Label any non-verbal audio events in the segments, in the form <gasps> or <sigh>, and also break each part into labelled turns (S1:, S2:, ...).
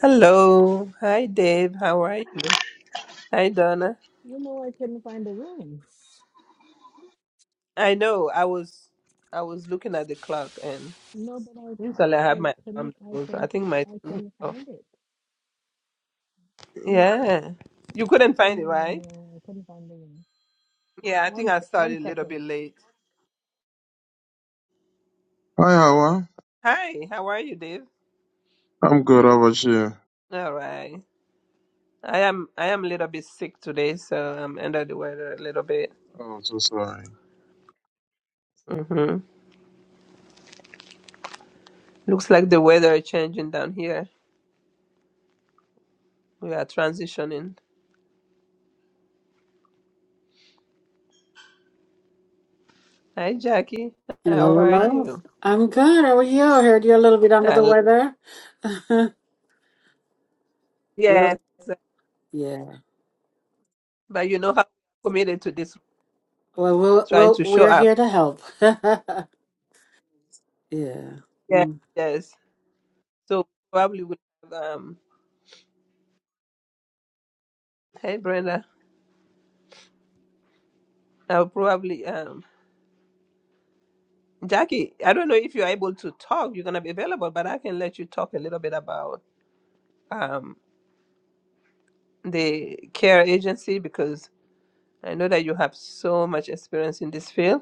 S1: Hello. Hi Dave. How are you? Hi Donna.
S2: You know, I couldn't find the room.
S1: I know I was I was looking at the clock and
S2: No, but
S1: usually I
S2: I,
S1: have
S2: I
S1: my
S2: couldn't,
S1: alarm that
S2: I
S1: goes. I
S2: couldn't,
S1: think my
S2: fi- I
S1: thing is
S2: couldn't
S1: off.
S2: find it. Mm, mm,
S1: Yeah. You couldn't find it,
S2: No,
S1: right?
S2: no, I couldn't find the room.
S1: Yeah, I think
S2: One,
S1: I
S2: se- one
S1: started a little
S2: second.
S1: bit late.
S3: Hi, Hawa.
S1: Hi, how are you, Dave?
S3: I'm good. How about you?
S1: All right. I am I am a little bit sick today, so I'm under the weather a little bit.
S3: Oh, I'm so sorry.
S1: Mhm. Looks like the weather is changing down here. We are transitioning. Hi Jackie.
S4: Hello,
S1: How are
S4: hello.
S1: you?
S4: I'm good. How are you? I heard you're a little bit under the
S1: Hello.
S4: weather. <laughs> we're
S1: Yes.
S4: yeah.
S1: But you know how committed to this,
S4: Well, we'll,
S1: trying
S4: we'll
S1: to show
S4: we're here
S1: up.
S4: to help. <laughs> yeah.
S1: Yeah,
S4: Mm.
S1: yes. So probably would um. Hey, Brenda. I'll probably um. Jackie, I don't know if you're able to talk. You're gonna be available, but I can let you talk a little bit about um the care agency because I know that you have so much experience in this field,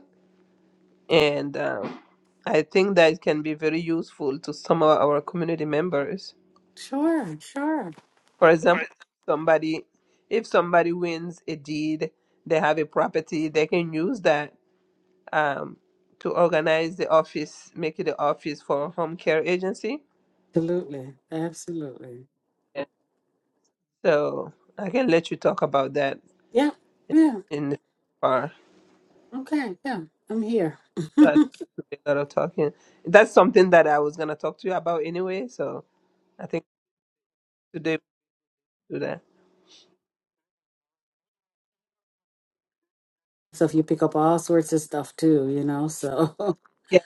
S1: and um, I think that it can be very useful to some of our community members
S4: Sure, sure.
S1: For example, somebody if somebody wins a deed, they have a property, they can use that um, to organize the office, make it the office for home care agency.
S4: Absolutely. Absolutely.
S1: Yeah. So I can let you talk about that
S4: Yeah. Yeah.
S1: in the far.
S4: Okay. Yeah. I'm here.
S1: That would be a lot of talking. That's something that I was gonna talk to you about anyway. So I think today we'll do that.
S4: <laughs> so if you pick up all sorts of stuff too, you know, so <laughs>
S1: Yeah.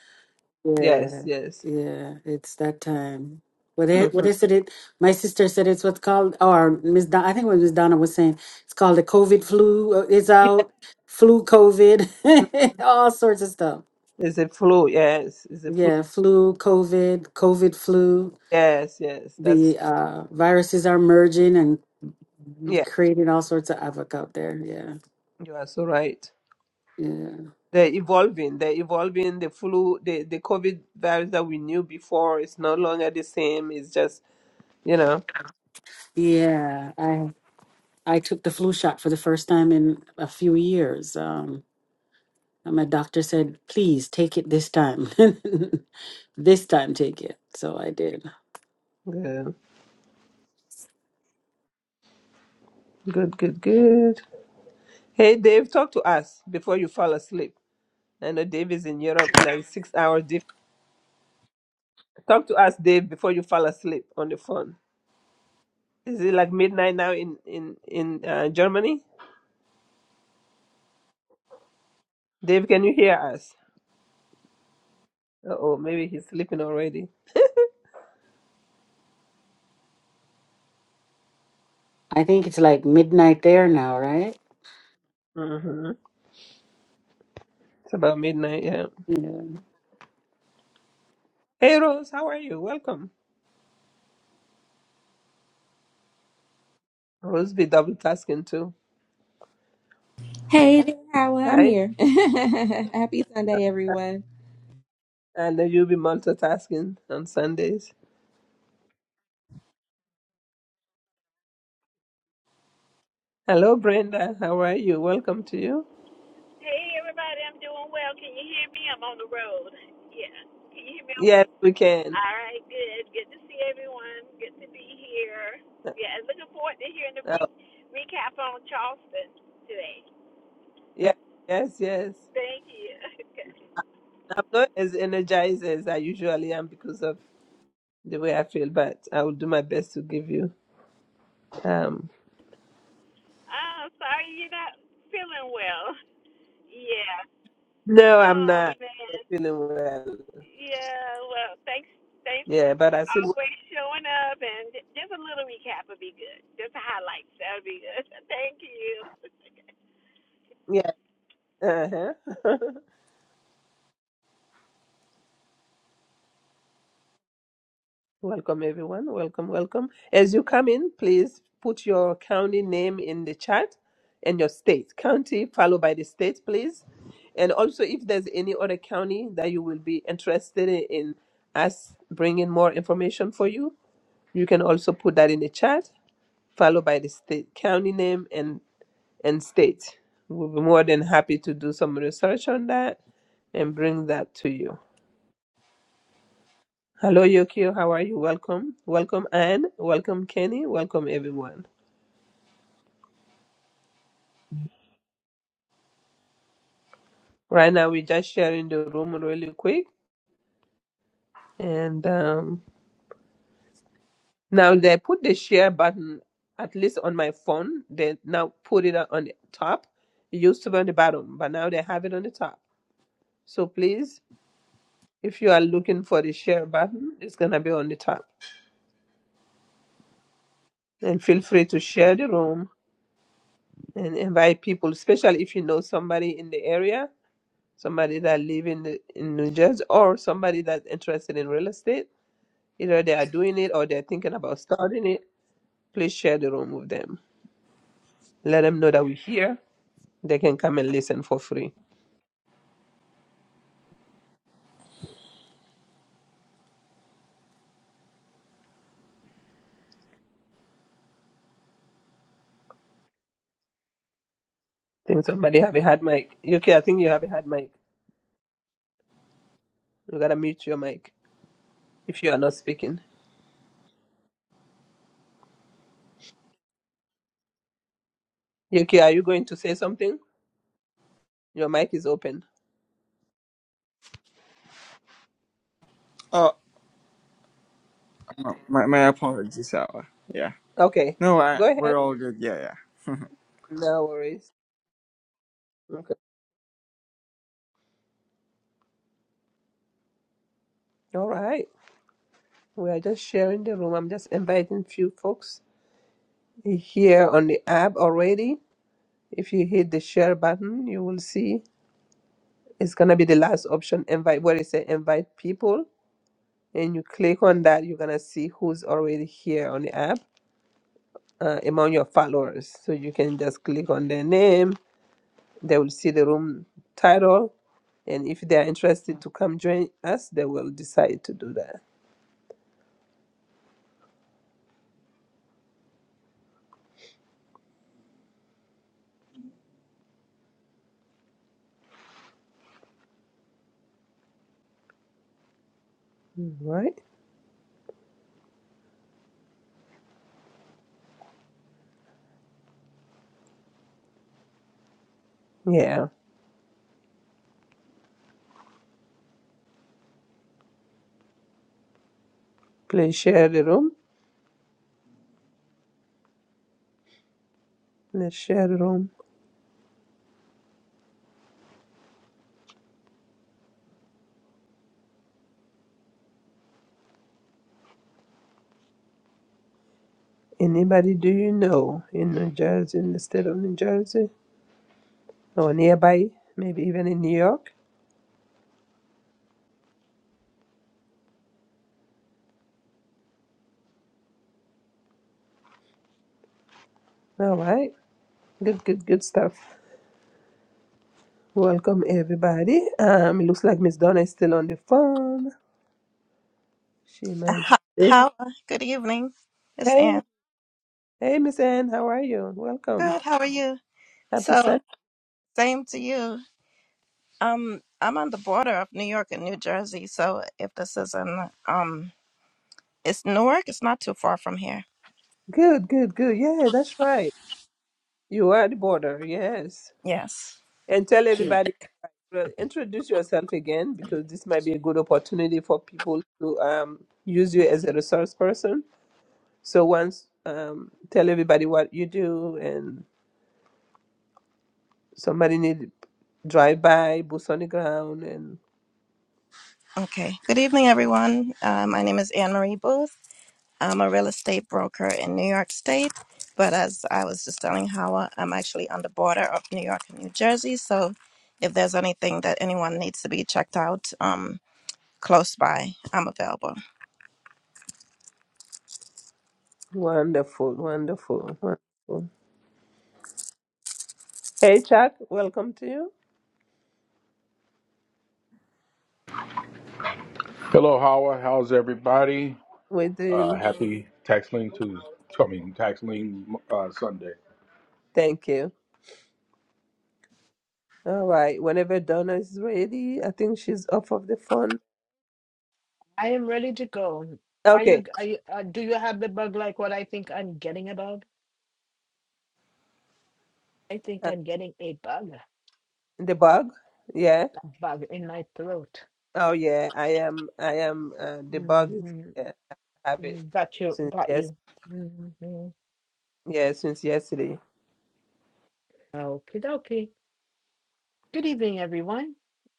S1: Yes.
S4: Yeah,
S1: Yes.
S4: yeah, it's that time. What it,
S1: hmm
S4: what is it? It my sister said it's what's called, or Miss Don, I think what Miss Donna was saying. It's called the COVID flu. uh, It's
S1: Yeah.
S4: out, flu, COVID, <laughs> all sorts of stuff.
S1: It's a flu. Yes. It's a flu.
S4: Yeah, flu, COVID, COVID flu.
S1: Yes. Yes. That's
S4: The uh, viruses are merging and
S1: yeah.
S4: creating all sorts of havoc out there. Yeah,
S1: You are so right.
S4: yeah,
S1: They're evolving. They're evolving. The flu, the, the COVID virus that we knew before is no longer the same. It's just, you know,
S4: yeah. I I took the flu shot for the first time in a few years. Um, And my doctor said, please take it this time. <laughs> this time, take it. So I did.
S1: good, good, good, good. Hey, Dave, talk to us before you fall asleep. I know Dave is in Europe, like six hours. Diff- talk to us, Dave, before you fall asleep on the phone. Is it like midnight now in in in uh, Germany? Dave, can you hear us? Uh oh, maybe he's sleeping already.
S4: I think it's like midnight there now, right?
S1: hmm It's about midnight. Yeah.
S4: Yeah,
S1: Hey, Rose, how are you? Welcome. Rose be double tasking too.
S5: Hey there, Howard. I'm
S1: Hi,
S5: here. <laughs> Happy Sunday, everyone.
S1: and uh, you'll be multitasking on Sundays. Hello, Brenda. How are you? Welcome to you.
S6: Hey everybody, I'm doing well. Can you hear me? I'm on the road. Yeah. Can you hear me
S1: Yes,
S6: okay?
S1: we can.
S6: All right, good. Good to see everyone. Good to be here. Yeah, and looking forward to hearing the
S1: Oh,
S6: re- recap on Charleston today.
S1: yeah, yes, yes.
S6: Thank you. <laughs>
S1: I'm not as energized as I usually am because of the way I feel, but I will do my best to give you. Um,
S6: oh, sorry you're not feeling well. Yeah.
S1: no, I'm
S6: Oh
S1: not
S6: man.
S1: feeling well.
S6: Yeah, well thanks thanks for
S1: Yeah, but I still,
S6: always showing up and just a little recap would be good. Just highlights, that would be good. <laughs> Thank you.
S1: yeah, uh-huh. <laughs> Welcome, everyone. Welcome, welcome. As you come in, please put your county name in the chat and your state. County followed by the state, please. And also, if there's any other county that you will be interested in in us bringing more information for you, you can also put that in the chat, followed by the state, county name, and, and state. We'll be more than happy to do some research on that and bring that to you. Hello, Yokio. How are you? Welcome. Welcome, Anne. Welcome, Kenny. Welcome, everyone. Right now, we're just sharing the room really quick. And um, now they put the share button, at least on my phone, they now put it on the top. It used to be on the bottom, but now they have it on the top. So please, if you are looking for the share button, it's going to be on the top. And feel free to share the room and invite people, especially if you know somebody in the area somebody that live in the, in New Jersey or somebody that's interested in real estate, either they are doing it or they're thinking about starting it, please share the room with them. Let them know that we're here. They can come and listen for free. think somebody have a hard mic. Yuki, I think you have a hard mic. You gotta mute your mic if you are not speaking. Yuki, are you going to say something? Your mic is open.
S7: Oh, m- my my apologies. Uh, yeah.
S1: Okay.
S7: No, I,
S1: Go ahead.
S7: we're all good. Yeah, yeah.
S1: No worries. Okay. All right. We are just sharing the room. I'm just inviting few folks here on the app already If you hit the share button, you will see it's gonna be the last option, invite where it says invite people, and you click on that, you're gonna see who's already here on the app uh, among your followers. So you can just click on their name. They will see the room title, and if they are interested to come join us, they will decide to do that. Mm, Right? Yeah. Please share the room. Let's share the room. Anybody do you know in New Jersey, in the state of New Jersey? or nearby, maybe even in New York. All right, good, good, good stuff. Welcome everybody. Um, it looks like Miss Donna is still on the phone. She may.
S8: How,
S1: Yeah.
S8: how good evening. It's
S1: Hey,
S8: Ann.
S1: hey, Miss Anne, how are you? Welcome.
S8: Good. How are you?
S1: Happy
S8: So,
S1: Sunday.
S8: same to you. Um, I'm on the border of New York and New Jersey, so if this isn't um, it's Newark. It's not too far from here.
S1: Good, good, good. Yeah, that's right. You are at the border. Yes,
S8: Yes.
S1: and tell everybody. uh, Introduce yourself again because this might be a good opportunity for people to um, use you as a resource person. So once um, tell everybody what you do and Somebody need to drive by, boots on the ground, and
S8: Okay. Good evening, everyone. Uh, my name is Anne Marie Booth. I'm a real estate broker in New York State, but as I was just telling Howard, I'm actually on the border of New York and New Jersey. So, if there's anything that anyone needs to be checked out, um, close by, I'm available.
S1: wonderful, wonderful, wonderful. Hey, Chuck, welcome to you.
S9: Hello, Howard. How's everybody?
S1: We're
S9: Uh,
S1: doing
S9: happy Tax Lien Tuesday. I mean, Tax Lien uh, Sunday.
S1: thank you. All right, whenever Donna is ready, I think she's off of the phone.
S2: I am ready to go. Are you,
S1: Okay,
S2: are you, uh, do you have the bug like what I think I'm getting about? I think
S1: uh,
S2: I'm getting a bug,
S1: the bug, yeah.
S2: a bug in my throat.
S1: Oh yeah, I am. I am. Uh, the bug is.
S2: Mm-hmm.
S1: Yeah, I have it
S2: Mm, Got you,
S1: since
S2: got
S1: yes.
S2: you. Mm-hmm.
S1: Yeah, since yesterday.
S2: Okie dokie. Good evening, everyone,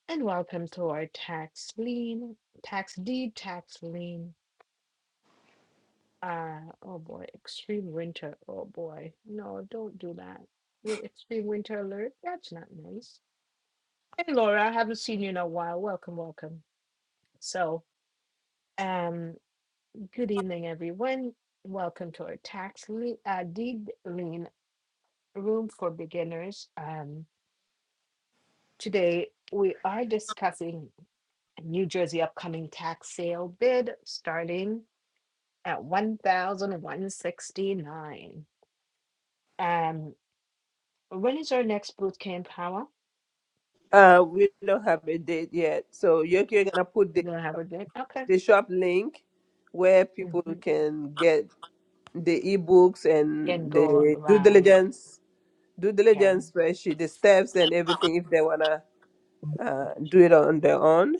S2: and welcome to our tax lien, tax deed, tax lien. Uh, oh boy, extreme winter. Oh boy, no, don't do that. With extreme winter alert, that's not nice. Hey, Laura, I haven't seen you in a while. Welcome, welcome. So, um, good evening, everyone. Welcome to our tax lien, uh, deed lien room for beginners. Um, today we are discussing. New Jersey upcoming tax sale bid starting at one thousand one hundred sixty-nine. dollars. Um, when is our next boot camp, Howard?
S1: Uh, we don't have a date yet, so you're, you're gonna put
S2: We'll have a bit, okay.
S1: the shop link where people
S2: Mhm.
S1: can get the ebooks
S2: Can
S1: and
S2: go
S1: the due
S2: live,
S1: diligence due
S2: okay,
S1: diligence spreadsheet the steps and everything if they wanna uh, do it on their own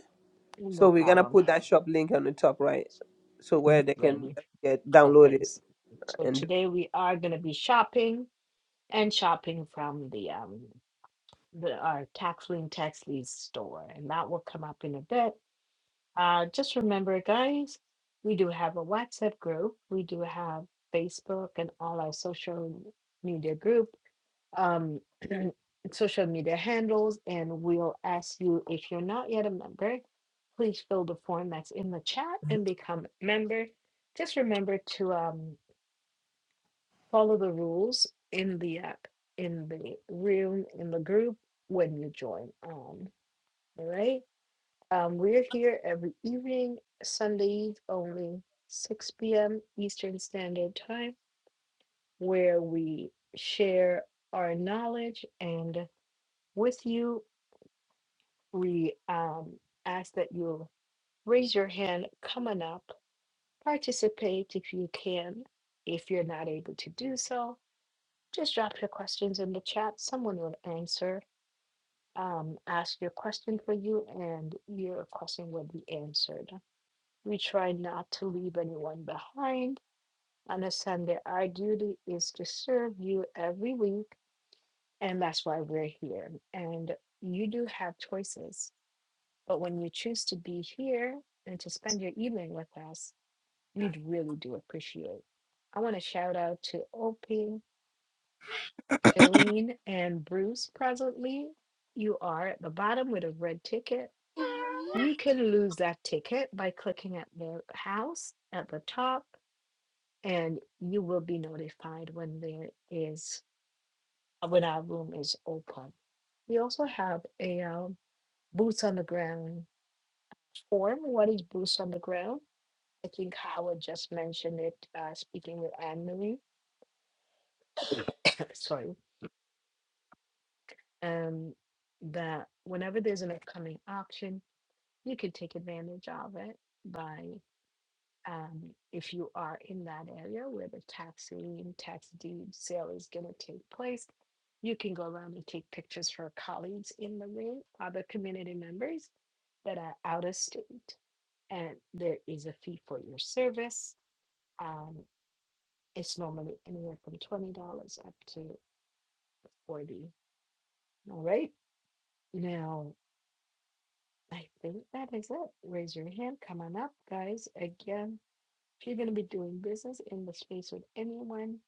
S1: so
S2: no
S1: we're gonna
S2: problem.
S1: put that shop link on the top right so where they can
S2: Ready,
S1: get download
S2: okay,
S1: it
S2: s- so
S1: and do
S2: today we are gonna be shopping and shopping from the, um, the, our tax lien tax lease store, and that will come up in a bit. Uh, just remember, guys, we do have a WhatsApp group. We do have Facebook and all our social media group, um, <clears throat> social media handles, and we'll ask you if you're not yet a member, please fill the form that's in the chat and become a member. Just remember to um, follow the rules in the app, in the room, in the group when you join. On all right. Um, we're here every evening, Sundays only, 6 p.m. Eastern Standard Time, where we share our knowledge. And with you, we um, ask that you raise your hand coming up, participate if you can. If you're not able to do so, just drop your questions in the chat. Someone will answer, um, ask your question for you, and your question will be answered. We try not to leave anyone behind. Understand that our duty is to serve you every week, and that's why we're here. And you do have choices, but when you choose to be here and to spend your evening with us, we really do appreciate. I want to shout out to Opie, Jolene, and Bruce presently. You are at the bottom with a red ticket. You can lose that ticket by clicking at the house at the top and you will be notified when there is when our room is open. We also have a um, boots on the ground form. What is boots on the ground? I think Howard just mentioned it, uh, speaking with Anne Marie. <coughs> Sorry, um, that whenever there's an upcoming auction, you can take advantage of it by um, if you are in that area where the tax lien, tax deed sale is going to take place, you can go around and take pictures for colleagues in the room, other community members that are out of state. And there is a fee for your service. Um, it's normally anywhere from $20 up to 40 All right. Now, I think that is it. Raise your hand. Come on up, guys. Again, if you're going to be doing business in the space with anyone,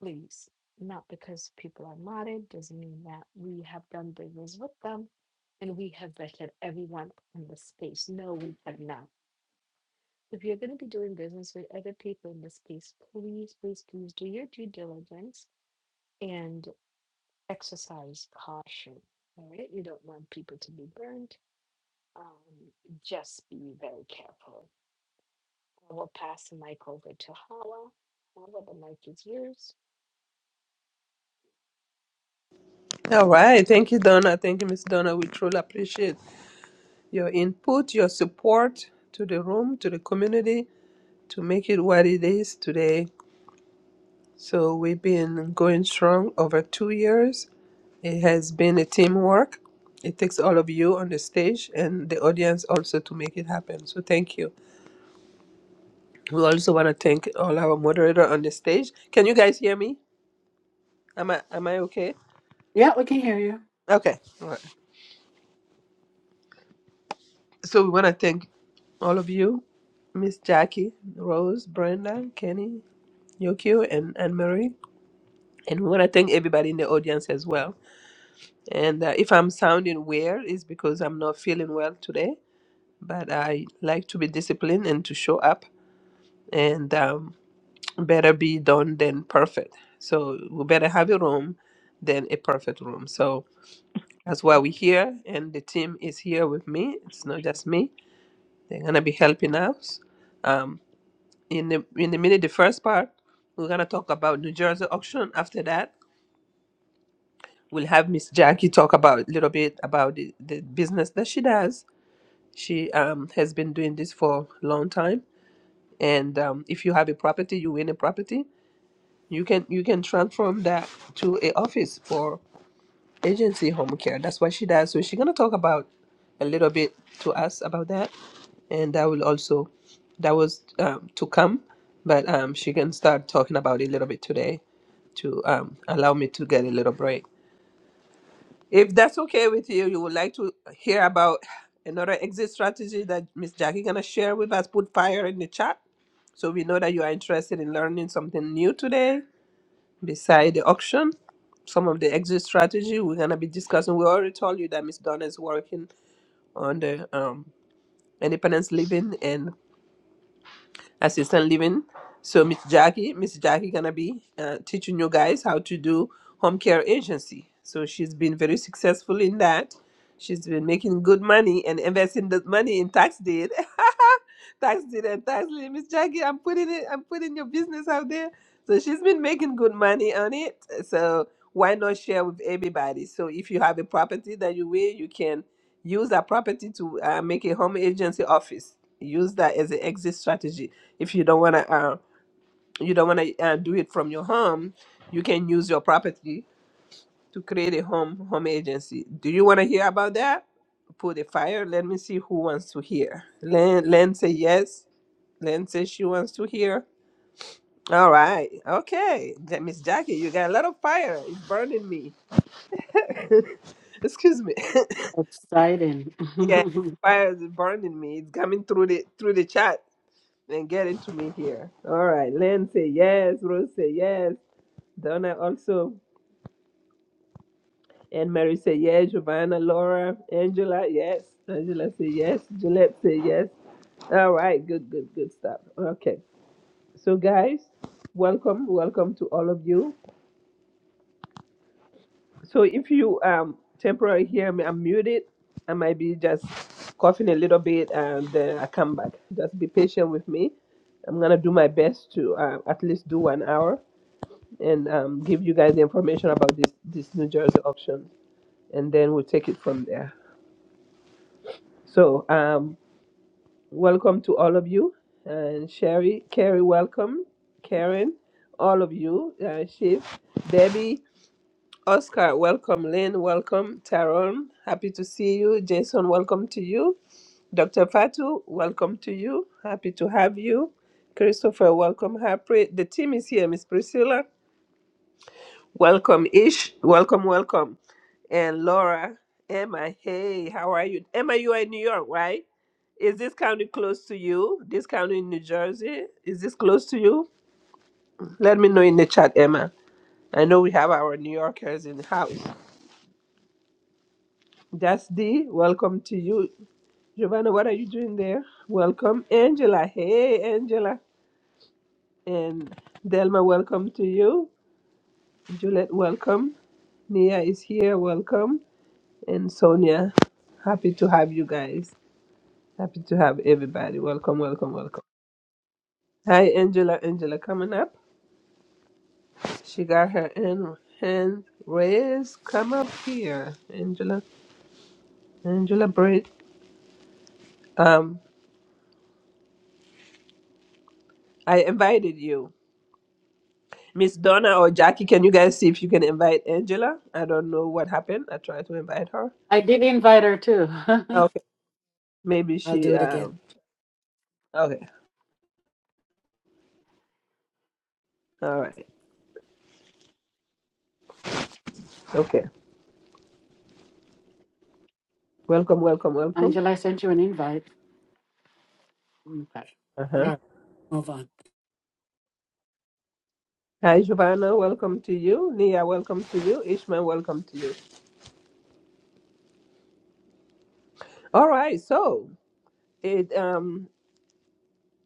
S2: please. Not because people are modded doesn't mean that we have done business with them and we have vetted everyone in the space. No, we have not. If you're going to be doing business with other people in the space, please, please, please do your due diligence and exercise caution. All right. You don't want people to be burned. Um, just be very careful. I will pass the mic over to Hawa. Hawa, the mic is yours.
S1: all right thank you donna thank you miss donna we truly appreciate your input your support to the room to the community to make it what it is today So we've been going strong over two years. It has been a teamwork. It takes all of you on the stage and the audience also to make it happen. So thank you. We also want to thank all our moderator on the stage. Can you guys hear me? Am I am I okay?
S4: yeah we can hear you.
S1: Okay. All right. So we want to thank all of you, Miss Jackie, Rose, Brenda, Kenny, Yokio, and Anne Marie. And we want to thank everybody in the audience as well. And uh, if I'm sounding weird, it's because I'm not feeling well today. but I like to be disciplined and to show up and um, better be done than perfect. So we better have a room than a perfect room. So that's why we're here and the team is here with me. It's not just me. They're gonna be helping us. Um, in the in the minute the first part, we're gonna talk about New Jersey auction. After that, we'll have Miss Jackie talk about a little bit about the, the business that she does. She um, has been doing this for a long time and um, if you have a property you win a property you can you can transform that to a office for agency home care that's what she does so she's going to talk about a little bit to us about that and that will also that was um, to come but um, she can start talking about it a little bit today to um, allow me to get a little break if that's okay with you you would like to hear about another exit strategy that miss jackie going to share with us put fire in the chat So we know that you are interested in learning something new today, beside the auction, some of the exit strategy we're gonna be discussing. We already told you that Miss Donna is working on the um, independence living and assistant living. So Miss Jackie, Miss Jackie gonna be uh, teaching you guys how to do home care agency. So she's been very successful in that. She's been making good money and investing that money in tax deed. <laughs> tax deed and tax lien. Miss Jackie, I'm putting it I'm putting your business out there. So she's been making good money on it. So why not share with everybody? So if you have a property that you will, you can use that property to uh, make a home agency office. Use that as an exit strategy if you don't want to uh, you don't want to uh, do it from your home you can use your property to create a home home agency do you want to hear about that put a fire let me see who wants to hear len len say yes len says she wants to hear all right okay then miss jackie you got a lot of fire it's burning me <laughs> excuse me
S4: Exciting.
S1: <laughs> yeah
S4: <laughs>
S1: fire is burning me it's coming through the through the chat and getting to me here all right len say yes rose say yes Donna also. And Mary said yes. Giovanna, Laura, Angela, yes. Angela said yes. Gillette said yes. All right, good, good, good stuff. Okay, so guys, welcome, welcome to all of you. So if you um temporarily hear me, I'm muted. I might be just coughing a little bit, and then I come back. Just be patient with me. I'm gonna do my best to uh, at least do one hour and um, give you guys the information about this this New Jersey auction, and then we'll take it from there. So, um, welcome to all of you. And Sherry, Carrie, welcome. Karen, all of you. Uh, Chief, Debbie, Oscar, welcome. Lynn, welcome. Taron, happy to see you. Jason, welcome to you. Dr. Fatu, welcome to you. Happy to have you. Christopher, welcome. Harpreet, the team is here. Miss Priscilla, welcome. Ish, welcome, welcome. and Laura. Emma, hey, how are you? Emma, you are in New York, right? Is this county close to you? This county in New Jersey? Is this close to you? Let me know in the chat, Emma. I know we have our New Yorkers in the house. That's D. Welcome to you. Giovanna, what are you doing there? Welcome, Angela. Hey, Angela. And Delma, welcome to you. Juliet, welcome. Nia is here. Welcome. And Sonia, happy to have you guys. Happy to have everybody. Welcome, welcome, welcome. Hi, Angela. Angela coming up. She got her hand, hand raised. Come up here, Angela. Angela Britt. Um, I invited you. Miss Donna or Jackie, can you guys see if you can invite Angela? I don't know what happened. I tried to invite her.
S4: I did invite her too.
S1: Okay. Maybe
S4: <laughs> I'll do
S1: she
S4: it again.
S1: um okay. All right. Okay. Welcome, welcome, welcome.
S4: Angela, I sent you an invite. Okay. All
S1: Uh-huh.
S4: right, move on.
S1: Hi Giovanna, welcome to you. Nia, welcome to you. Ishmael, welcome to you. All right, so It, um,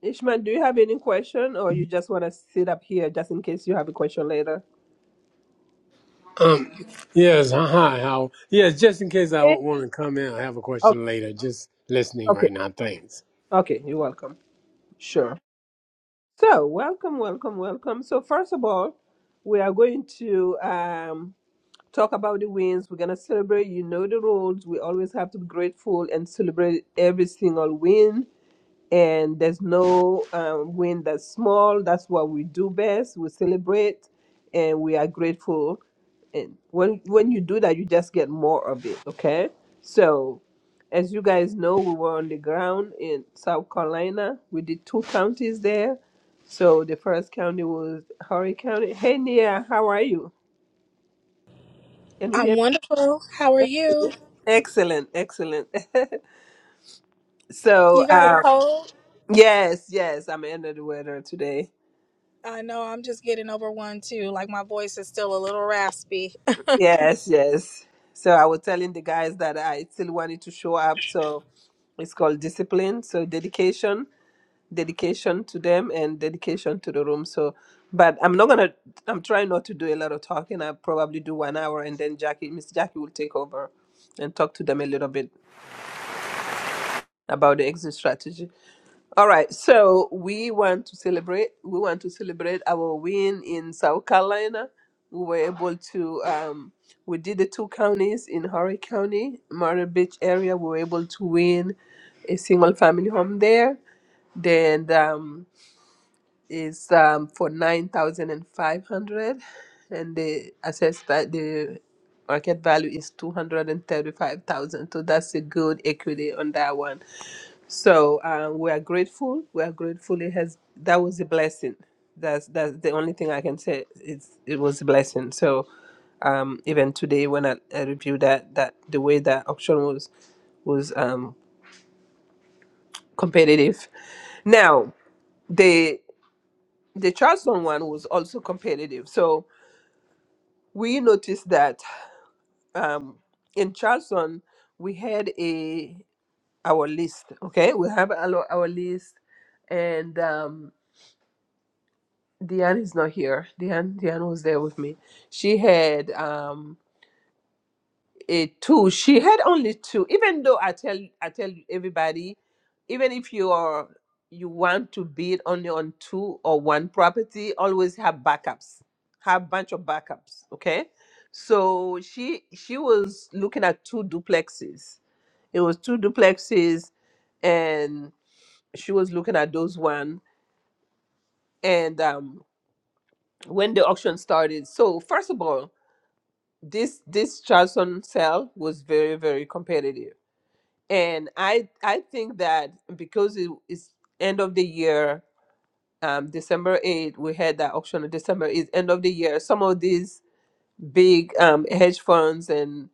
S1: Ishmael, do you have any question, or you just want to sit up here just in case you have a question later?
S10: Um, yes, hi, how? Yes, just in case I
S1: Eh,
S10: want to come in, I have a
S1: Okay,
S10: question later. Just listening
S1: okay,
S10: right now. Thanks.
S1: okay. You're welcome. Sure. So, welcome, welcome, welcome. So, first of all, we are going to um, talk about the wins. We're gonna celebrate. You know the rules. We always have to be grateful and celebrate every single win and there's no um, win that's small. That's what we do best. We celebrate, and we are grateful. And when when you do that, you just get more of it. Okay. So, as you guys know, we were on the ground in South Carolina. We did two counties there. So the first county was Horry County. Hey Nia, how are you? Can you hear?
S11: I'm
S1: me?
S11: wonderful. How are you?
S1: Excellent, excellent. <laughs> so,
S11: You got a
S1: um,
S11: cold?
S1: yes, yes, I'm under the weather today
S11: I know I'm just getting over one too. Like my voice is still a little raspy.
S1: Yes, yes. So I was telling the guys that I still wanted to show up. So it's called discipline. So dedication, dedication to them, and dedication to the room. So, but I'm not gonna. I'm trying not to do a lot of talking. I probably do one hour, and then Jackie, Miss Jackie, will take over and talk to them a little bit about the exit strategy. All right, so we want to celebrate. We want to celebrate our win in South Carolina. We were able to. Um, we did the two counties in Horry County, Myrtle Beach area. We were able to win a single family home there. Then um, is um, for nine thousand and five hundred, and the assessed that the market value is two hundred and thirty five thousand. So that's a good equity on that one. So uh, we are grateful. We are grateful. It has that was a blessing. That's that's the only thing I can say. It's it was a blessing. So um, even today when I, I reviewed that that the way that auction was was um, competitive. Now the the Charleston one was also competitive. So we noticed that um, in Charleston we had a our list. Okay, we have our, our list and. Um, Diane is not here. Diane, Diane was there with me. She had um a two. She had only two. Even though I tell I tell everybody, even if you are you want to bid only on two or one property, always have backups. Have bunch of backups. Okay. So she she was looking at two duplexes. It was two duplexes and she was looking at those one and um when the auction started. So first of all this this Charleston sale was very very competitive, and I I think that because it is end of the year, um, December eighth we had that auction. on December is end of the year. Some of these big um, hedge funds and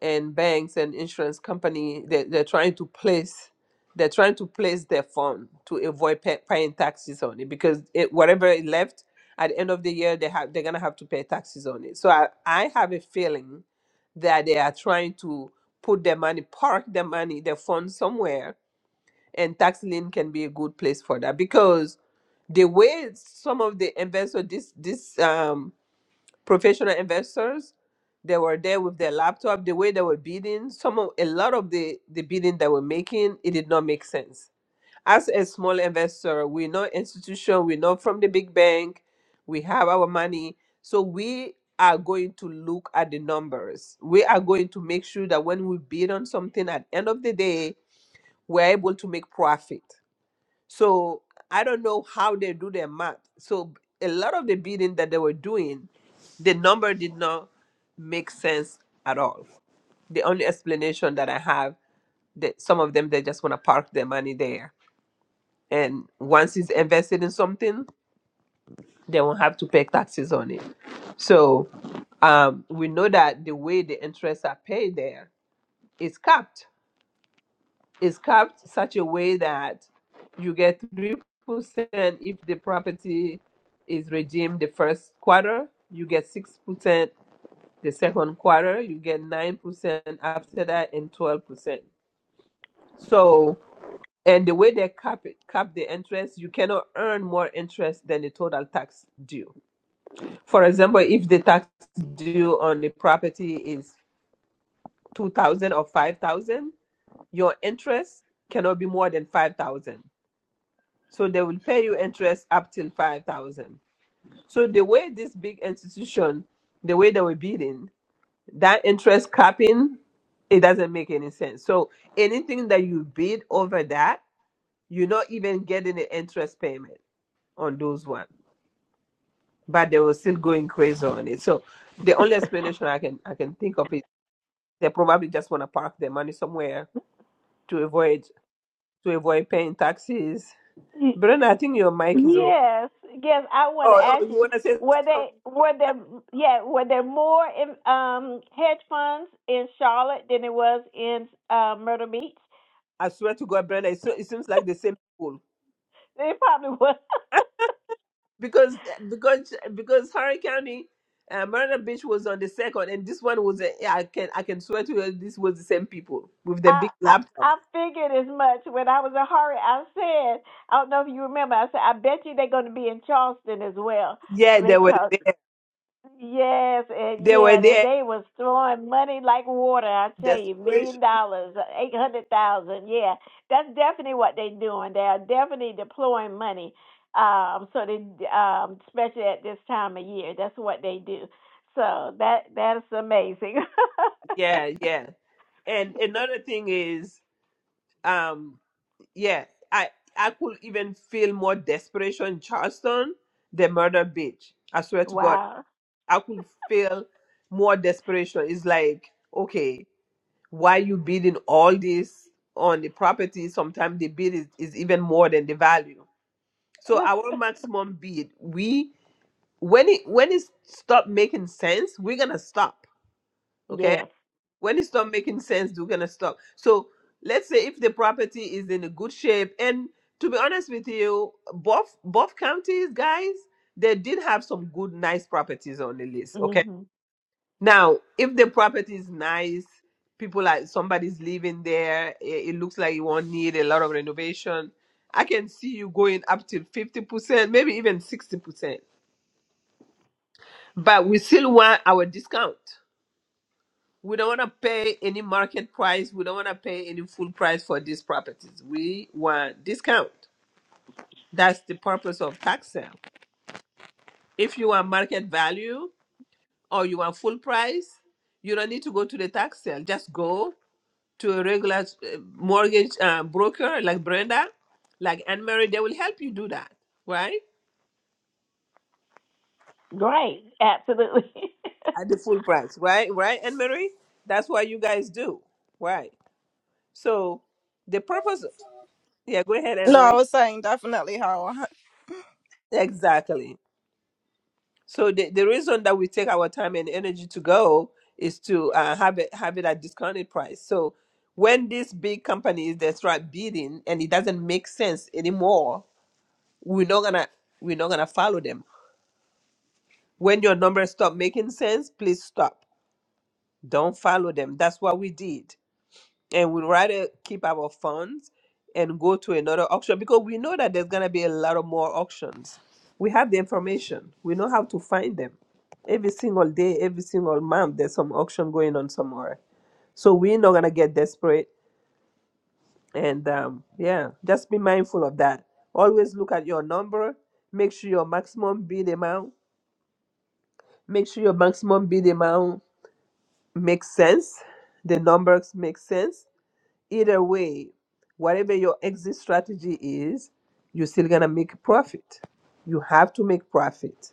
S1: and banks and insurance company they, they're trying to place they're trying to place their fund to avoid pay, paying taxes on it because it, whatever it left at the end of the year they have they're gonna have to pay taxes on it so I, I have a feeling that they are trying to put their money park their money their funds somewhere and tax lien can be a good place for that because the way some of the investors this this um professional investors. They were there with their laptop. The way they were bidding, some of, a lot of the the bidding they were making, it did not make sense. As a small investor, we're not institution, we're not from the big bank. We have our money, so we are going to look at the numbers. We are going to make sure that when we bid on something, at end of the day, we're able to make profit. So I don't know how they do their math. So a lot of the bidding that they were doing, the number did not make sense at all. The only explanation that I have that some of them they just want to park their money there. And once it's invested in something, they won't have to pay taxes on it. So um, we know that the way the interests are paid there is capped is capped such a way that you get 3% if the property is redeemed the first quarter, you get 6% the second quarter, you get 9% after that, and 12%. So, and the way they cap it, cap the interest, you cannot earn more interest than the total tax due. For example, if the tax due on the property is 2000 or 5000, your interest cannot be more than 5000 So they will pay you interest up till five thousand. So the way this big institution, the way they were bidding, that interest capping, it doesn't make any sense. So anything that you bid over that, you're not even getting an interest payment on those ones. But they were still going crazy on it. So the only explanation I can I can think of is they probably just want to park their money somewhere to avoid to avoid paying taxes. Brenda, I think your mic is off.
S6: Yes, yes. I want to
S1: Oh, oh
S6: ask
S1: you
S6: you:
S1: want to
S6: Were
S1: say
S6: they were there? Yeah, were there more in, um, hedge funds in Charlotte than it was in uh, Myrtle Beach? <laughs>
S1: I swear to God, Brenda, it, so, it seems like the same people
S6: It probably was. <laughs>
S1: because eh, because because Harry County, uh, Marina Beach was on the second, and this one was. A, yeah, I can I can swear to you, this was the same people with the
S6: I,
S1: big
S6: I
S1: laptop.
S6: I figured as much when I was in hurry. I said, I don't know if you remember. I said, I bet you they're going to be in Charleston as well <laughs>
S1: Yeah, they were
S6: because
S1: there.
S6: Yes, and
S1: They were
S6: yeah, and
S1: there.
S6: they was throwing money like water. I tell you, million
S1: Desperation.
S6: dollars, uh, eight hundred thousand. Yeah, that's definitely what they doing. They are definitely deploying money. Um, so they, um, especially at this time of year, that's what they do. So that that's amazing.
S1: Yeah,
S6: <laughs>
S1: yeah. And another thing is, um, yeah, I I could even feel more desperation in Charleston than Murder Beach. I swear to God,
S6: wow.
S1: I could feel more desperation. It's like okay. why you bidding all this on the property sometimes the bid is, is even more than the value so our
S6: <laughs>
S1: maximum bid we when it when it stop making sense we're gonna stop okay
S6: yes.
S1: when it stop making sense we're gonna stop so let's say if the property is in a good shape and to be honest with you both both counties guys they did have some good nice properties on the list okay
S6: Mhm.
S1: now, if the property is nice, people like somebody's living there, it, it looks like you won't need a lot of renovation. I can see you going up till 50%, maybe even 60%. But we still want our discount. We don't want to pay any market price. We don't want to pay any full price for these properties. We want discount. That's the purpose of tax sale. If you want market value or you want full price, you don't need to go to the tax sale. Just go to a regular uh, mortgage uh, broker like Brenda, like Anne Marie, they will help you do that, right?
S6: Great. Absolutely.
S1: At the full
S6: <laughs>
S1: price, right? Right, Anne Marie? That's what you guys do, right? So the purpose, yeah, go ahead, Anne
S8: No, I
S1: Marie.
S8: was saying definitely how
S1: Exactly. So the, the reason that we take our time and energy to go is to uh, have it have it at discounted price. So when these big companies they start bidding and it doesn't make sense anymore, we're not gonna we're not gonna follow them When your numbers stop making sense, please stop. Don't follow them. That's what we did. And we'd rather keep our funds and go to another auction because we know that there's going to be a lot of more auctions. We have the information, we know how to find them. Every single day, every single month, there's some auction going on somewhere. So we're not going to get desperate. And um, yeah, just be mindful of that. Always look at your number, make sure your maximum bid amount, make sure your maximum bid amount makes sense. The numbers make sense. Either way, whatever your exit strategy is, you're still gonna make a profit. You have to make profit.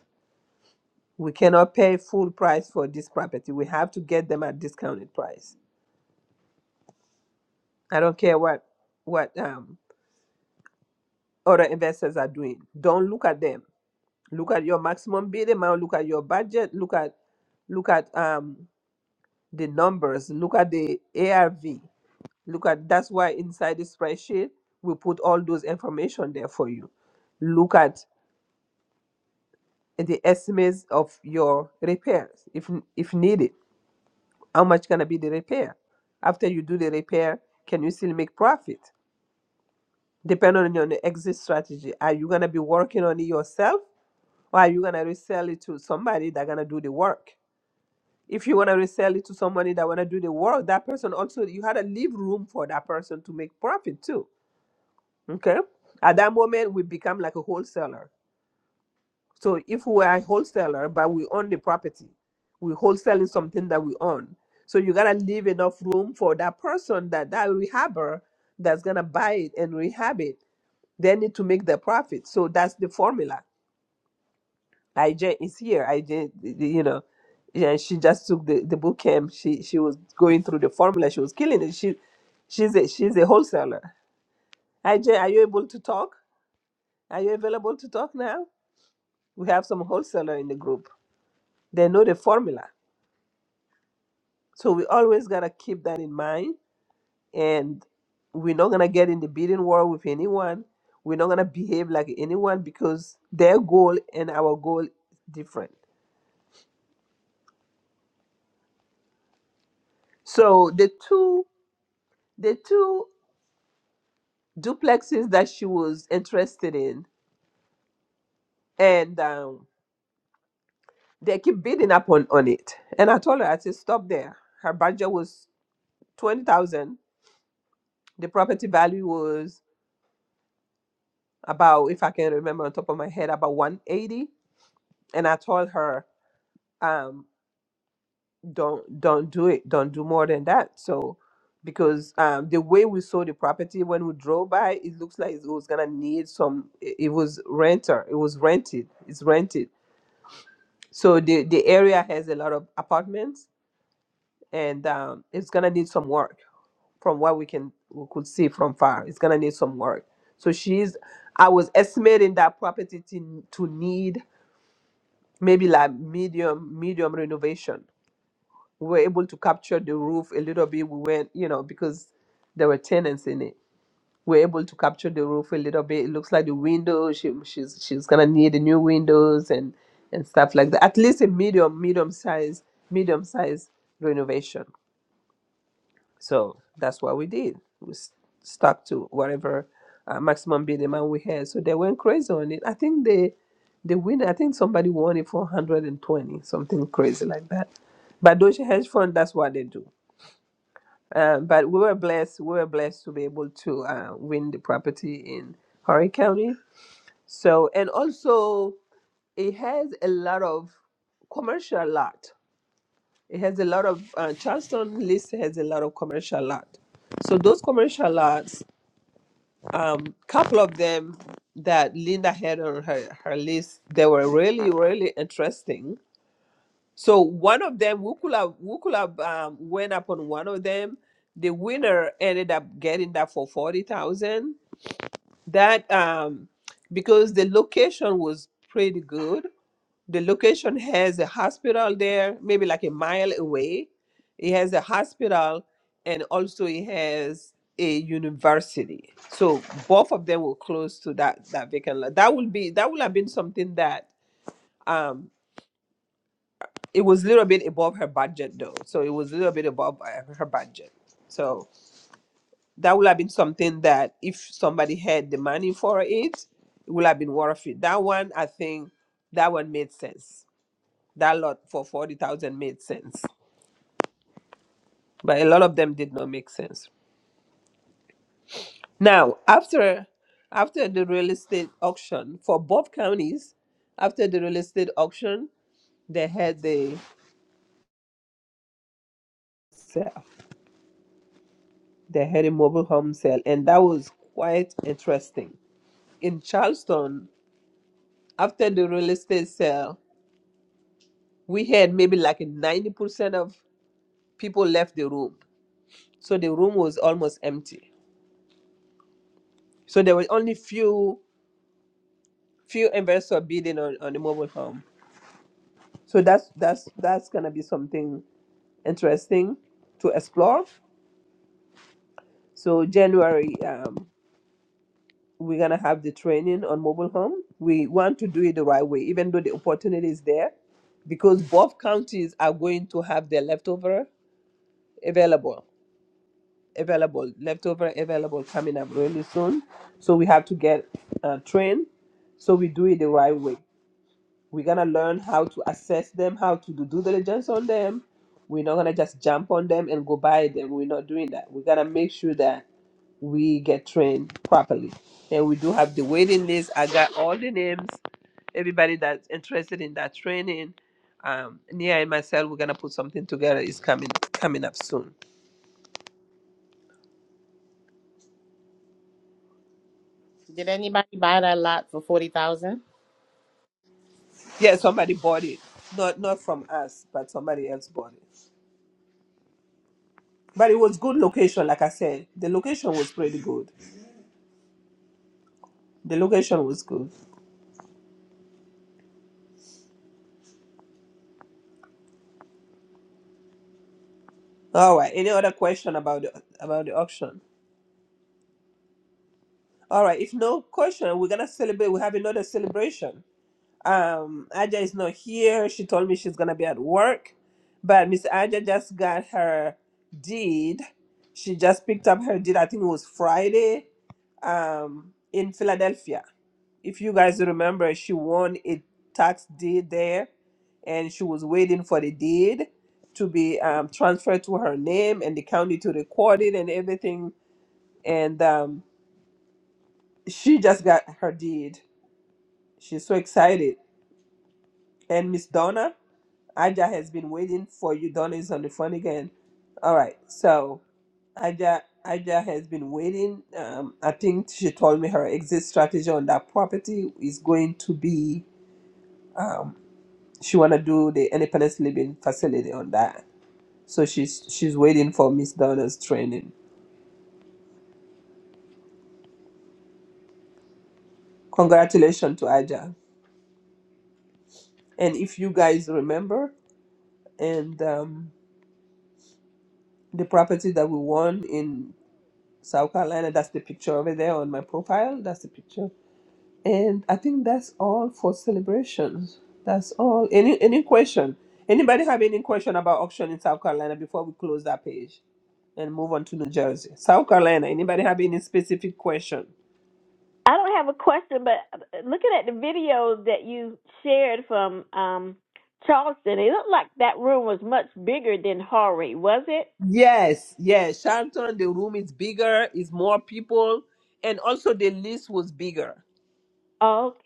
S1: We cannot pay full price for this property. We have to get them at discounted price. I don't care what what um, other investors are doing. Don't look at them. Look at your maximum bid amount. Look at your budget. Look at look at um, the numbers. Look at the ARV. Look at that's why inside the spreadsheet we put all those information there for you. Look at the estimates of your repairs if if needed. How much gonna be the repair? After you do the repair, can you still make profit? Depending on your exit strategy, are you gonna be working on it yourself, or are you gonna resell it to somebody that gonna do the work? If you wanna resell it to somebody that wanna do the work, that person also you had to leave room for that person to make profit too Okay. At that moment, we become like a wholesaler. So if we are a wholesaler, but we own the property, we wholesaling something that we own. So you gotta leave enough room for that person that that rehabber that's gonna buy it and rehab it. They need to make their profit. So that's the formula. IJ is here. IJ, you know, yeah, she just took the the book camp. She she was going through the formula. She was killing it. She she's a she's a wholesaler. IJ, are you able to talk? Are you available to talk now? We have some wholesaler in the group. They know the formula. So we always gotta keep that in mind. And we're not gonna get in the bidding war with anyone. We're not gonna behave like anyone because their goal and our goal is different. So the two the two duplexes that she was interested in and um, they keep bidding up on, on it. And I told her, I said, stop there. Her budget was twenty thousand. The property value was about if I can remember on top of my head about 180 and I told her um don't don't do it don't do more than that so because um the way we saw the property when we drove by it looks like it was gonna need some it it was renter it was rented it's rented so the the area has a lot of apartments and um it's gonna need some work from what we can we could see from far it's gonna need some work so she's I was estimating that property to, to need maybe like medium medium renovation we were able to capture the roof a little bit we went you know because there were tenants in it we were able to capture the roof a little bit it looks like the windows she, she's she's gonna need the new windows and and stuff like that at least a medium medium size medium size renovation so that's what we did. We s- stuck to whatever uh, maximum bid amount we had. So they went crazy on it. I think they, the winner, I think somebody won it for 120, something crazy like that. But Deutsche Hedge Fund, that's what they do. Um, but we were blessed. We were blessed to be able to uh, win the property in Horry County. So and also it has a lot of commercial lot. It has a lot of uh, Charleston list has a lot of commercial lot. So those commercial lots, um, couple of them that Linda had on her, her list, they were really really interesting. So one of them, we could have we could have um, went up on one of them. The winner ended up getting that for forty thousand that um because the location was pretty good the location has a hospital there maybe like a mile away it has a hospital and also it has a university so both of them were close to that that vacant lot that would be that would have been something that um it was a little bit above her budget though so it was a little bit above uh, her budget so that would have been something that if somebody had the money for it, it would have been worth it. That one, I think, that one made sense. That lot for forty thousand made sense, but a lot of them did not make sense. Now, after after the real estate auction for both counties, after the real estate auction, they had the sale. They had a mobile home sale, and that was quite interesting. In Charleston, after the real estate sale, we had maybe like 90% of people left the room so the room was almost empty so there were only few few investors bidding on, on the mobile home so that's that's that's gonna be something interesting to explore so january um, we're gonna have the training on mobile home we want to do it the right way even though the opportunity is there because both counties are going to have their leftover available available, leftover available coming up really soon. So we have to get uh, trained. So we do it the right way. We're gonna learn how to assess them, how to do due diligence on them. We're not gonna just jump on them and go buy them. We're not doing that. We're gonna make sure that we get trained properly. And we do have the waiting list. I got all the names, everybody that's interested in that training. Um, Nia and myself, we're gonna put something together. It's coming coming up soon.
S12: Did anybody buy that lot for forty thousand?
S1: Yeah, somebody bought it. Not not from us, but somebody else bought it. But it was good location, like I said. The location was pretty good. The location was good. All right. Any other question about the about the auction? All right. If no question, we're gonna celebrate. We have another celebration. Um, Aja is not here. She told me she's gonna be at work, but Miss Aja just got her deed. She just picked up her deed. I think it was Friday, um, in Philadelphia. If you guys remember, she won a tax deed there, and she was waiting for the deed to be um, transferred to her name and the county to record it and everything. And um, she just got her deed. She's so excited. And Miss Donna. Aja has been waiting for you. Donna is on the phone again. All right. So Aja, Aja has been waiting. Um, I think she told me her exit strategy on that property is going to be um, she wanna do the independence living facility on that. So she's she's waiting for Miss Donna's training. Congratulations to Aja. And if you guys remember, and um, the property that we won in South Carolina, that's the picture over there on my profile. That's the picture And I think that's all for celebrations. That's all. Any any question? Anybody have any question about auction in South Carolina before we close that page and move on to New Jersey? South Carolina. Anybody have any specific question?
S6: I don't have a question, but uh, looking at the videos that you shared from um, Charleston, it looked like that room was much bigger than Horry, was it?
S1: Yes, yes. Charlton, the room is bigger, is more people, and also the list was bigger.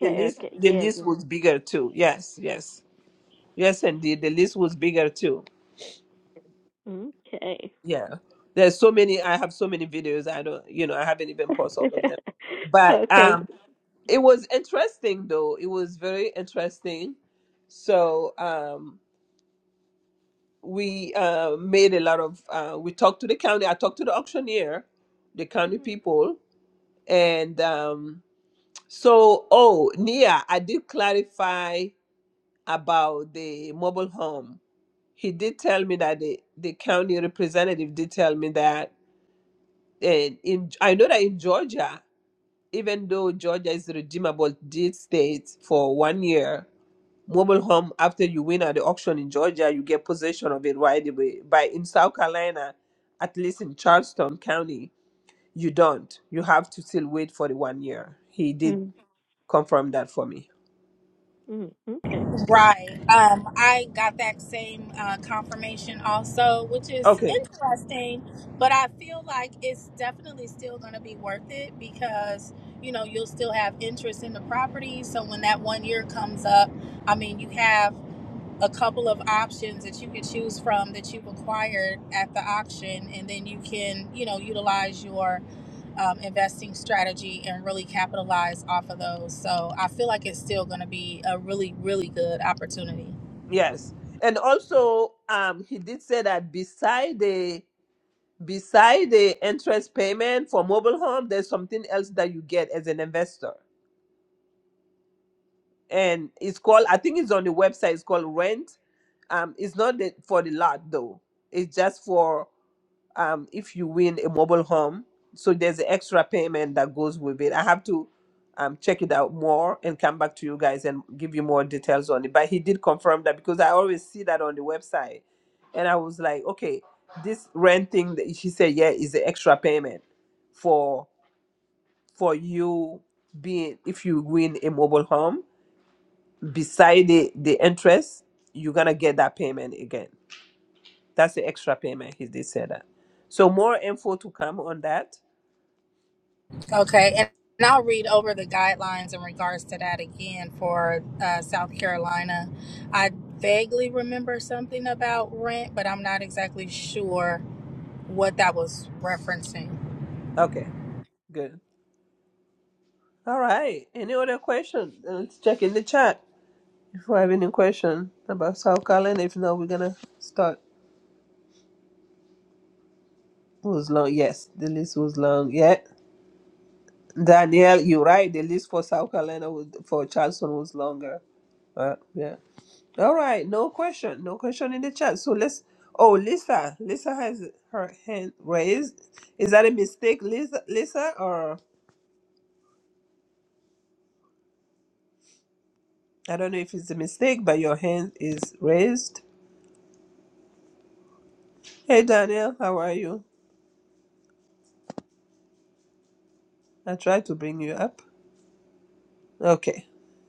S1: The list
S6: okay,
S1: the
S6: yes,
S1: list was bigger too. Yes, yes. Yes indeed. The list was bigger too.
S6: yes. okay,
S1: yeah there's so many i have so many videos i don't you know i haven't even paused all of them
S6: <laughs>
S1: but
S6: okay,
S1: um it was interesting though it was very interesting so um we uh made a lot of uh we talked to the county i talked to the auctioneer the county
S6: Mhm.
S1: people and um so oh nia i did clarify about the mobile home he did tell me that the the county representative did tell me that And in, I know that in Georgia, even though Georgia is a redeemable deed state for one year, mobile home after you win at the auction in Georgia, you get possession of it right away. But in South Carolina, at least in Charleston County, you don't. You have to still wait for the one year. He did
S6: mm
S1: confirm that for me.
S6: mm okay, good.
S11: Right. Um, I got that same uh, confirmation also, which is
S1: Okay.
S11: interesting, but I feel like it's definitely still going to be worth it because, you know, you'll still have interest in the property. So when that one year comes up, I mean, you have a couple of options that you could choose from that you've acquired at the auction and then you can you know utilize your um, investing strategy and really capitalize off of those so i feel like it's still going to be a really really good opportunity
S1: Yes. And also, um, he did say that beside the beside the interest payment for mobile home, there's something else that you get as an investor. and it's called i think it's on the website it's called rent um it's not the, for the lot though it's just for um if you win a mobile home so there's an extra payment that goes with it i have to um check it out more and come back to you guys and give you more details on it but he did confirm that because i always see that on the website and i was like okay this rent thing that she said yeah is an extra payment for for you being if you win a mobile home beside the the interest, you're gonna get that payment again. That's the extra payment. He did say that. So more info to come on that.
S11: okay and, and i'll read over the guidelines in regards to that again for uh, south carolina i vaguely remember something about rent but i'm not exactly sure what that was referencing.
S1: Okay, good. All right. Any other question? Uh, Let's check in the chat if we have any question about South Carolina. If not, we're gonna start. It was long. Yes, the list was long. Yeah. Danielle, you're right. The list for South Carolina was, for Charleston was longer. Uh, yeah. All right. No question. No question in the chat. So let's. Oh, Lisa. Lisa has her hand raised. Is that a mistake, Lisa? Lisa, or I don't know if it's a mistake, but your hand is raised. Hey, Danielle, how are you? I tried to bring you up. Okay.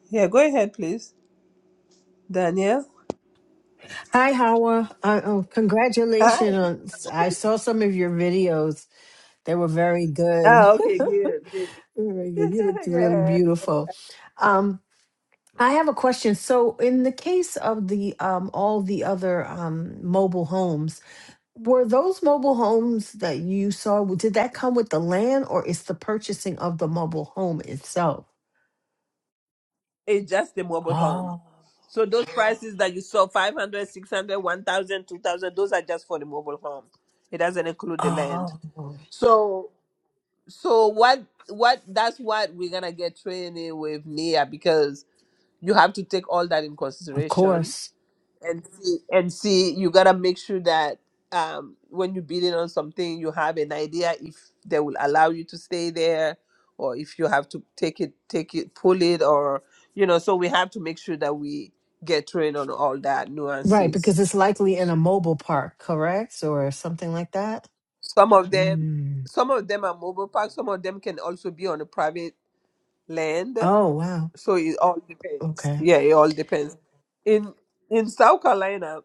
S1: Yeah. Go ahead, please, Danielle.
S13: Hi, Howard. Uh, oh,
S1: Hi.
S13: congratulations. on- I saw some of your videos. They were very good.
S1: Ah. Okay. Good. Good.
S13: <laughs> Very
S1: <laughs>
S13: good. You looked really
S1: yeah.
S13: beautiful. Um, I have a question. So, in the case of the um, all the other um, mobile homes, were those mobile homes that you saw? Did that come with the land, or is the purchasing of the mobile home itself?
S1: It's just the mobile home.
S13: Oh,
S1: So those prices that you saw 500, 600, 1000, 2000, those are just for the mobile home. It doesn't include the land.
S13: oh,
S1: So so what what that's what we're going to get training with Nia because you have to take all that in
S13: of
S1: consideration
S13: course.
S1: and see and see you gotta make sure that um when you bid in on something you have an idea if they will allow you to stay there or if you have to take it take it pull it or you know so we have to make sure that we get trained on all that
S13: Right,
S1: nuances
S13: because it's likely in a mobile park, correct, or something like that.
S1: some of them
S13: Mm.
S1: some of them are mobile parks some of them can also be on a private land
S13: Oh, wow.
S1: so it all depends
S13: Okay.
S1: yeah it all depends in in south carolina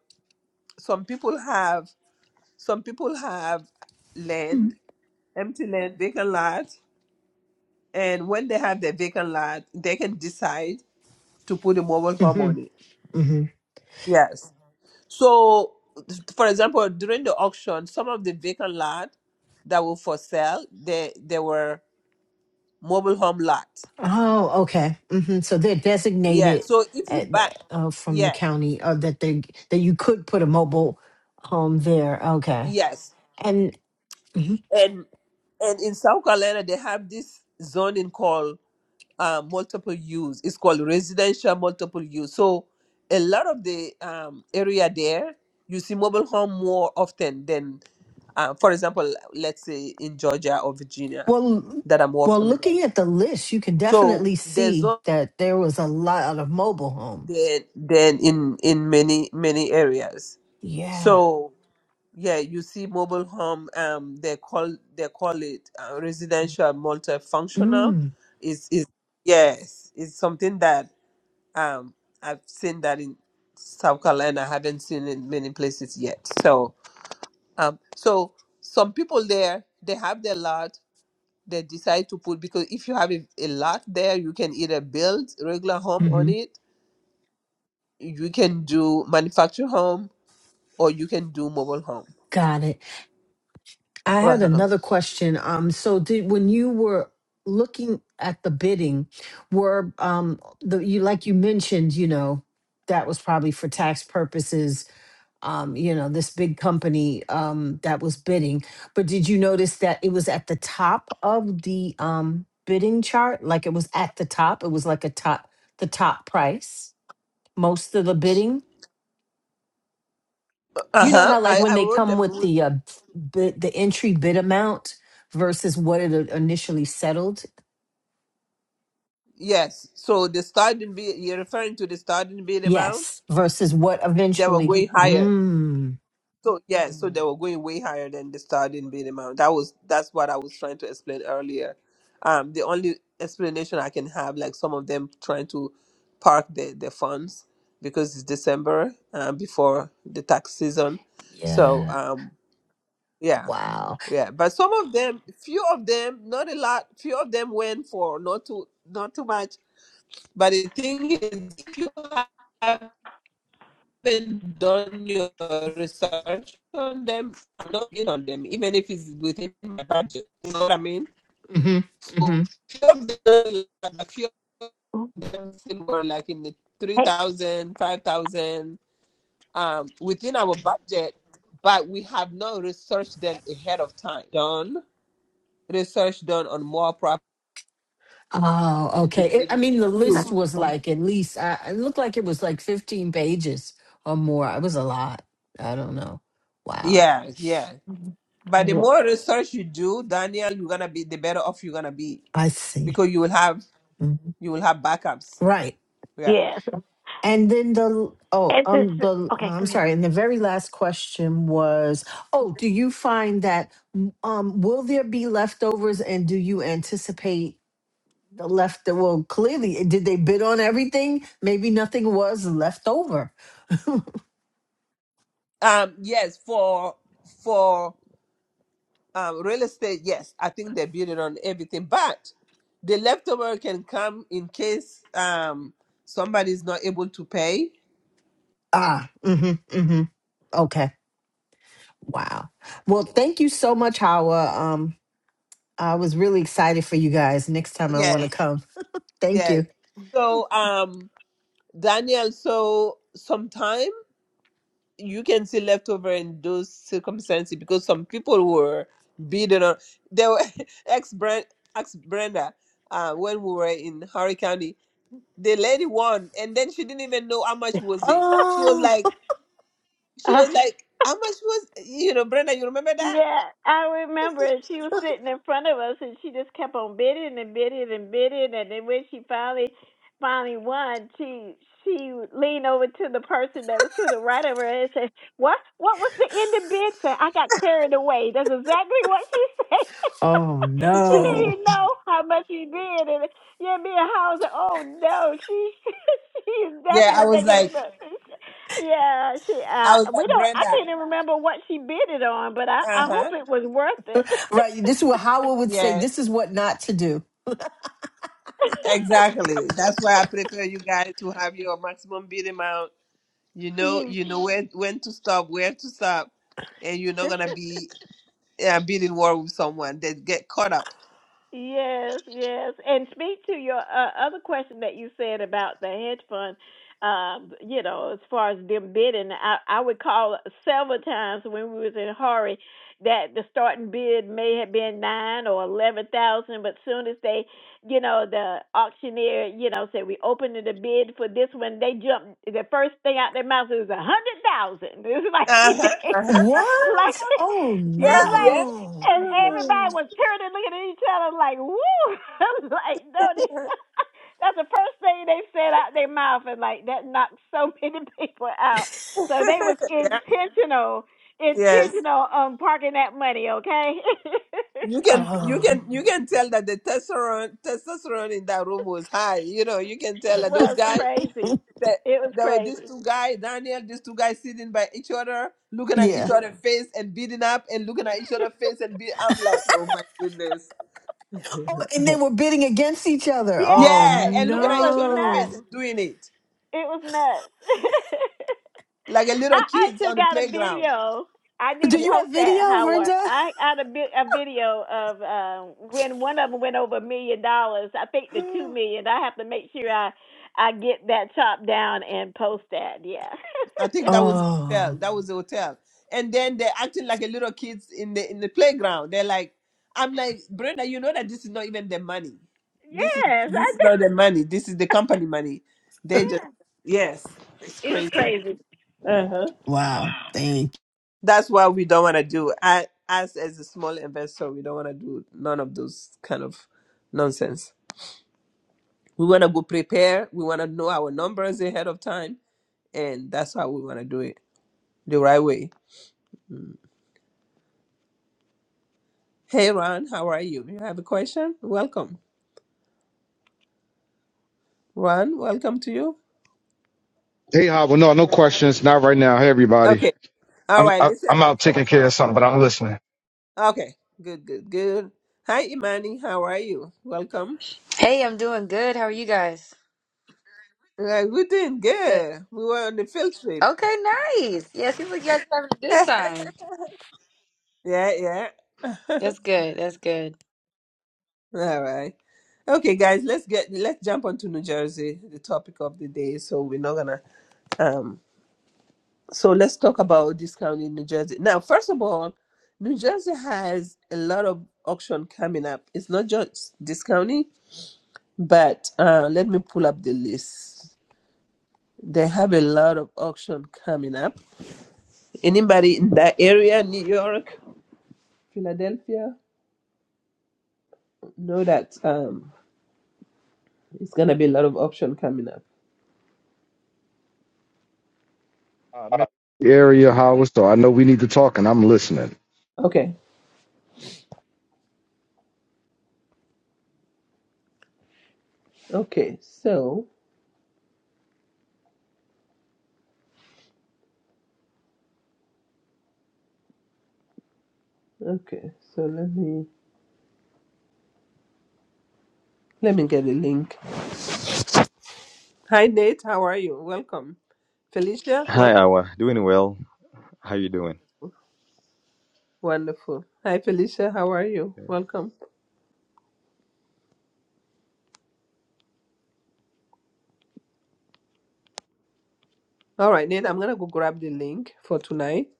S1: some people have some people have
S13: Hmm.
S1: land, empty land, vacant lot, and when they have their vacant lot, they can decide to put a mobile home
S13: hmm
S1: on it.
S13: hmm
S1: Yes. So, for example, during the auction, some of the vacant lot that were for sale, they they were mobile home lot.
S13: Oh, okay. hmm So they're
S1: Yeah.
S13: designated
S1: So if you
S13: at
S1: buy,
S13: the, uh, from the
S1: yeah,
S13: county, or that they that you could put a mobile home there. Okay.
S1: yes,
S13: And Mhm.
S1: and and in South Carolina they have this zoning called uh, multiple use. It's called residential multiple use. So a lot of the um, area there, you see mobile home more often than, uh, for example, let's say in Georgia or Virginia,
S13: well,
S1: that I'm more
S13: well,
S1: familiar
S13: looking
S1: with.
S13: at the list, you can
S1: So
S13: definitely
S1: there's
S13: see
S1: zone
S13: that there was a lot of mobile homes.
S1: than than in in many many areas.
S13: Yeah.
S1: So yeah, you see mobile home. Um, they call they call it uh, residential multifunctional.
S13: Mm.
S1: Is is yes, it's something that Um, I've seen that in South Carolina. I haven't seen it in many places yet. So, um, so some people there they have their lot. They decide to put because if you have a, a lot there, you can either build regular home on
S13: hmm
S1: it, you can do manufactured home, or you can do mobile home.
S13: Got it. I
S1: Uh
S13: had
S1: huh.
S13: another question. Um, so did when you were looking at the bidding, were um the you like you mentioned, you know, that was probably for tax purposes. Um, you know, this big company um that was bidding. But did you notice that it was at the top of the um bidding chart? Like it was at the top. It was like a top the top price, most of the bidding.
S1: Uh
S13: You know
S1: huh.
S13: how like
S1: I
S13: when
S1: I
S13: they
S1: wrote
S13: come
S1: them.
S13: with
S1: w-
S13: the uh, bid, the entry bid amount versus what it uh, initially settled?
S1: Yes. So the starting bid. You're referring to the starting bid amount.
S13: Yes, versus what
S1: They were
S13: eventually.
S1: going Mhm. higher.
S13: Mm,
S1: So yeah, so they were going way higher than the starting bid amount. That was that's what I was trying to explain earlier. Um, the only explanation I can have, like some of them trying to park their, their funds because it's December um, before the tax season. So
S13: yeah.
S1: um, yeah,
S13: Wow.
S1: yeah. But some of them, few of them, not a lot. Few of them went for not too not too much. But the thing is, if you have haven't done your research on them, I'm not in on them, even if it's within my budget. You know what I mean?
S13: hmm
S1: So
S13: hmm
S1: few of them, a few of them were like in the three
S6: Hey.
S1: thousand, 5,000, um, within our budget, but we have not researched them ahead of time. Done research done on more property
S13: Oh,
S1: to
S13: okay. It, I
S1: begin with.
S13: mean, the list
S1: too.
S13: was like at least I, it looked like it was like fifteen pages or more. It was a lot. I don't know. Wow.
S1: Yes, yes. But the more research you do, Daniel, you're gonna be the better off you're gonna be
S13: I see.
S1: because you will have
S13: Mhm.
S1: you will have backups
S13: Right.
S1: yeah
S6: Yes.
S13: And then the oh
S6: It's
S13: um
S6: just,
S13: the
S6: okay, go
S13: I'm sorry, and the very last question was, oh, do you find that mm, um will there be leftovers and do you anticipate the left well clearly eh, did they bid on everything? Maybe nothing was left over.
S1: um yes for for um real estate yes i think they build it on everything but the leftover can come in case um somebody's not able to pay
S13: Ah, mm mhm mm mhm. Okay. Wow. Well, thank you so much, Hawa. Um I was really excited for you guys. Next time I want to
S1: yes
S13: come. <laughs> Thank
S1: yes
S13: you.
S1: so um daniel so sometime you can see leftover in those circumstances because some people were bidding on they were <laughs> ex brand ex brenda uh when we were in Horry County the lady won and then she didn't even know how much was it she was
S6: ahead.
S13: Oh,
S1: like she
S6: <laughs>
S1: was like how much was you know brenda you remember that
S6: Yeah, I remember she was sitting in front of us and she just kept on bidding and bidding and bidding and then when she finally finally won, she she leaned over to the person that was to the right of her and said, What what was the end of bid? Said, I got carried away. That's exactly what she said.
S13: <laughs> oh
S6: <laughs> she didn't
S13: no.
S6: even know how much she did and yeah, me and Howard said, Oh no, she <laughs> she is
S1: yeah i
S6: definitely
S1: was like
S6: making yeah, she.
S1: i
S6: Uh,
S1: was
S6: we
S1: like
S6: don't. I
S1: brenda
S6: can't even remember what she bid it on, but I. I
S1: uh-huh
S6: hope it was worth
S13: Right. This is what
S6: it.
S13: Howard would say.
S1: yeah
S13: This is what not to do.
S1: exactly that's why i prepare you guys to have your maximum bid amount you
S6: <laughs>
S1: know you
S6: yeah.
S1: know where when to stop where to stop and you're not gonna
S6: <laughs>
S1: be uh, bidding war with someone that get caught up
S6: Yes, yes. And speak to your uh, other question that you said about the hedge fund. Um, you know, as far as them bidding, I, I would call several times when we was in a hurry that the starting bid may have been nine or eleven thousand, but soon as they, you know, the auctioneer, you know, said we opened the bid for this one, they jumped. The first thing out their mouth was a hundred thousand. <laughs> It's like,
S1: uh-huh,
S6: <laughs>
S1: uh-huh.
S6: like
S13: What?
S6: <laughs>
S13: Oh
S6: it's
S1: yeah
S6: like
S1: yeah <laughs>
S13: no.
S6: and everybody
S1: Mhm.
S6: was turning, looking at each other like, woo. <laughs> I'm like, no, they, <laughs> that's the first thing they said out their mouth. And like, that knocked so <laughs> many people out. So they was intentional,
S1: yes
S6: intentional on parking that money, okay?
S1: You can
S6: <laughs>
S1: you
S13: Oh.
S1: can you can tell that the testosterone testosterone in that room was high. You know, you can tell
S6: it
S1: that those
S6: was
S1: guys
S6: crazy.
S1: that
S6: It was
S1: there were these
S6: crazy.
S1: two guys, Daniel, these two guys sitting by each other, looking at each
S13: Yeah.
S1: other's face and beating up and looking at each other's face and be I'm like, oh my goodness. <laughs>
S13: Oh, and they were bidding against each other. Oh
S1: Yeah,
S6: Yes,
S1: and looking
S6: it
S1: at each
S6: was
S1: other's
S6: nuts.
S1: face
S13: no.
S1: and doing it.
S6: It was nuts. <laughs>
S1: Like a little
S6: I
S1: kids
S6: actually
S1: on the
S6: got a
S1: playground.
S6: video. I need
S13: Do
S6: to
S13: you have
S6: post that,
S13: video,
S6: Howard.
S13: Brenda?
S6: I got a, bit, a video of uh, when one of them went over a million dollars. I think the two
S13: <gasps>
S6: million. I have to make sure I I get that chopped down and post that. Yeah.
S1: I think that was the hotel.
S13: Oh,
S1: That was the hotel. And then they're acting like a little kids in the in the playground. They're like, I'm like, Brenda, you know that this is not even the money.
S6: <laughs>
S1: This is
S6: yes,
S1: this
S6: I
S1: is
S6: do.
S1: not the money. This is the company money. They just
S6: Yeah.
S1: yes, it's
S6: It was
S1: crazy.
S6: crazy.
S1: Uh-huh.
S13: wow. Thank
S1: That's what we don't want to do. I, us as a small investor, we don't want to do none of those kind of nonsense. We want to go prepare. We want to know our numbers ahead of time, and that's how we want to do it the right way. Hey, Ron, how are you? You have a question? Welcome. Ron, welcome to you.
S14: Hey, Howard. No, no questions. Not right now. Hey, everybody.
S1: Okay. All
S14: I'm
S1: right.
S14: I, I'm
S1: Listen.
S14: out taking care of something, but I'm listening.
S1: Okay. Good, good, good. Hi, Imani. How are you? Welcome.
S15: Hey, I'm doing good. How are you guys?
S1: Yeah, we doing
S15: Good.
S1: good. We were on the field trip.
S15: Okay, nice. Yeah, seems like you guys are having a
S1: <laughs>
S15: good
S1: yeah,
S15: time.
S1: yeah. <laughs>
S15: That's good. That's good.
S1: All right. Okay, guys, let's get let's jump onto New Jersey, the topic of the day. So we're not gonna um So let's talk about this county in New Jersey. Now, first of all, New Jersey has a lot of auction coming up. It's not just this county, but uh, let me pull up the list. They have a lot of auction coming up. Anybody in that area, New York, Philadelphia, know that um, it's gonna be a lot of auction coming up.
S14: Uh, I'm in the area, Howard. So I know we need to talk, and I'm listening.
S1: Okay, okay, so okay, so let me let me get a link. Hi Nate, how are you? Welcome, Felicia. Welcome.
S16: Hi, Awa. Doing well. How you doing?
S1: Wonderful. Hi, Felicia. How are you? Welcome. All right, Nate, I'm going to go grab the link for tonight.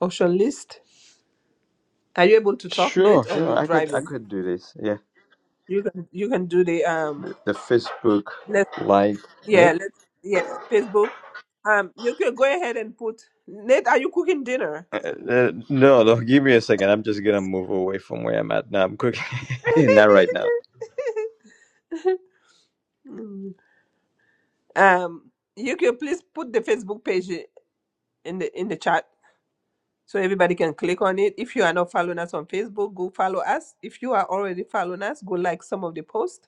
S1: Auction list. Are you able to talk, Nate,
S16: Sure,
S1: or you
S16: sure. I could, I
S1: driving?
S16: could do this. Yeah.
S1: You can you can do the um
S16: The Facebook
S1: let's
S16: live.
S1: yeah,
S16: Yep.
S1: let's yeah, Facebook. Um you can go ahead and put Nate, are you cooking dinner?
S16: Uh, uh, no, no. Give me a second. I'm just gonna move away from where I'm at now. I'm quick. <laughs> Not right now.
S1: <laughs> Mm. um you can please put the Facebook page i- in the in the chat. So everybody can click on it. If you are not following us on Facebook, go follow us. If you are already following us, go like some of the posts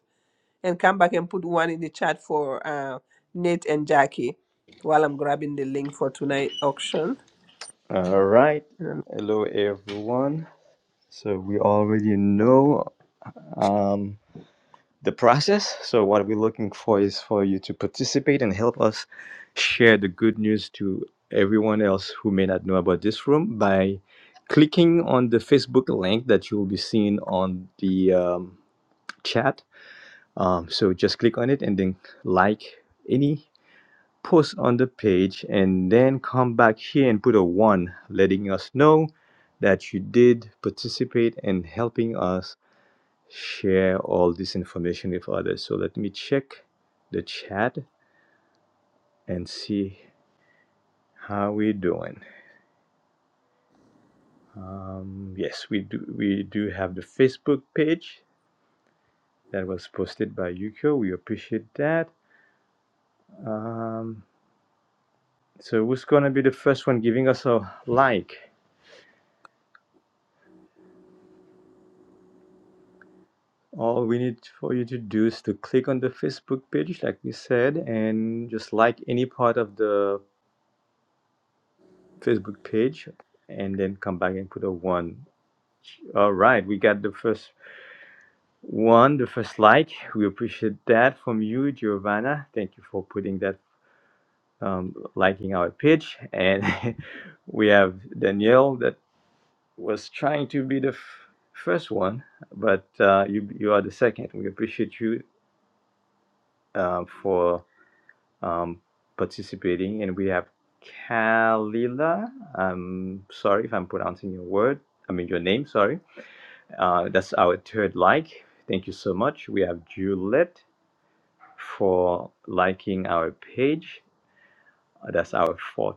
S1: and come back and put one in the chat for uh, Nate and Jackie while I'm grabbing the link for tonight auction.
S16: All right.
S1: Mm.
S16: Hello, everyone. So we already know. Um. the process. So what we're looking for is for you to participate and help us share the good news to everyone else who may not know about this room by clicking on the Facebook link that you will be seeing on the um, chat. Um, so just click on it and then like any post on the page and then come back here and put a one letting us know that you did participate and helping us share all this information with others. So let me check the chat and see how we are doing. Um, yes, we do. We do have the Facebook page that was posted by Yukio. We appreciate that. Um, so who's gonna be the first one giving us a like? All we need for you to do is to click on the Facebook page, like we said, and just like any part of the Facebook page, and then come back and put a one All right, we got the first one, the first like. We appreciate that from you, Giovanna. Thank you for putting that, um, liking our page. And <laughs> we have Danielle that was trying to be the f- first one, but uh, you you are the second. We appreciate you uh, for um, participating. And we have Kalila. I'm sorry if I'm pronouncing your word. I mean your name. Sorry Uh, that's our third like. Thank you so much. We have Juliet for liking our page. Uh, That's our fourth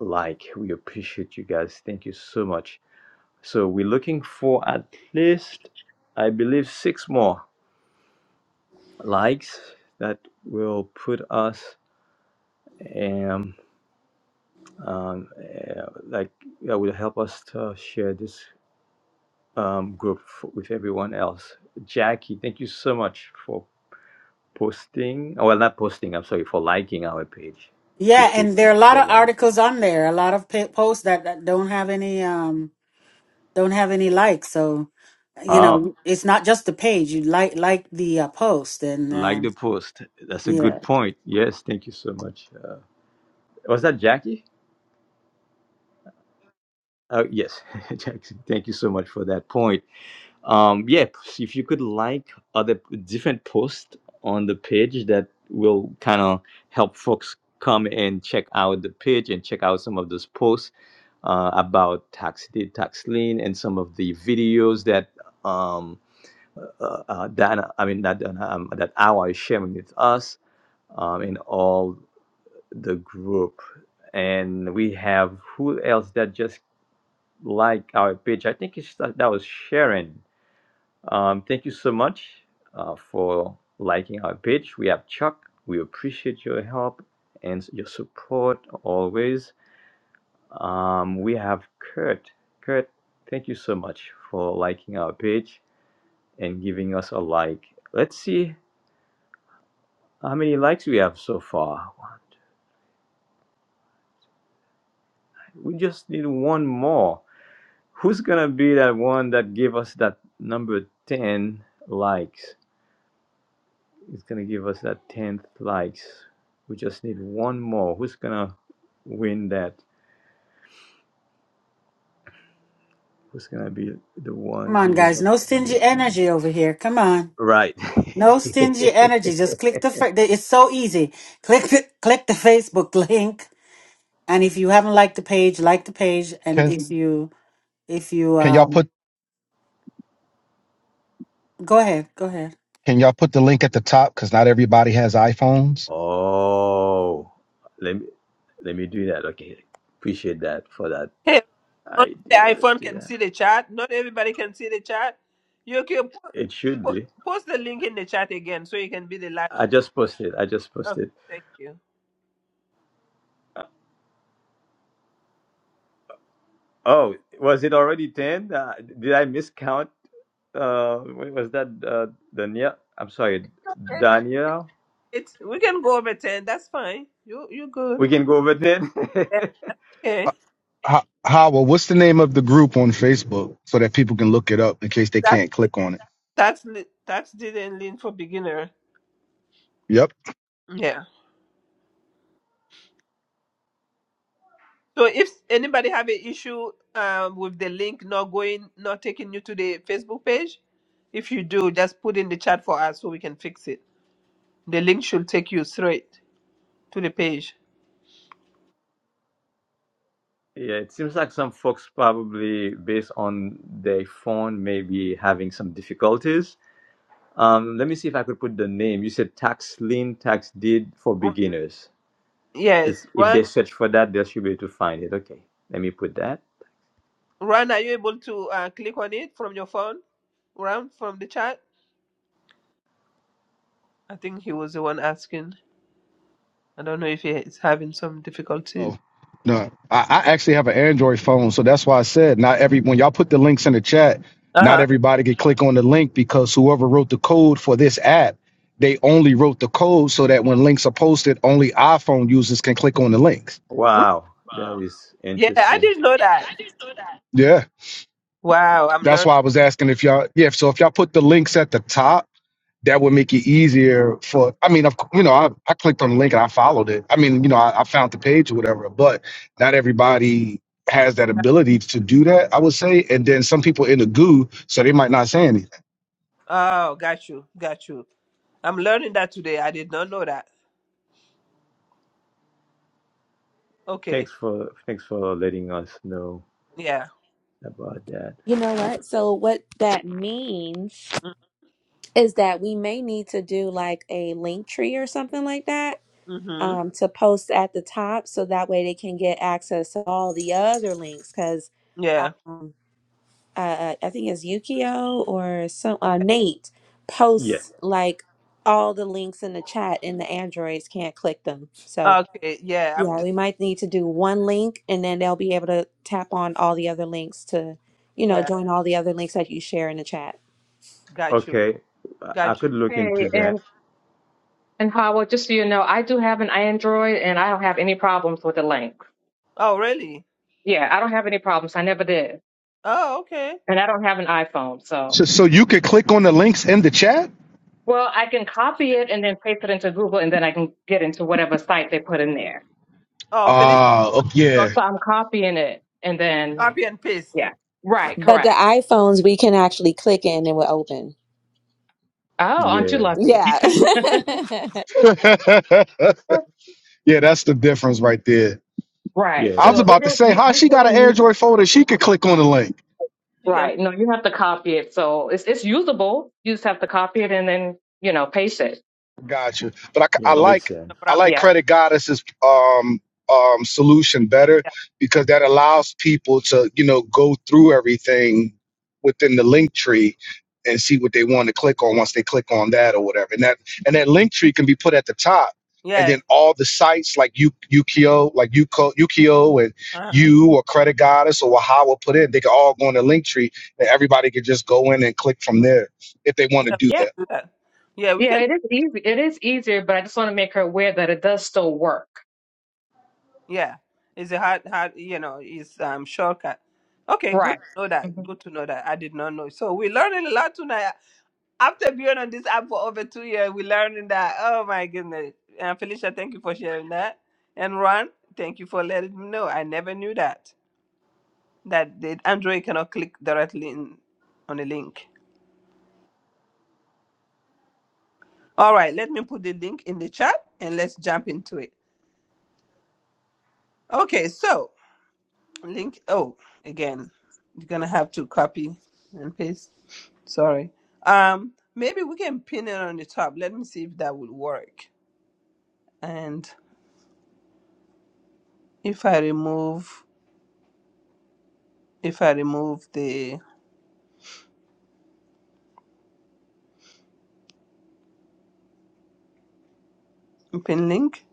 S16: like. We appreciate you guys. Thank you so much. So we're looking for at least, I believe, six more likes that will put us um, um, uh, like that will help us to share this um, group f with everyone else. Jackie, thank you so much for posting. Oh, Well, not posting. I'm sorry for liking our page.
S4: Yeah,
S16: Appreciate
S4: and there are a lot
S16: your
S4: of
S16: like.
S4: articles on there, a lot of pa- posts that, that don't have any um don't have any likes. So, you
S16: Oh,
S4: know, it's not just the page. You like like the uh, post, and uh,
S16: like the post. That's a
S4: Yeah.
S16: good point. Yes, thank you so much. Uh, was that Jackie? Uh, yes, <laughs> Jackson. Thank you so much for that point. Um, yeah, p- if you could like other different posts on the page, that will kind of help folks come and check out the page and check out some of those posts uh, about tax deed, tax lien, and some of the videos that um. uh, uh, Dana, I mean, not Dana, um, that Awa is sharing with us um, in all the group. And we have who else that just like our page? I think it's, that was Sharon. Um, thank you so much uh, for liking our page. We have Chuck. We appreciate your help and your support always. Um, we have Kurt. Kurt, thank you so much for liking our page and giving us a like. Let's see How many likes we have so far? We just need one more. Who's gonna be that one that gave us that number ten likes? It's gonna give us that tenth likes. We just need one more. Who's gonna win that? Who's gonna be the
S4: Come
S16: one
S4: on,
S16: giving
S4: guys.
S16: us
S4: No
S16: the number
S4: stingy
S16: ten?
S4: energy over here. Come on.
S16: Right.
S4: No stingy energy. Just
S16: <laughs>
S4: click the. Fa- the- it's so easy. Click the click the Facebook <laughs> link, and if you haven't liked the page, like the page, and
S14: Can
S4: if you if you
S14: can y'all
S4: um
S14: put
S4: go ahead, go ahead.
S14: can y'all put the link at the top? Because not everybody has iPhones.
S16: oh, let me let me do that. Okay, appreciate that for that
S1: Hey, only the
S16: idea. Let's
S1: iPhone
S16: do
S1: can
S16: that.
S1: see the chat. Not everybody can see the chat. You can po-
S16: It should
S1: po-
S16: be.
S1: post the link in the chat again so you can be the last.
S16: I just posted. I just
S1: Okay,
S16: posted.
S1: thank you.
S16: Uh, Oh, was it already 10? Uh, did I miscount? Uh, wait, was that uh, Danielle? I'm sorry,
S1: Eh,
S16: Danielle?
S1: It's, we can go over 10. That's fine. You, you good.
S16: We can go over 10? <laughs>
S1: Yeah. Okay.
S14: Ho- Howard, what's the name of the group on Facebook so that people can look it up in case they can't click on it?
S1: That's li- that's the and lean for beginner.
S14: Yep.
S1: Yeah. So if anybody have an issue um, with the link not going, not taking you to the Facebook page, if you do, just put in the chat for us so we can fix it. The link should take you straight to the page.
S16: yeah, it seems like some folks probably, based on their phone, may be having some difficulties. Um, let me see if I could put the name. You said tax lien, tax deed for
S1: Ru-
S16: beginners. If,
S1: Yes,
S16: if they
S1: Ron.
S16: search for that, they should be able to find it. Okay, let me put that.
S1: Ron, are you able to uh, click on it from your phone? Ron, from the chat. I think he was the one asking. I don't know if he is having some difficulties.
S14: Oh no, I, I actually have an Android phone, so that's why I said not every when y'all put the links in the chat,
S1: Uh
S14: not
S1: huh.
S14: everybody can click on the link because whoever wrote the code for this app, they only wrote the code so that when links are posted, only iPhone users can click on the links.
S16: Wow, that is
S1: Yeah, I
S16: interesting.
S1: didn't know that.
S14: Yeah,
S1: Wow, I'm learning.
S14: that's why I was asking if y'all. Yeah, so if y'all put the links at the top. that would make it easier for i mean of cou- you know i, I clicked on the link and i followed it i mean you know I, I found the page or whatever but not everybody has that ability to do that i would say and then some people in the goo so they might not say anything
S1: Oh, got you, got you. I'm learning that today. I did not know that. Okay,
S16: Thanks for thanks for letting us know
S1: yeah.
S16: about that.
S5: You know what? So, what that means
S1: Mm,
S5: is that we may need to do like a link tree or something like that
S1: Mm-hmm.
S5: um, to post at the top so that way they can get access to all the other links. Because
S1: Yeah.
S5: um, uh, I think it's Yukio or some uh, Nate
S16: Yeah.
S5: posts like all the links in the chat, and the androids can't click them. So,
S1: Okay, yeah. I'm
S5: Yeah,
S1: just,
S5: we might need to do one link and then they'll be able to tap on all the other links to, you know,
S1: yeah,
S5: join all the other links that you share in the chat.
S1: got you,
S16: Okay. I I
S1: got you.
S16: could look into
S17: Hey,
S16: that.
S17: and and Howard, just so you know, I do have an Android, and I don't have any problems with the link.
S1: Oh, really?
S17: Yeah, I don't have any problems. I never did,
S1: Oh, okay.
S17: and I don't have an iPhone, so.
S14: so, so you could click on the links in the chat
S17: Well, I can copy it and then paste it into Google, and then I can get into whatever site they put in there.
S1: Oh, Felicia,
S14: ah oh,
S1: so
S14: yeah
S17: So I'm copying it, and then
S1: copy and paste.
S17: yeah, right,
S5: But the
S17: correct.
S5: iPhones we can actually click in and we will open.
S17: Oh, aren't you
S16: Yeah.
S17: lucky?
S5: Yeah.
S17: <laughs>
S5: <laughs>
S14: <laughs> yeah that's the difference right there
S16: Yeah.
S17: right.
S14: i was
S17: So
S16: That's
S17: it
S14: about to
S17: is.
S14: say
S17: We,
S14: how
S17: we
S14: she got an
S17: can
S14: air
S17: use it.
S14: folder she could click on the link
S1: You can
S17: Right. No, you have to copy it. So it's it's usable. You just have to copy it and then you know paste it.
S14: Got you. But I
S16: yeah.
S14: I
S16: It
S1: so paste
S16: makes
S14: like
S1: the
S16: sense.
S14: I
S1: brown
S14: like
S17: Yeah.
S14: Credit Goddess's um um solution better
S1: idea.
S14: because that
S1: Mhm.
S14: allows people to you know go through everything within the link tree and see what they want to click on once they click on that or whatever. And that and that link tree can be put at the top. And
S1: Yeah.
S14: then all the sites like U- Ukio, like Uko, Ukio and
S1: Uh-huh.
S14: you or Credit Goddess or Waha will put in, they can all go in the link tree and everybody can just go in and click from there if they want to do
S1: You
S14: that.
S1: can do that. Yeah, we
S17: Yeah,
S1: can.
S17: it is easy. It is easier, but I just want to make her aware that it does still work.
S1: Yeah, it's a hard, hard. You know, it's um shortcut. Okay, good
S17: Right.
S1: to know that.
S17: hmm
S1: Good to know that. I did not know. So we're learning a lot tonight. After being on this app for over two years, we're learning that. Oh my goodness. And Felicia, thank you for sharing that. And Ron, thank you for letting me know. I never knew that. That the Android cannot click directly in, on a link. All right, let me put the link in the chat and let's jump into it. Okay, so link. Oh, again, you're gonna have to copy and paste. Sorry. Um, maybe we can pin it on the top. Let me see if that will work. And if I remove if I remove the pin link,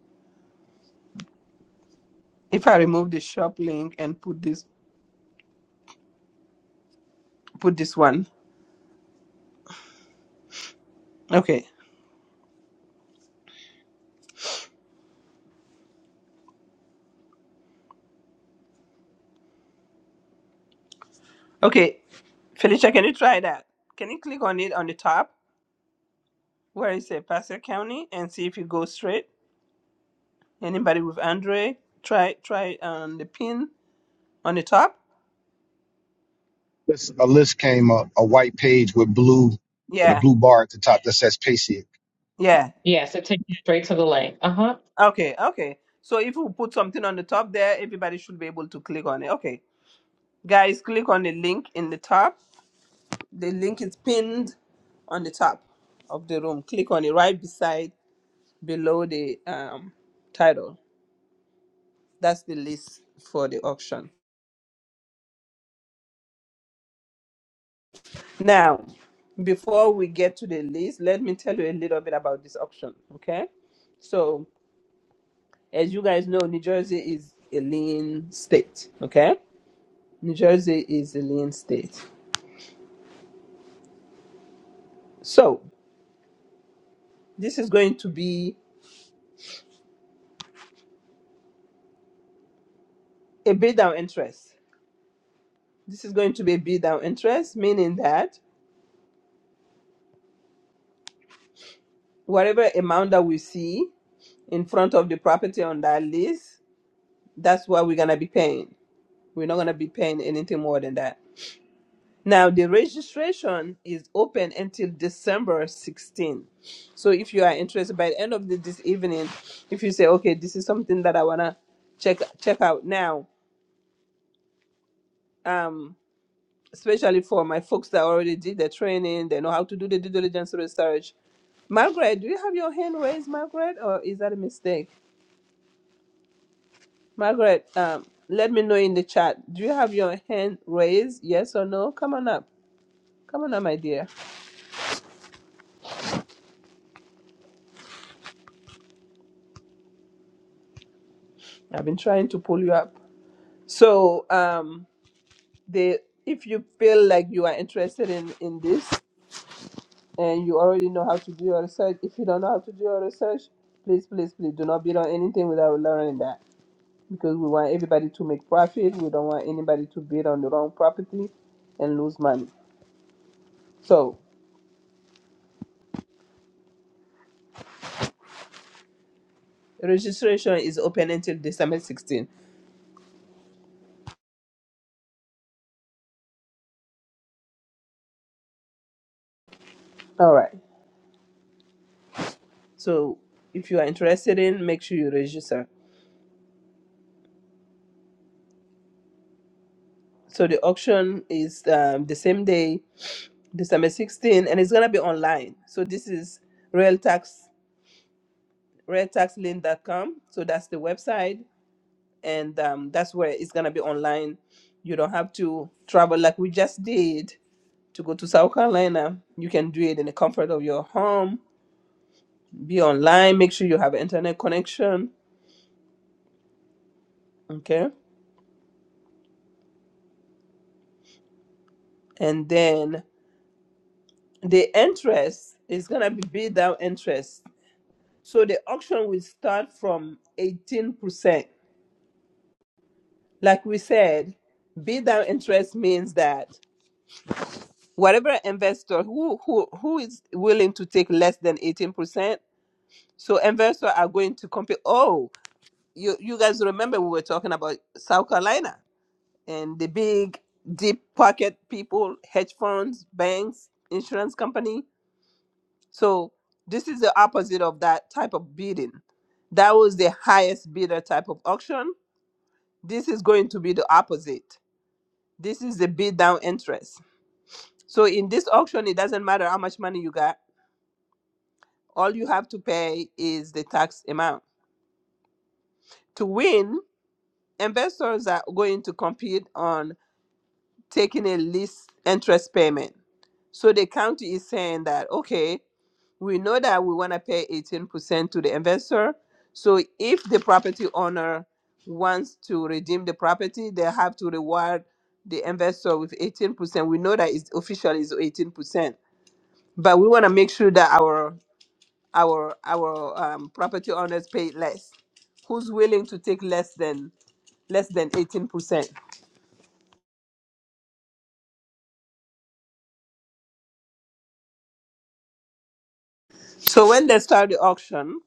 S1: if I remove the shop link and put this put this one. Okay. Okay. Felicia, can you try that? Can you click on it on the top where it says Pasco County and see if it goes straight? Anybody with Android? Try try um the pin on the top?
S14: This, a list came up, a white page with blue, with a
S1: Yeah.
S14: blue bar at the top that says PASIC.
S1: Yeah.
S17: Yes, it takes you straight to the link. Uh huh.
S1: Okay, okay. So if we put something on the top there, everybody should be able to click on it. Okay. Guys, click on the link in the top The link is pinned on the top of the room. Click on it right beside below the um, title. That's the list for the auction. Now, before we get to the list, let me tell you a little bit about this auction, okay? So, as you guys know, New Jersey is a lean state, okay? New Jersey is a lean state. So, this is going to be a bid down interest. This is going to be a bid down interest, meaning that whatever amount that we see in front of the property on that list, that's what we're gonna be paying. We're not gonna be paying anything more than that. Now the registration is open until December 16. So if you are interested by the end of the, this evening, if you say, okay, this is something that I wanna check check out now, um, especially for my folks that already did the training, they know how to do the due diligence research. Margaret, do you have your hand raised, Margaret, or is that a mistake? Margaret, um, let me know in the chat. Do you have your hand raised? Yes or no? Come on up. Come on up, my dear. I've been trying to pull you up. So, um, the if you feel like you are interested in in this and you already know how to do your research, if you don't know how to do your research, please, please, please do not bid on anything without learning that because we want everybody to make profit. We don't want anybody to bid on the wrong property and lose money. So, registration is open until December 16th. All right. So if you are interested in, make sure you register. So the auction is um, the same day, December 16, and it's gonna be online. So this is realtax realtaxlink.com. So that's the website, and um, that's where it's gonna be online. You don't have to travel like we just did to go to South Carolina. You can do it in the comfort of your home. Be online. Make sure you have internet connection. Okay, and then the interest is going to be bid down interest. So the auction will start from 18%. Like we said, bid down interest means that whatever investor who, who, who is willing to take less than 18%, so investors are going to compete. Oh, you, you guys remember we were talking about South Carolina and the big deep pocket people, hedge funds, banks, insurance company So this is the opposite of that type of bidding. That was the highest bidder type of auction. This is going to be the opposite. This is the bid down interest. So in this auction, it doesn't matter how much money you got. All you have to pay is the tax amount. To win, investors are going to compete on taking a least interest payment. So the county is saying that, okay, we know that we want to pay 18% to the investor. So if the property owner wants to redeem the property, they have to reward the investor with 18%. We know that it's official is 18%, but we want to make sure that our our our um, property owners pay less. Who's willing to take less than less than 18%? So when they start the auction,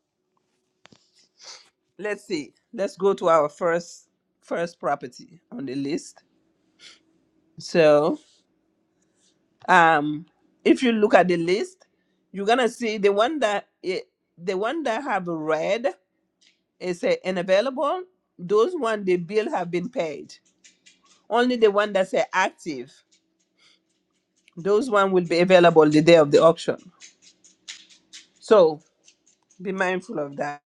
S1: let's see. Let's go to our first first property on the list. So um if you look at the list you're gonna see the one that it, the one that have red is say unavailable those one the bill have been paid only the one that say active those one will be available the day of the auction so be mindful of that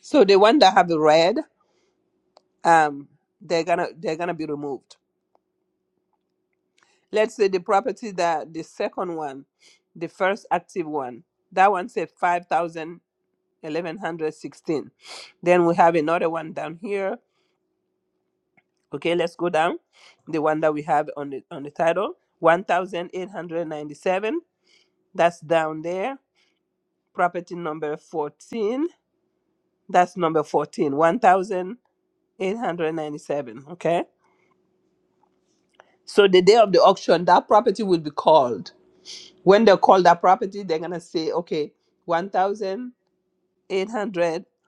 S1: so the one that have red um they're gonna they're gonna be removed let's say the property that the second one the first active one that one said 5000 1116 then we have another one down here okay let's go down the one that we have on the on the title 1897 that's down there property number 14 that's number 14 1897 okay so the day of the auction that property will be called when they call that property they're gonna say okay 1867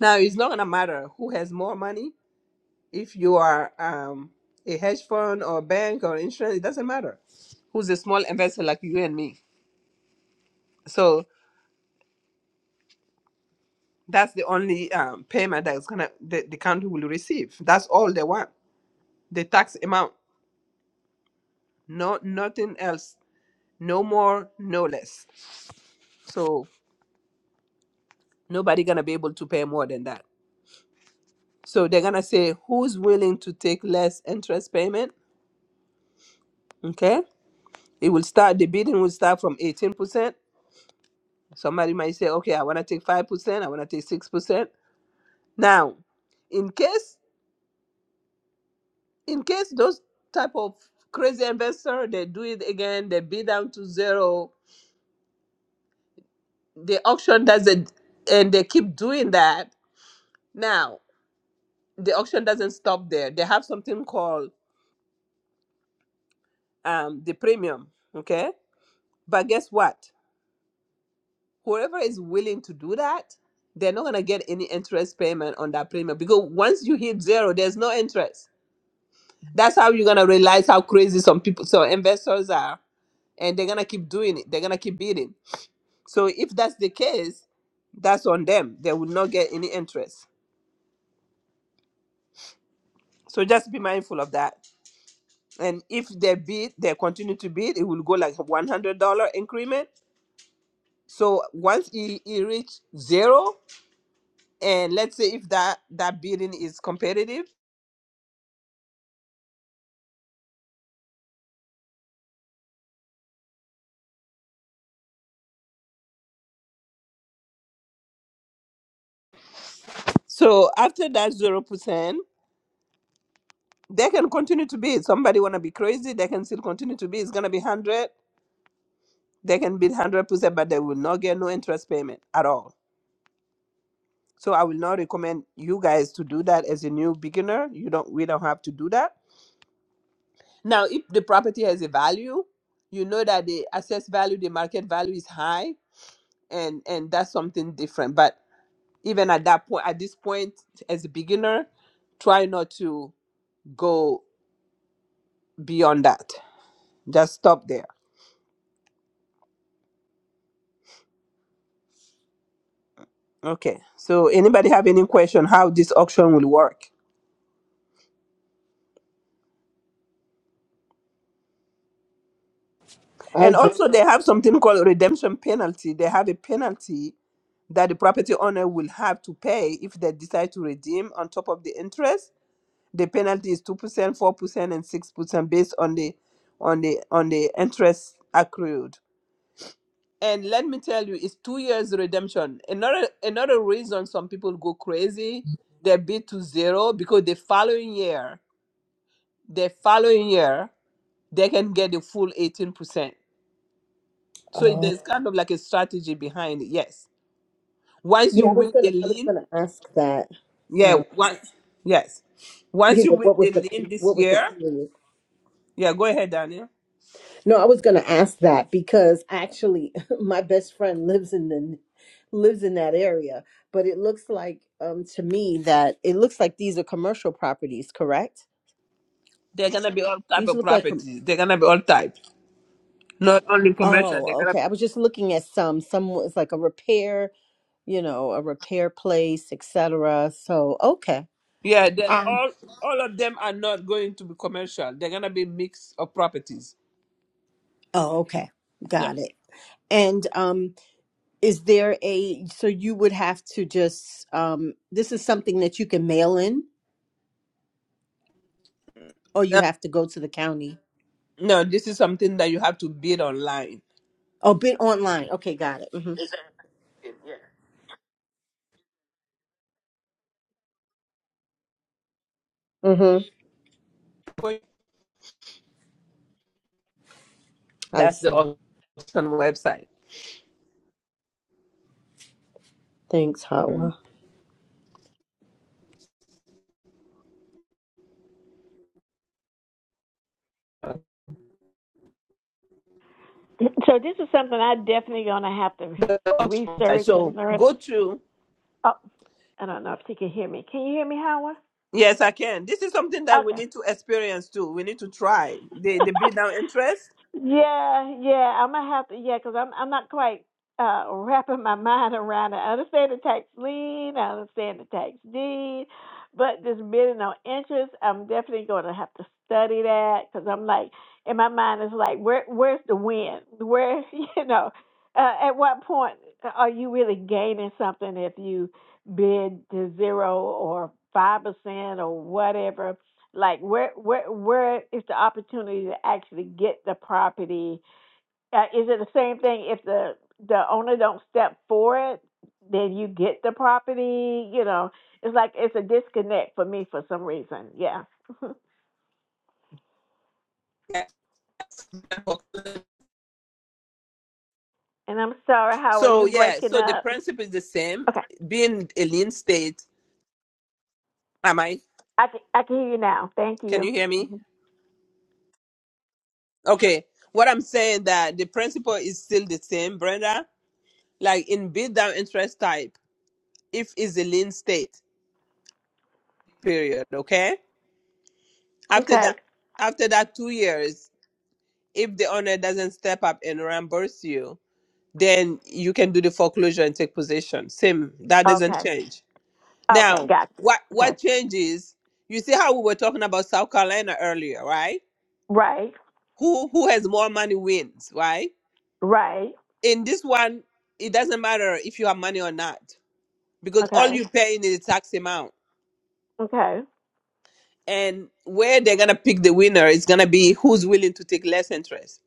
S1: now it's not gonna matter who has more money If you are um, a hedge fund or bank or insurance, it doesn't matter. Who's a small investor like you and me? So that's the only um, payment that's gonna the, the county will receive. That's all they want. The tax amount, no nothing else, no more, no less. So nobody gonna be able to pay more than that. So they're gonna say who's willing to take less interest payment. Okay, it will start. The bidding will start from eighteen percent. Somebody might say, okay, I want to take 5%, I want to take 6%. Now, in case in case those type of crazy investor they do it again, they bid down to zero, the auction doesn't and they keep doing that. Now, the auction doesn't stop there. They have something called um, the premium, okay? But guess what? Whoever is willing to do that, they're not gonna get any interest payment on that premium because once you hit zero, there's no interest. That's how you're gonna realize how crazy some people, some investors are and they're gonna keep doing it. They're gonna keep bidding. So if that's the case, that's on them. They will not get any interest. So just be mindful of that. And if they bid, they continue to bid, it will go like a one hundred dollar increment. So once it, it reach zero, and let's say if that that bidding is competitive, so after that zero percent, they can continue to bid. Somebody wanna be crazy, they can still continue to bid. It's gonna be hundred. They can bid hundred percent, but they will not get no interest payment at all. So I will not recommend you guys to do that as a new beginner. You don't we don't have to do that. Now, if the property has a value, you know that the assessed value, the market value is high and and that's something different. But even at that point at this point as a beginner, try not to go beyond that. Just stop there. Okay. So anybody have any question how this auction will work?
S13: I
S1: And
S13: do.
S1: also they have something called redemption penalty. They have a penalty that the property owner will have to pay if they decide to redeem on top of the interest. The penalty is two percent, four percent, and six percent based on the on the on the interest accrued. And let me tell you, it's two years redemption. Another another reason some people go crazy, they bid to zero because the following year, the following year, they can get the full eighteen percent. So there's kind of like a strategy behind it. Yes. Once you
S13: Yeah, I was
S1: win
S13: gonna.
S1: the
S13: I was
S1: lien,
S13: gonna ask that.
S1: Yeah,
S13: Um,
S1: what? Yes. Once
S13: you
S1: you
S13: know,
S1: win
S13: what was
S1: the
S13: the
S1: lien
S13: pay,
S1: this
S13: what was the
S1: year,
S13: period?
S1: yeah, go ahead, Daniel.
S13: No, I was going to ask that because actually <laughs> my best friend lives in the lives in that area, but it looks like um to me that it looks like these are commercial properties, correct?
S1: They're gonna be all type
S13: These
S1: of
S13: look like com-
S1: properties. They're gonna be all type, not only commercial. They're
S13: Oh,
S1: gonna
S13: okay. I was
S1: be
S13: just looking at some some was like a repair, you know, a repair place, etc. So, okay.
S1: yeah. They all all of them are not going to be commercial. They're gonna be mix of properties.
S13: Oh, okay.
S1: Yeah.
S13: Got it. And um is there a so you would have to just um this is something that you can mail in or you
S1: No,
S13: have to go to the county?
S1: no, this is something that you have to bid online.
S13: Oh, been online. Okay, got it. Mm-hmm. Mm-hmm. I
S1: That's the
S13: see.
S1: auction website.
S13: Thanks, Hawa.
S1: Mhm.
S6: So this is something I definitely gonna have to
S1: The auction website.
S6: research and
S1: So
S6: learn.
S1: go to
S6: Oh, I don't know if she can hear me. Can you hear me, Howard?
S1: Yes, I can. This is something that we
S6: Okay.
S1: need to experience too. We need to try the the beat down interest.
S6: yeah, yeah. I'm gonna have to, yeah, 'cause I'm I'm not quite uh wrapping my <laughs> mind around it. I understand the tax lien, I understand the tax deed, but this bidding on interest, I'm definitely gonna have to study that 'cause I'm like, in my mind, it's like, where where's the win? Where <laughs> you know, uh, at what point are you really gaining something if you bid to zero or five percent or whatever? Like where where where is the opportunity to actually get the property? Uh, is it the same thing if the the owner don't step for it, then you get the property? You know, it's like it's a disconnect for me for some reason. Yeah. <laughs> and I'm sorry, how are you
S1: So yeah,
S6: breaking
S1: so the
S6: up?
S1: principle is the same.
S6: Okay,
S1: Being a lean state, am I?
S6: I can I can hear you now. Thank
S1: Can
S6: you.
S1: you hear me? Okay. What I'm saying that the principle is still the same, Brenda. Like in beat down interest type, if it's a lean state, period. Okay. After that,
S6: Okay.
S1: after that two years, if the owner doesn't step up and reimburse you, then you can do the foreclosure and take possession. Same, that doesn't
S6: Okay.
S1: change.
S6: Okay.
S1: Now,
S6: Got you.
S1: what what
S6: Okay.
S1: changes? You see how we were talking about South Carolina earlier, right?
S6: Right.
S1: Who who has more money wins, right?
S6: Right.
S1: In this one, it doesn't matter if you have money or not because all
S6: Okay.
S1: you're paying is tax amount.
S6: Okay.
S1: And where they're gonna pick the winner is gonna be who's willing to take less interest.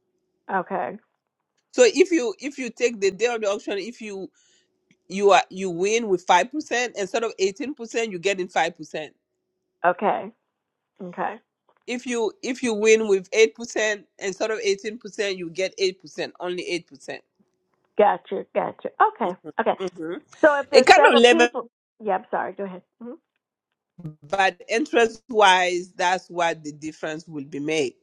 S6: Okay.
S1: So if you if you take the day of the auction, if you you are you win with five percent instead of eighteen percent, you get in five percent
S6: Okay. Okay.
S1: if you if you win with eight percent instead of eighteen percent, you get eight percent, only eight percent.
S6: Gotcha, gotcha. Okay, okay.
S1: hmm
S6: So if
S1: It
S6: there's
S1: kind of
S6: several
S1: level,
S6: people, yeah, I'm sorry. Go ahead. Mhm.
S1: but interest wise, that's what the difference will be made.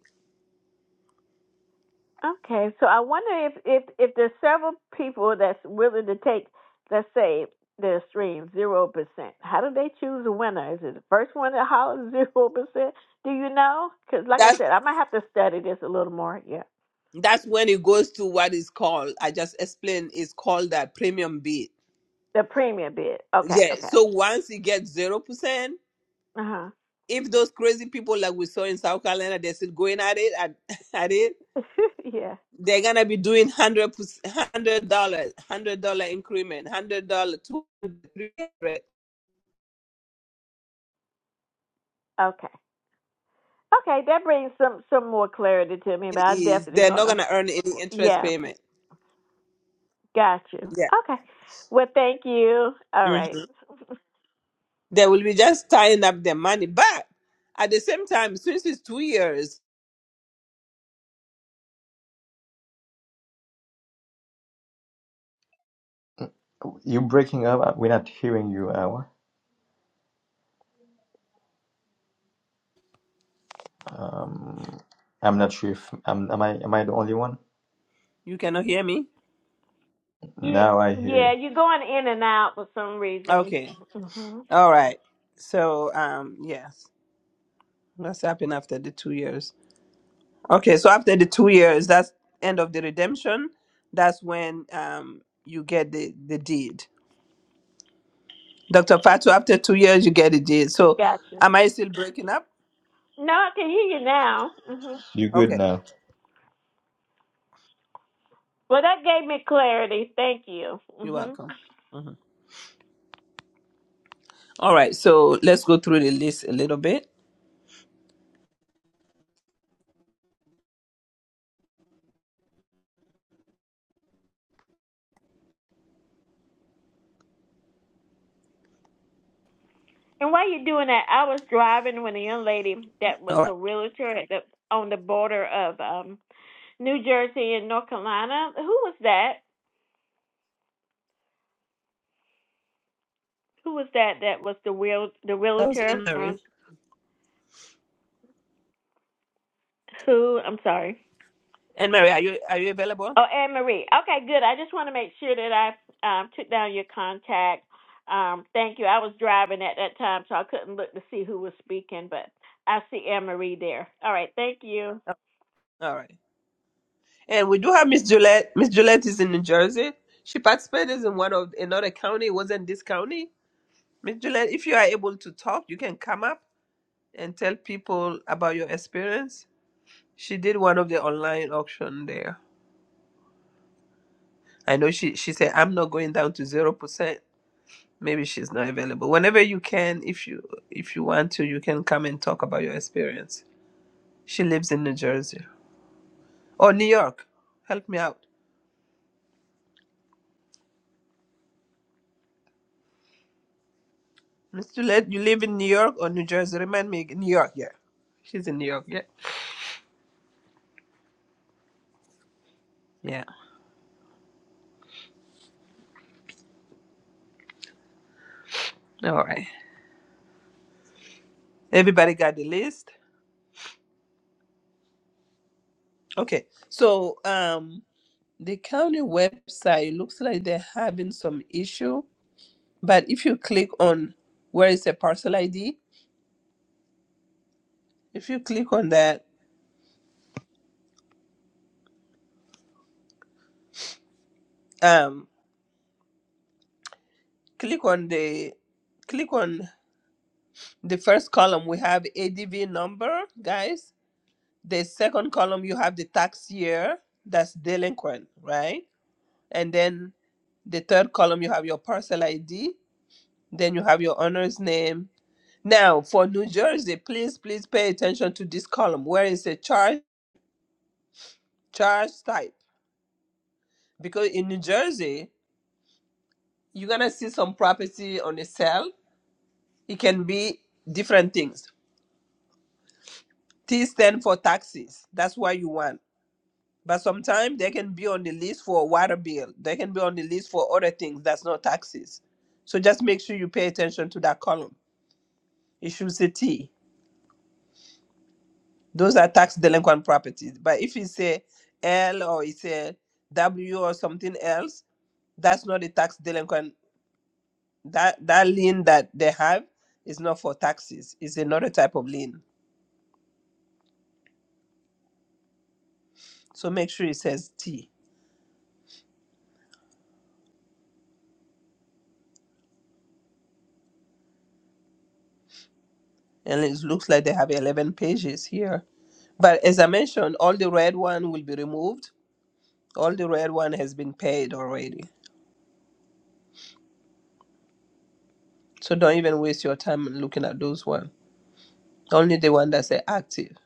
S6: Okay, so I wonder if if if there's several people that's willing to take, let's say, their stream zero percent. How do they choose a winner? Is it the first one that hollers <laughs> zero percent? Do you know? Because like I
S1: That's
S6: said, I might have to study this a little more. Yeah,
S1: that's when it goes to what is called. I just explained. It's called that premium bid.
S6: the premium bid. Okay,
S1: Yeah.
S6: okay.
S1: So once you get zero percent,
S6: Uh
S1: if those crazy people like we saw in South Carolina, they're still going at it at, <laughs> at it.
S6: huh. <laughs> yeah.
S1: they're gonna be doing hundred hundred dollars, hundred dollar increment, hundred dollar, two hundred, three hundred.
S6: Okay. Okay, that brings some some more clarity to me, but
S1: It
S6: I'm
S1: is
S6: definitely
S1: they're not
S6: gonna.
S1: gonna earn any interest
S6: yeah.
S1: payment.
S6: Got you.
S1: Yeah,
S6: Okay. Well, thank you. All
S1: hmm
S6: right.
S1: they will be just tying up their money. But at the same time, since it's two years,
S16: You breaking up? Uh, We're not hearing you, Awa. Um, I'm not sure if i am am I am I the only one?
S1: you cannot hear me.
S6: You,
S16: Now I hear
S6: yeah,
S16: you.
S6: you're going in and out for some reason.
S1: Okay,
S6: hmm
S1: all right. So um, yes, what's happened after the two years? Okay, so after the two years, that's end of the redemption. That's when um you get the the deed. Dr. Fatu, after two years, you get a deal. So,
S6: Got you.
S1: am I still breaking up?
S6: No, I can hear you now. hmm
S16: You good
S1: Okay,
S16: now?
S6: Well, that gave me clarity. Thank you.
S1: you're
S6: hmm
S1: welcome. Mhm. All right, so let's go through the list a little bit.
S6: And while you're doing that, I was driving when a young lady that was
S1: All right,
S6: a realtor at the, on the border of um, New Jersey and North Carolina. Who was that? Who was that? That was the real the
S1: that was Anne
S6: realtor um,
S1: Marie.
S6: who? I'm sorry.
S1: Anne Marie, are you are you available?
S6: Oh, Anne Marie. Okay, good. I just want to make sure that I um, took down your contact. Um, thank you. I was driving at that time, so I couldn't look to see who was speaking, but I see Anne Marie there. All right, thank you.
S1: All right, and we do have Miss Gillette. Miss Gillette is in New Jersey. She participated in one of another county. It wasn't this county. Miss Gillette, if you are able to talk, you can come up and tell people about your experience. She did one of the online auction there. I know she she said I'm not going down to zero percent maybe she's not available whenever you can if you if you want to you can come and talk about your experience she lives in new jersey or new york help me out mr led you live in new york or new jersey remind me new york yeah she's in new york yeah yeah all right everybody got the list okay so um the county website looks like they're having some issue but if you click on where is the parcel id if you click on that um. click on the click on the first column we have adv number guys the second column you have the tax year that's delinquent right and then the third column you have your parcel id then you have your owner's name now for new jersey please please pay attention to this column where where is a charge charge type because in new jersey you're gonna see some property on a sale it can be different things T stand for taxes. That's why you want. But sometimes they can be on the list for a water bill. They can be on the list for other things that's not taxes. So just make sure you pay attention to that column. It should say T. Those are tax delinquent properties. But if it's a L or it's a W or something else, that's not a tax delinquent. That that lien that they have is not for taxes. It's another type of lien. So make sure it says T. and it looks like they have 11 pages here but as i mentioned all the red one will be removed all the red one has been paid already so don't even waste your time looking at those one only the one that say active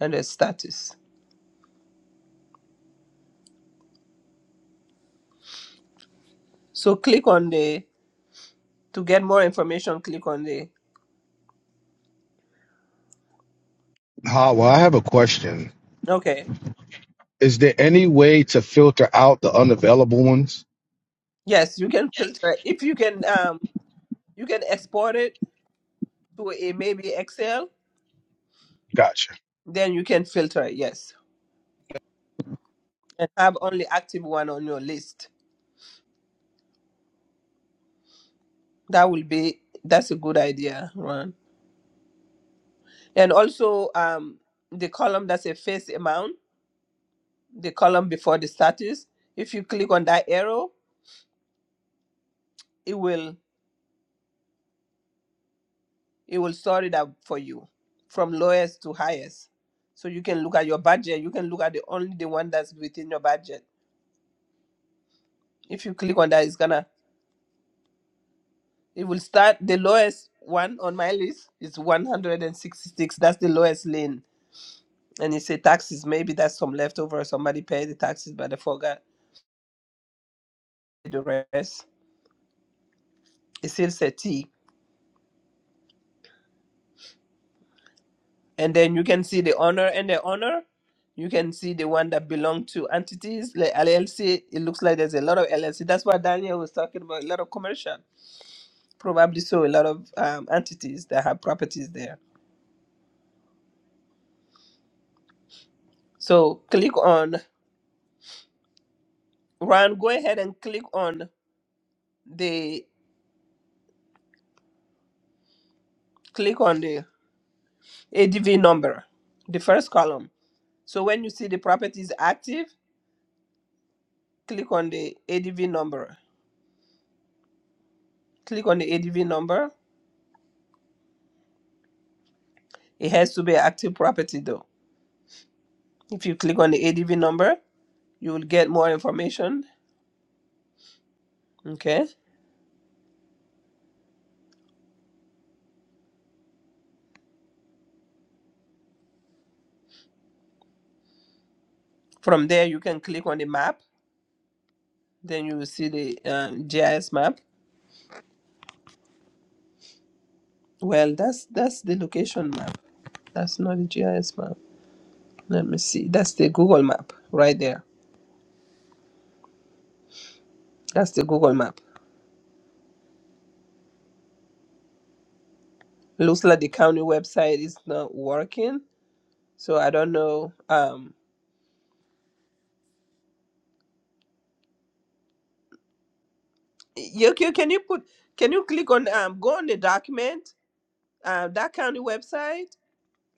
S1: and the status so click on the to get more information click on the
S14: Ah, well, I have a question.
S1: okay
S14: Is there any way to filter out the unavailable ones?
S1: yes you can filter if you can um you can export it to a maybe excel
S14: Gotcha.
S1: then you can filter it yes and have only active one on your list That will be that's a good idea, Ron. And also um the column that's a face amount, the column before the status, if you click on that arrow, it will it will sort it out for you from lowest to highest. So you can look at your budget, you can look at the only the one that's within your budget. If you click on that, it's gonna it will start the lowest one on my list is 166. That's the lowest lane. And it say taxes. Maybe that's some leftover. Somebody paid the taxes, but they forgot the rest. It's still settee. And then you can see the owner and the owner. You can see the one that belong to entities like LLC. It looks like there's a lot of LLC. That's what Daniel was talking about. A lot of commercial, probably so. A lot of um, entities that have properties there. So click on Ron. Go ahead and click on the click on the ADV number, the first column. So when you see the property is active, click on the ADV number. Click on the ADV number It has to be active property though. If you click on the ADV number, you will get more information. Okay. From there, you can click on the map. Then you will see the uh, GIS map. Well, that's that's the location map. That's not the GIS map. Let me see. That's the Google map right there. That's the Google map. Looks like the county website is not working. So I don't know. Um, you, you can you put can you click on um go on the document uh, that county website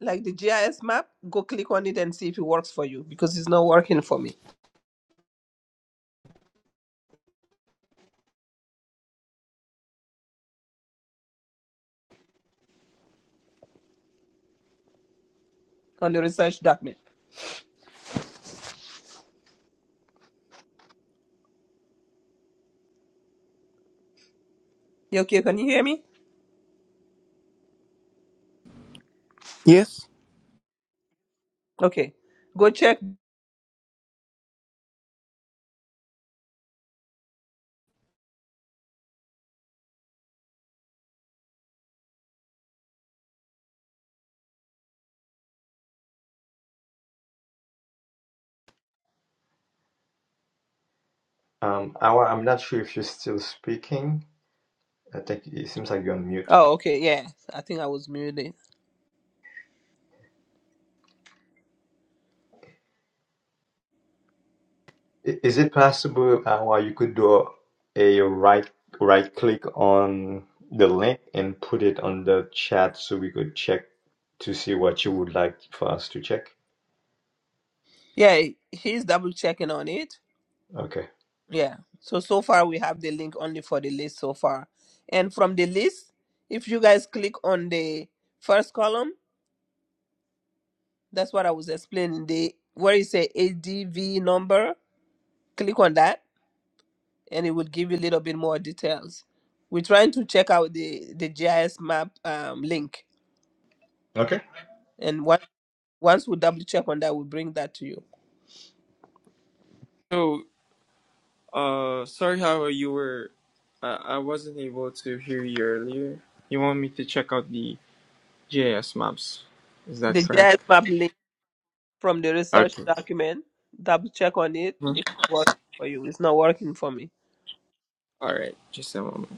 S1: like the GIS map, go click on it and see if it works for you because it's not working for me on the research document. You okay? Can you hear me?
S7: Yes.
S1: Okay. Go check.
S16: Um, Awa, I'm not sure if you're still speaking. I think it seems like you're on mute.
S1: Oh, okay. Yeah. I think I was muted.
S16: I- Is it possible uh, why you could do a right right click on the link and put it on the chat so we could check to see what you would like for us to check?
S1: Yeah. He's double checking on it.
S16: Okay.
S1: Yeah. So, so far we have the link only for the list so far. And from the list, if you guys click on the first column, that's what I was explaining. The where you say ADV number, click on that and it will give you a little bit more details. We're trying to check out the, the GIS map um, link.
S16: Okay.
S1: And once, once we double check on that, we'll bring that to you.
S7: So, uh, sorry how you were. Uh, I wasn't able to hear you earlier. You want me to check out the GIS maps? Is that
S1: The
S7: correct?
S1: GIS map link from the research
S7: Okay.
S1: document, double check on it
S7: Mhm.
S1: if it's working for you. It's not working for me.
S7: All right. Just a moment.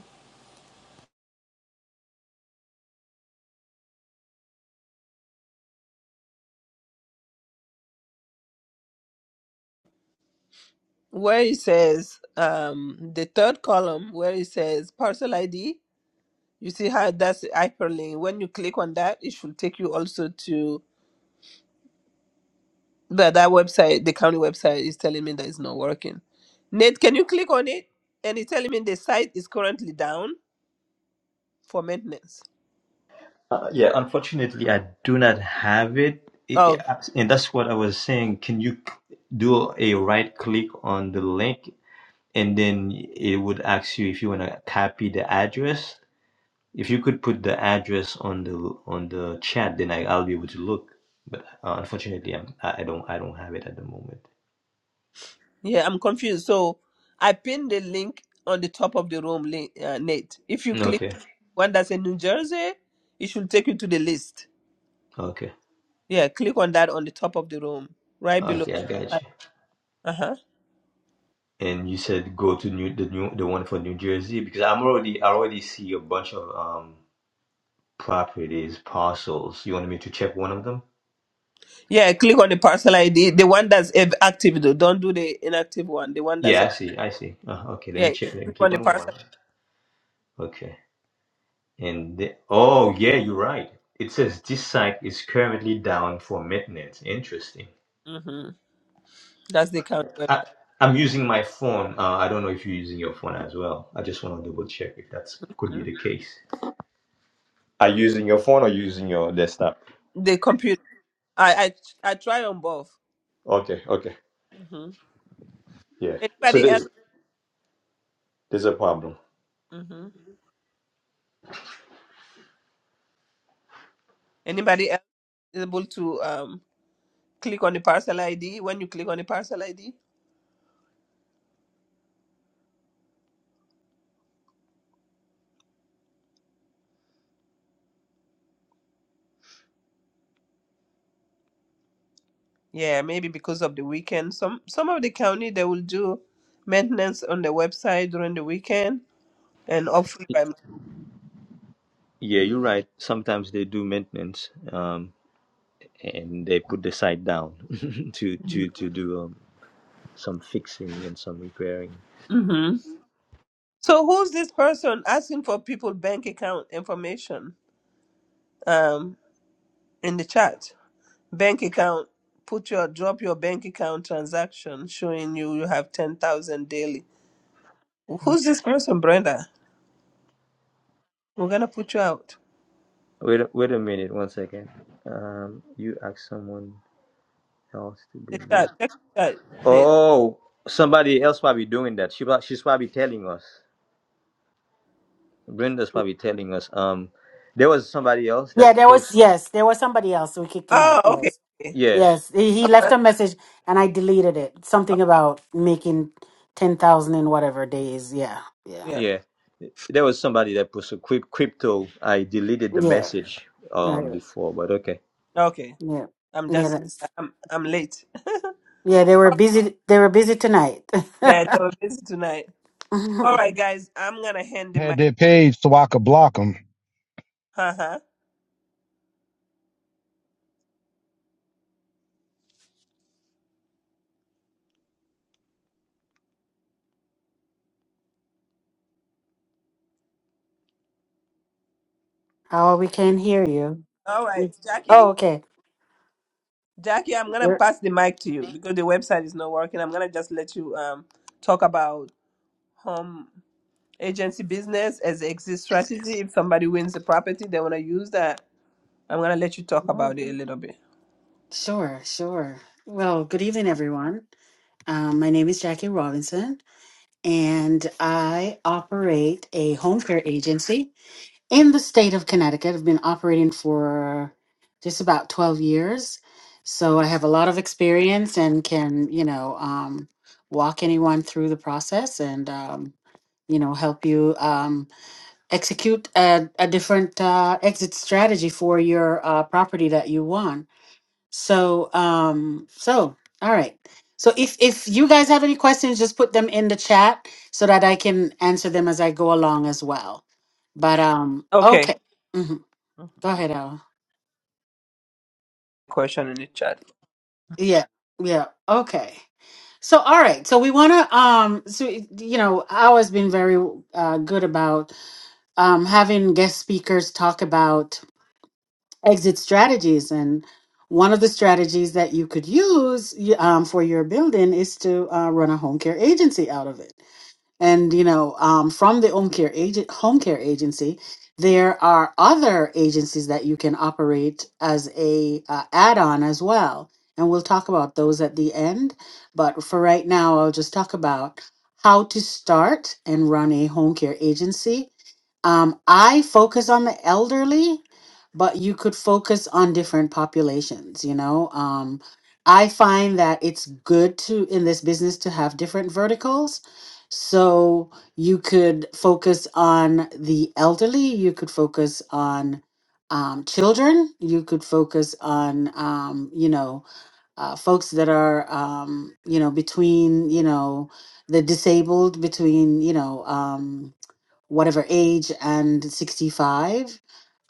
S1: Where it says um, the third column, where it says parcel ID, you see how that's a hyperlink. When you click on that, it should take you also to that that website, the county website, is telling me that it's not working. Nate, can you click on it? And it's telling me the site is currently down for maintenance.
S16: Uh, yeah, unfortunately, I do not have it. I-
S1: Oh,
S16: I- And that's what I was saying. Can you c- do a right click on the link and then it would ask you if you want to copy the address? If you could put the address on the on the chat, then I, I'll be able to look. But uh, unfortunately, I'm, I I don't I don't have it at the moment.
S1: yeah, I'm confused. So I pinned the link on the top of the room, link, uh, Nate. If you click
S16: Okay,
S1: one that's in New Jersey, it should take you to the list.
S16: okay,
S1: Yeah, click on that on the top of the room, right below.
S16: okay. I got you.
S1: Uh huh.
S16: And you said go to new the new the one for New Jersey because I'm already I already see a bunch of um properties parcels. You wanted me to check one of them?
S1: Yeah, click on the parcel ID, the one that's ev- active though. Don't do the inactive one. The one that's
S16: Yeah,
S1: uh,
S16: I see. I see. Uh, okay, let
S1: yeah.
S16: me check. Let me
S1: Click on
S16: click
S1: the
S16: on one.
S1: parcel.
S16: Okay. And the, oh yeah, you're right. It says this site is currently down for maintenance. Interesting.
S1: Mhm. That's the county website.
S16: I, I'm using my phone. Uh, I don't know if you're using your phone as well. I just want to double check if that's could be
S1: Mhm.
S16: the case. Are you using your phone or using your desktop?
S1: The computer. I I I try on both.
S16: Okay, okay,
S1: hmm
S16: yeah. So
S1: Anybody else?
S16: there's there's a problem.
S1: hmm Anybody else is able to um click on the parcel ID when you click on the parcel ID? Yeah, maybe because of the weekend. Some some of the county they will do maintenance on the website during the weekend and hopefully by.
S16: Yeah, you're right. Sometimes they do maintenance, um, and they put the site down <laughs> to to to do um, some fixing and some repairing.
S1: Mm-hmm. So who's this person asking for people bank account information um in the chat? Bank account. Put your drop your bank account transaction showing you you have ten thousand daily. Who's this person, Brenda? We're gonna put you out.
S16: Wait, a- wait a minute, one second. Um, you ask someone else to do.
S1: The
S16: this.
S1: chat. Check the chat. Nate.
S16: Oh, somebody else probably doing that. She prob- she's probably telling us. Brenda's probably telling us. Um, there was somebody else that
S4: Yeah, there was
S16: post.
S4: yes, there was somebody else. So we kicked him
S1: Oh,
S4: out.
S1: okay.
S4: Yes,
S1: okay.
S16: Yeah,
S4: yes. He he
S1: Uh,
S4: left a message, and I deleted it.
S1: okay,
S4: Something about making ten thousand in whatever days. Yeah, yeah,
S1: Yeah.
S16: yeah. There was somebody that posted cryp- crypto. I deleted the
S4: yeah,
S16: message um
S4: right.
S16: before, but okay.
S1: Okay.
S4: yeah,
S1: I'm
S4: yeah.
S1: just.
S4: That's
S1: I'm. I'm late.
S4: Yeah, they were busy. They were busy tonight.
S1: Yeah, they were busy tonight.
S4: <laughs>
S1: All
S4: oh,
S1: right, guys. I'm gonna hand the
S14: Had
S1: mic.
S14: their page so I could block them.
S1: Uh huh.
S4: we can't hear you.
S1: All right,
S4: It's-
S1: Jackie.
S4: Oh, okay.
S1: Jackie, I'm gonna
S4: We're-
S1: pass the mic to you because the website is not working. I'm gonna just let you um talk about home. agency business as an exit strategy. If somebody wins the property, they want to use that. I'm gonna let you talk about it a little bit.
S4: Sure, sure. Well, good evening, everyone. Um, my name is Jackie Robinson, and I operate a home care agency in the state of Connecticut. I've been operating for just about 12 years. So I have a lot of experience and can, you know, um, walk anyone through the process and, um, you know, help you um, execute a, a different uh, exit strategy for your uh, property that you want. So, um, so all right. So if if you guys have any questions, just put them in the chat so that I can answer them as I go along as well. But um, okay.
S1: Okay.
S4: hmm Go ahead, Al.
S1: Question in the chat.
S4: Yeah, yeah. Okay. So all right. So we want to um. So you know, Al has been very uh, good about um having guest speakers talk about exit strategies and one of the strategies that you could use y- um, for your building is to uh, run a home care agency out of it and you know um, from the home care agent home care agency there are other agencies that you can operate as a uh, add-on as well and we'll talk about those at the end but for right now i'll just talk about how to start and run a home care agency um, i focus on the elderly but you could focus on different populations you know um, i find that it's good to in this business to have different verticals so you could focus on the elderly, you could focus on um, children, you could focus on, um, you know, uh, folks that are, um, you know, between, you know, the disabled, between, you know, um, whatever age and 65.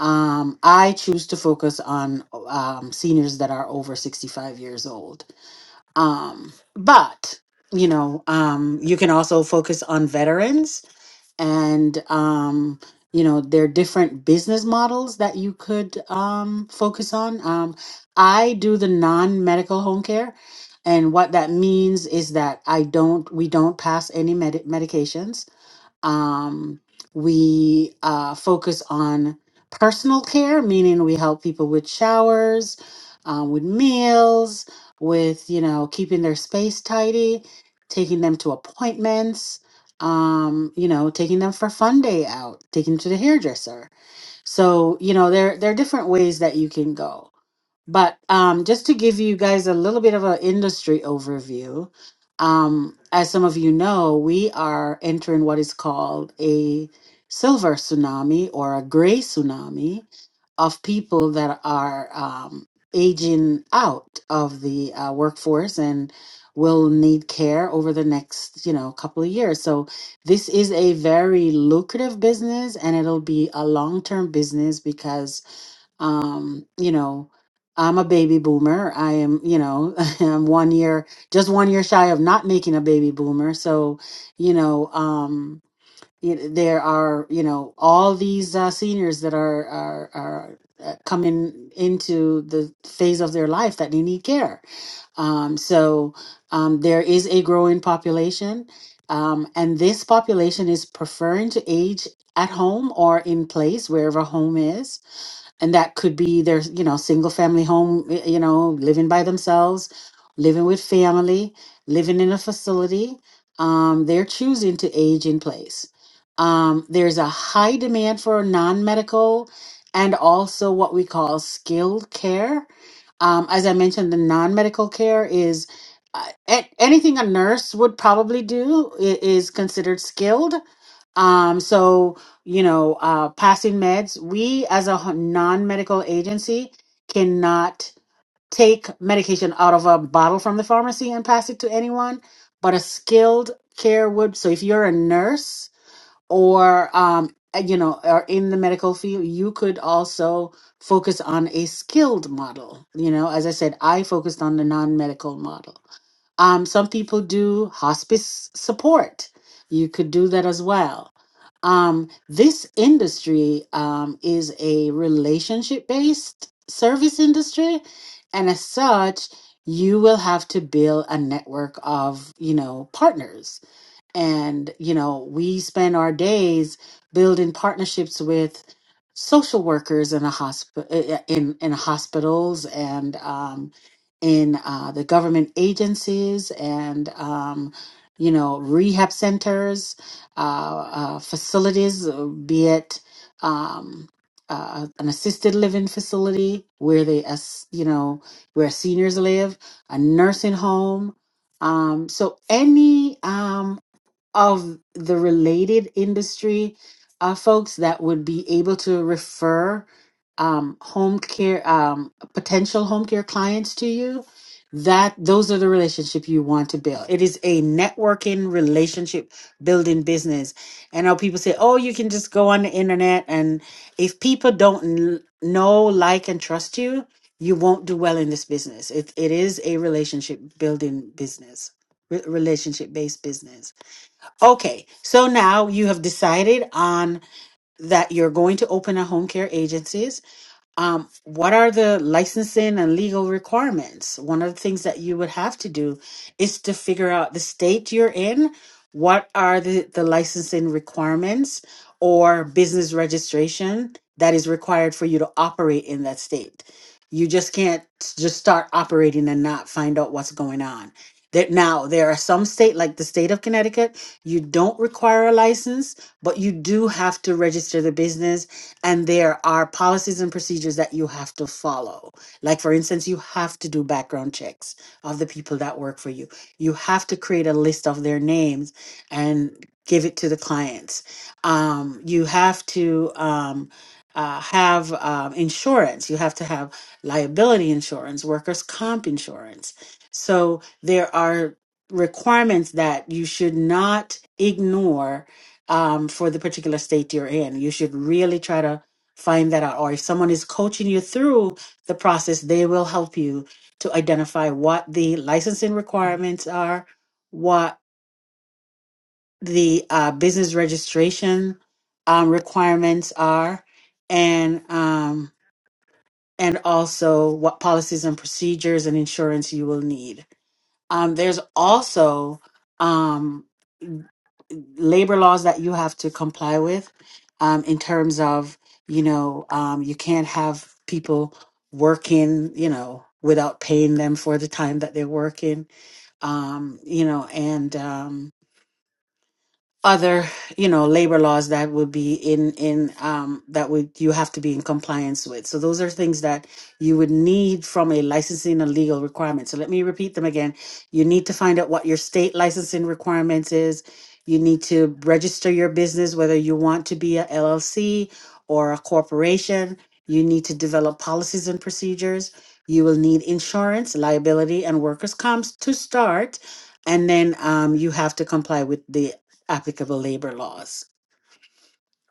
S4: Um, I choose to focus on um, seniors that are over 65 years old um, but you know, um, you can also focus on veterans and um, you know, there are different business models that you could um focus on. Um, I do the non-medical home care, and what that means is that I don't we don't pass any med- medications um, we uh, focus on personal care, meaning we help people with showers, um, with meals, with you know keeping their space tidy, taking them to appointments, um, you know, taking them for fun day out, taking them to the hairdresser. So you know there there are different ways that you can go. But um, just to give you guys a little bit of an industry overview, um, as some of you know, we are entering what is called a silver tsunami or a gray tsunami of people that are um, aging out of the uh, workforce and will need care over the next you know couple of years so this is a very lucrative business and it'll be a long-term business because um you know i'm a baby boomer i am you know <laughs> i'm one year just one year shy of not making a baby boomer so you know um y- there are you know all these uh, seniors that are are are uh, coming into the phase of their life that they need care um so um there is a growing population um and this population is preferring to age at home or in place wherever home is and that could be their you know single family home y- you know living by themselves living with family living in a facility um, they're choosing to age in place um, there's a high demand for non-medical and also what we call skilled care um, as i mentioned the non-medical care is uh, a- anything a nurse would probably do i- is considered skilled um, so, you know, uh, passing meds, we as a h- non-medical agency cannot take medication out of a bottle from the pharmacy and pass it to anyone, but a skilled care would. So if you're a nurse or, um, uh, you know, are in the medical field, you could also focus on a skilled model. You know, as I said, I focused on the non-medical model. Um, some people do hospice support. You could do that as well um, this industry um, is a relationship based service industry and as such you will have to build a network of you know partners and, you know, we spend our days building partnerships with social workers in a hospital, in, in hospitals and, um, in uh, the government agencies and, um, you know, rehab centers, uh, uh, facilities, uh, be it um, uh, an assisted living facility where they, as you know, where seniors live, a nursing home. Um, so any um, of the related industry uh, folks that would be able to refer um, home care um, potential home care clients to you that those are the relationship you want to build it is a networking relationship building business and how people say oh you can just go on the internet and if people don't l- know like and trust you you won't do well in this business it, it is a relationship building business relationship based business Okay, so now you have decided on that you're going to open a home care agency um, what are the licensing and legal requirements? One of the things that you would have to do is to figure out the state you're in. What are the, the licensing requirements or business registration that is required for you to operate in that state? You just can't s- just start operating and not find out what's going on. That now there are some state like the state of Connecticut, you don't require a license, but you do have to register the business and there are policies and procedures that you have to follow. Like, for instance, you have to do background checks of the people that work for you, you have to create a list of their names and give it to the clients. Um, you have to um, uh, have um, insurance, you have to have liability insurance, workers' comp insurance. So, there are requirements that you should not ignore um, for the particular state you're in. You should really try to find that out. Or if someone is coaching you through the process, they will help you to identify what the licensing requirements are, what the uh, business registration um, requirements are, and um, and also what policies and procedures and insurance you will need. Um, there's also um, labor laws that you have to comply with um, in terms of you know um, you can't have people working you know without paying them for the time that they're working um, you know and um, other you know labor laws that would be in in um that would you have to be in compliance with so those are things that you would need from a licensing and legal requirement so let me repeat them again you need to find out what your state licensing requirements is you need to register your business whether you want to be a llc or a corporation you need to develop policies and procedures you will need insurance liability and workers comps to start and then um, you have to comply with the applicable labor laws.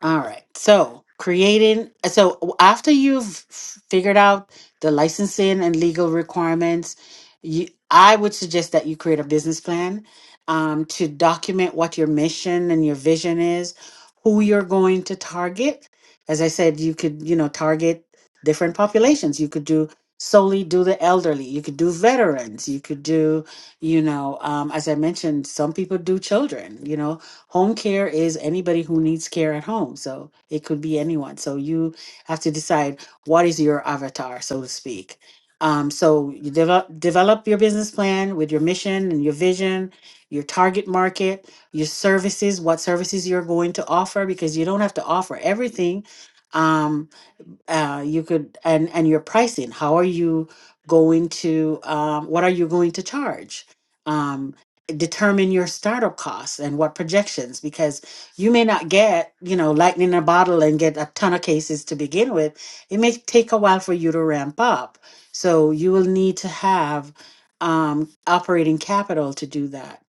S4: All right. So creating, so w- after you've f- figured out the licensing and legal requirements, you, I would suggest that you create a business plan um, to document what your mission and your vision is, who you're going to target. As I said, you could, you know, target different populations. You could do solely do the elderly. You could do veterans. You could do, you know, um, as I mentioned, some people do children. You know, Home care is anybody who needs care at home. So it could be anyone. So you have to decide what is your avatar, so to speak. Um, so you develop develop your business plan with your mission and your vision, your target market, your services, what services you're going to offer, because you don't have to offer everything. Um, uh, you could and and your pricing how are you going to um, what are you going to charge um, determine your startup costs and what projections because you may not get you know lightning in a bottle and get a ton of cases to begin with it may take a while for you to ramp up so you will need to have um, operating capital to do that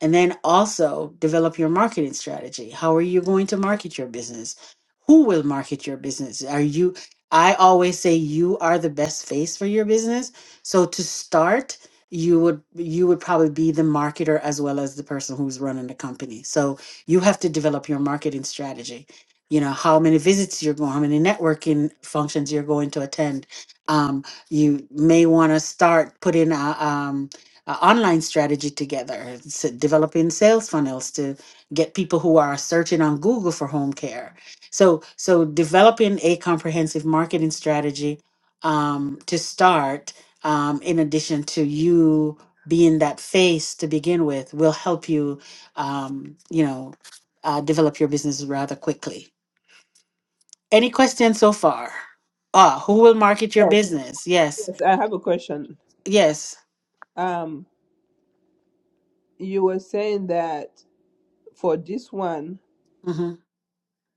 S4: and then also develop your marketing strategy how are you going to market your business who will market your business are you I always say you are the best face for your business. So to start, you would you would probably be the marketer as well as the person who's running the company. So you have to develop your marketing strategy. You know how many visits you're going, how many networking functions you're going to attend. Um, you may want to start putting a, um, a online strategy together, s- developing sales funnels to get people who are searching on Google for home care so, so developing a comprehensive marketing strategy um, to start, um, in addition to you being that face to begin with, will help you, um, you know, uh, develop your business rather quickly. Any questions so far? Ah, who will market your
S1: Yes,
S4: business? Yes,
S1: yes, I have a question.
S4: yes.
S1: Um, you were saying that for this one,
S4: Mm-hmm.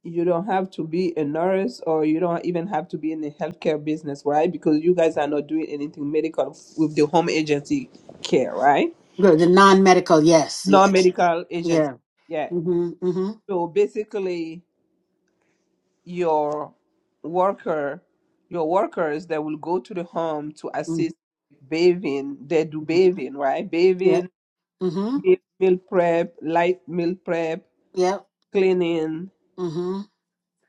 S1: you don't have to be a nurse or you don't even have to be in the healthcare business, right? Because you guys are not doing anything medical with the home agency care, right?
S4: Good. The non-medical. Yes,
S1: Non
S4: yes,
S1: medical agency.
S4: yeah.
S1: Yeah.
S4: Mm-hmm. Mm-hmm.
S1: So basically, your worker your workers that will go to the home to
S4: Mm-hmm.
S1: assist bathing they do
S4: mm-hmm.
S1: bathing right
S4: Yeah.
S1: bathing
S4: Mm-hmm.
S1: meal meal prep light meal prep cleaning
S4: Yeah.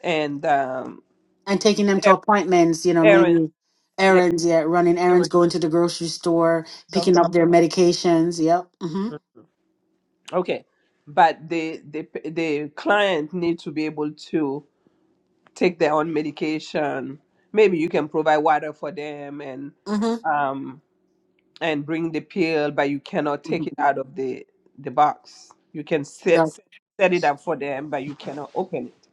S1: and um
S4: and taking them to
S1: er-
S4: appointments, you know,
S1: errands
S4: maybe
S1: yeah
S4: errands, yeah, running errands,
S1: errands,
S4: going to the grocery store, picking
S1: doctor
S4: up their medications. Yep. Mm-hmm.
S1: okay but the the the client need to be able to take their own medication maybe you can provide water for them and
S4: Mm-hmm.
S1: um and bring the pill, but you cannot take it
S4: Mm-hmm.
S1: out of the the box. You can set
S4: Yep.
S1: set it up for them, but you cannot open it.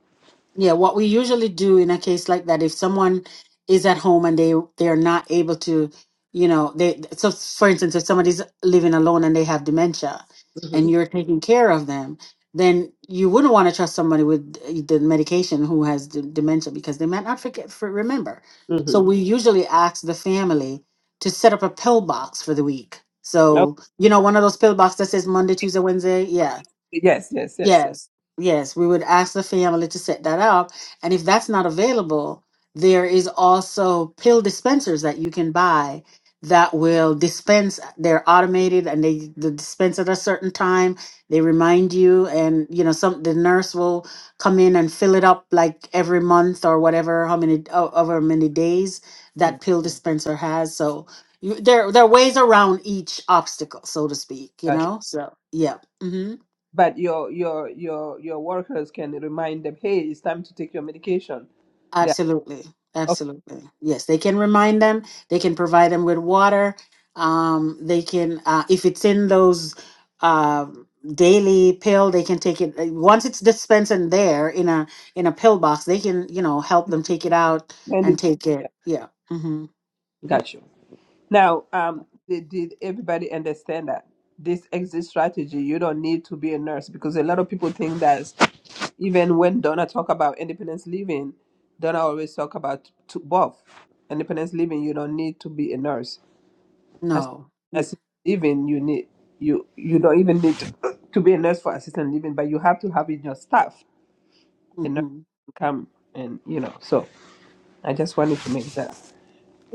S4: Yeah, what we usually do in a case like that, if someone is at home and they they're not able to, you know, they so for instance, if somebody's living alone and they have dementia and you're taking care of them, then you wouldn't want to trust somebody with the medication who has d- dementia because they might not forget for remember. So
S1: Mm-hmm.
S4: we usually ask the family to set up a pill box for the week.
S1: Okay.
S4: So, you know, one of those pill boxes that says Monday, Tuesday, Wednesday, yeah
S1: Yes, yes, yes, yes.
S4: Yes, yes, we would ask the family to set that up. And if that's not available, there is also pill dispensers that you can buy that will dispense. They're automated and they they dispense at a certain time. They remind you, and you know, some the nurse will come in and fill it up like every month or whatever, how many o- over many days
S1: Mhm.
S4: that pill dispenser has. So you, there there are ways around each obstacle, so to speak. You
S1: But
S4: know, so yeah. mm-hmm.
S1: but your your your your workers can remind them, hey, it's time to take your medication. They are-
S4: Absolutely.
S1: okay,
S4: Absolutely. Yes, they can remind them. They can provide them with water. Um, they can, uh, if it's in those uh, daily pill, they can take it. uh, Once it's dispensed in there in a in a pill box, they can, you know, help them take it out
S1: send
S4: and
S1: it. To
S4: take
S1: yeah,
S4: it. Yeah. Mm-hmm.
S1: got you. Now,
S4: yeah,
S1: um, did, did everybody understand that this exit strategy? You don't need to be a nurse because a lot of people think that even when Donna talk about independence living, Donna always talk about to both independence living. You don't need to be a nurse. As
S4: No.
S1: assistant living, you need you you don't even need to, to be a nurse for assistant living, but you have to have in your staff a nurse
S4: Mm-hmm.
S1: to come and you know. So I just wanted to make that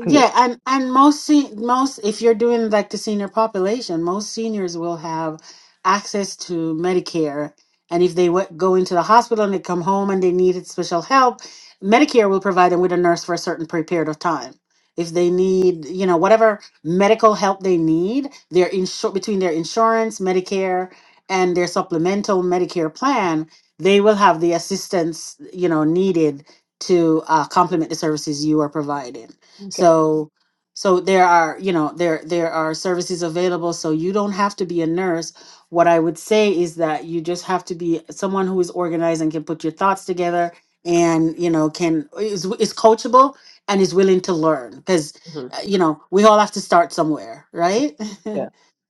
S1: clear.
S4: and and most se- most if you're doing like the senior population, most seniors will have access to Medicare, and if they w- go into the hospital and they come home and they needed special help, Medicare will provide them with a nurse for a certain pre- period of time. If they need, you know, whatever medical help they need, their insur- between their insurance, Medicare, and their supplemental Medicare plan, they will have the assistance, you know, needed to uh, complement the services you are providing.
S1: Okay.
S4: So so there are, you know, there there are services available so you don't have to be a nurse. What I would say is that you just have to be someone who is organized and can put your thoughts together and, you know, can is is coachable and is willing to learn cuz
S1: Mhm.
S4: you know, we all have to start somewhere, right?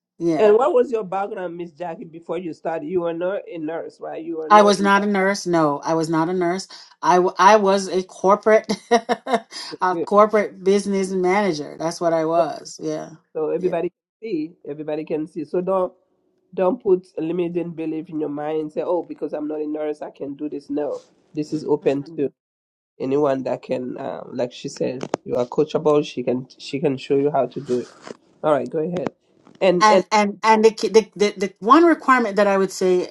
S4: <laughs> yeah.
S1: And what was your background, Miss Jackie, before you started? You were not a nurse, right? You were
S4: I
S1: not
S4: was
S1: in
S4: not a
S1: healthcare.
S4: nurse. No, I was not a nurse. I, w- I was a corporate <laughs> a
S1: Good.
S4: corporate business manager. That's what I
S1: So
S4: was. Yeah.
S1: so everybody can see. Everybody can see. So don't don't put a limiting belief in your mind and say, "Oh, because I'm not a nurse, I can do this." No, this is open
S4: Yeah.
S1: to anyone that can. Uh, like she said, you are coachable. She can she can show you how to do it. All right, go ahead. And and
S4: and and and the, ki- the the the one requirement that I would say,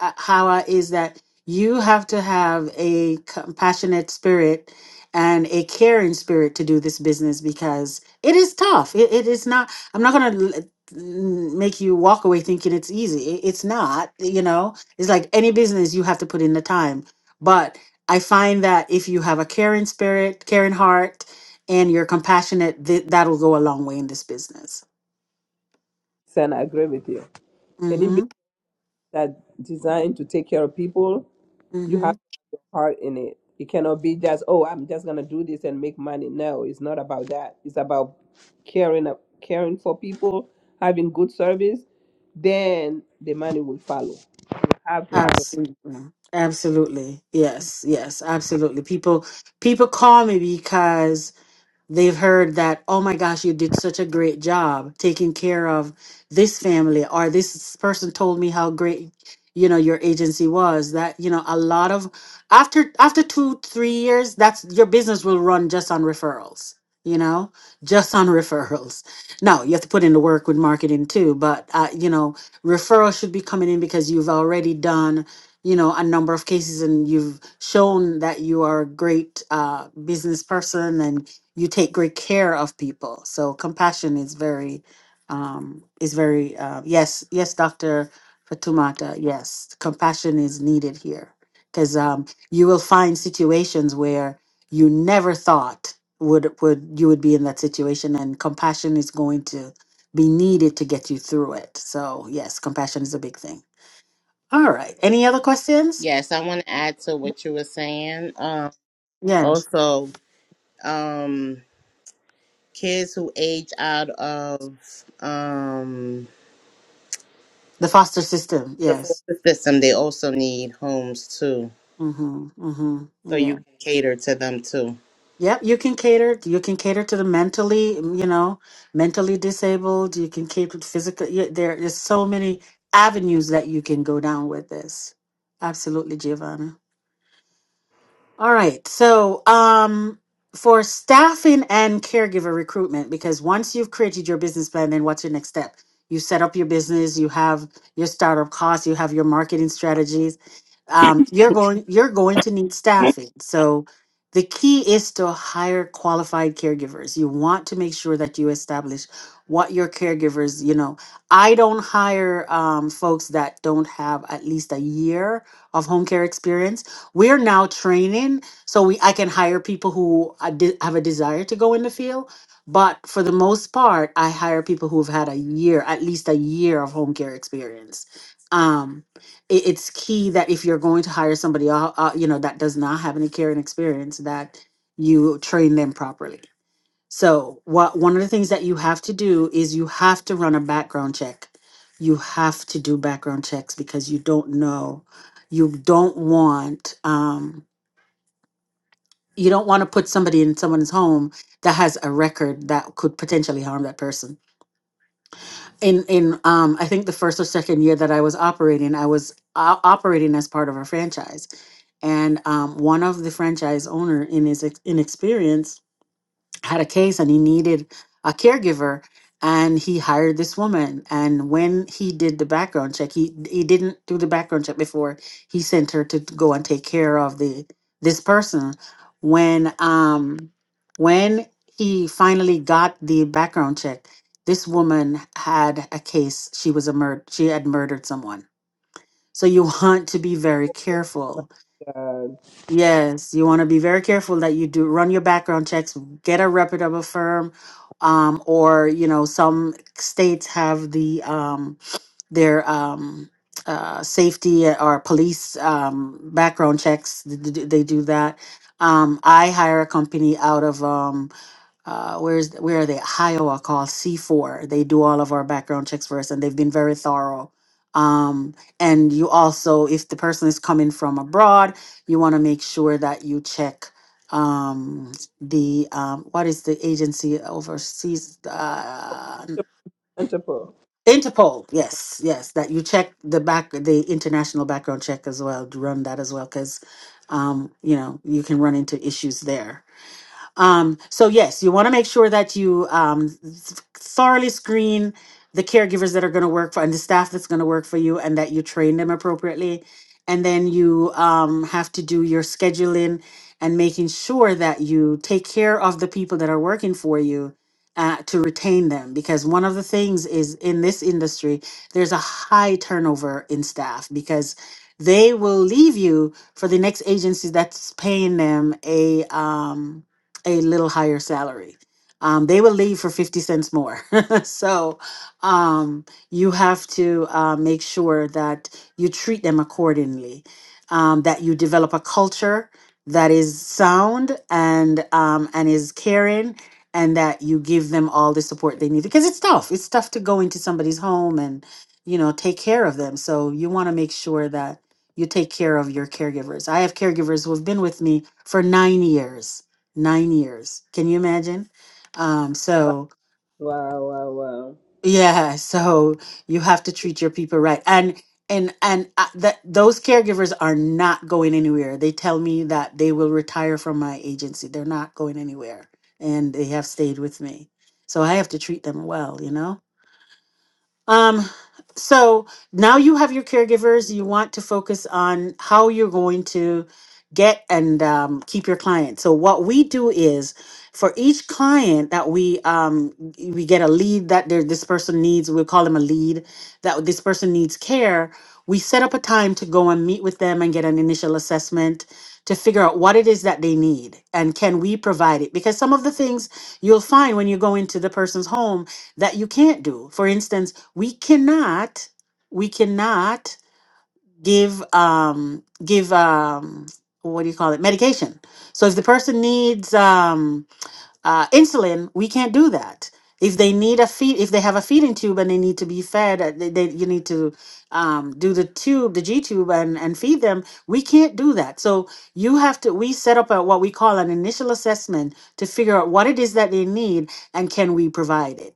S4: uh, Hawa, is that you have to have a compassionate spirit and a caring spirit to do this business because it is tough. It, it is not. I'm not gonna. l- make you walk away thinking it's easy It- it's not you know it's like any business you have to put in the time but i find that if you have a caring spirit caring heart and you're compassionate th- that'll go a long way in this business
S1: Sen, I agree with you.
S4: Mm-hmm.
S1: that designed to take care of people, you
S4: Mm-hmm.
S1: have your heart in it. It cannot be just, oh, I'm just gonna do this and make money. No, it's not about that. It's about caring up caring for people, having good service, then the money will follow. You have to have
S4: Absolutely. Absolutely. Yes. Yes. Absolutely. People people call me because They've heard that, oh my gosh, you did such a great job taking care of this family, or this person told me how great you know your agency was that you know a lot of after after two three years that's your business will run just on referrals you know just on <laughs> referrals now you have to put in the work with marketing too but uh, you know referrals should be coming in because you've already done you know a number of cases and you've shown that you are a great uh, business person and you take great care of people. So compassion is very, um, is very uh, yes, yes, Doctor Fatumata. Yes, compassion is needed here because um, you will find situations where you never thought would would you would be in that situation, and compassion is going to be needed to get you through it. So yes, compassion is a big thing. All right. Any other questions?
S12: Yes, I want to add to what you were saying. Um,
S4: Yes,
S12: also, um, kids who age out of um,
S4: the foster system.
S12: the
S4: Yes.
S12: foster system, they also need homes too,
S4: Mm-hmm.
S12: so
S4: Mm-hmm.
S12: you
S4: Yeah.
S12: can cater to them too.
S4: Yep, you can cater. You can cater to the mentally, mm, you know, mentally disabled. You can cater to physical. yeah, There is so many avenues that you can go down with this. Absolutely, Giovanna. All right. So, um, for staffing and caregiver recruitment, because once you've created your business plan, then what's your next step? You set up your business, you have your startup costs, you have your marketing strategies. Um, you're going you're going to need staffing. So the key is to hire qualified caregivers. You want to make sure that you establish what your caregivers, you know, I don't hire um, folks that don't have at least a year of home care experience we're now training so we I can hire people who I de- have a desire to go in the field. But for the most part, I hire people who've had a year, at least a year of home care experience. Um, it, it's key that if you're going to hire somebody, uh, uh, you know, that does not have any caring experience, that you train them properly. So, what one of the things that you have to do is you have to run a background check. You have to do background checks because you don't know, you don't want, um, you don't want to put somebody in someone's home that has a record that could potentially harm that person. In in um, I think the first or second year that I was operating, I was uh, operating as part of a franchise, and um, one of the franchise owner in his ex- inexperience had a case and he needed a caregiver and he hired this woman and when he did the background check he he didn't do the background check before he sent her to go and take care of the this person when um when he finally got the background check this woman had a case she was a murder she had murdered someone so you <laughs> want to be very careful
S1: a uh,
S4: Yes, you want to be very careful that you do run your background checks, get a reputable firm, um, or you know some states have the um, their um, uh, safety uh, or police um, background checks. th- th- They do that. Um, I hire a company out of. um, uh, where's where are they? Iowa called C4. They do all of our background checks for us, and they've been very thorough. Um, and you also, if the person is coming from abroad, you want to make sure that you check um, the um, what is the agency overseas? Uh,
S1: entrepreneur.
S4: Interpol. Yes, yes, that you check the back the international background check as well. Run that as well because um, you know you can run into issues there um, so yes, you want to make sure that you um, thoroughly screen the caregivers that are going to work for and the staff that's going to work for you, and that you train them appropriately. And then you um, have to do your scheduling and making sure that you take care of the people that are working for you uh, to retain them. Because one of the things is in this industry, there's a high turnover in staff because they will leave you for the next agency that's paying them a um, a little higher salary. Um, they will leave for 50 cents more. <laughs> so um, you have to uh, make sure that you treat them accordingly, um, that you develop a culture that is sound and um, and is caring and that you give them all the support they need because it's tough it's tough to go into somebody's home and you know take care of them so you want to make sure that you take care of your caregivers i have caregivers who have been with me for nine years nine years. Can you imagine? Um,
S1: Wow,
S4: so
S1: wow, wow. wow.
S4: yeah, <laughs> so you have to treat your people right, and and and uh, that those caregivers are not going anywhere. They tell me that they will retire from my agency. They're not going anywhere, and they have stayed with me. So I have to treat them well, you know um, so now you have your caregivers. You want to focus on how you're going to get and um, keep your client. So what we do is for each client that we um, we get a lead that there this person needs. We call them a lead that this person needs care. We set up a time to go and meet with them and get an initial assessment to figure out what it is that they need and can we provide it because some of the things you'll find when you go into the person's home that you can't do for instance we cannot we cannot give um give um what do you call it medication so if the person needs um uh insulin we can't do that if they need a feed if they have a feeding tube and they need to be fed uh, they, they you need to um do the tube the g tube and and feed them we can't do that so you have to we set up a what we call an initial assessment to figure out what it is that they need and can we provide it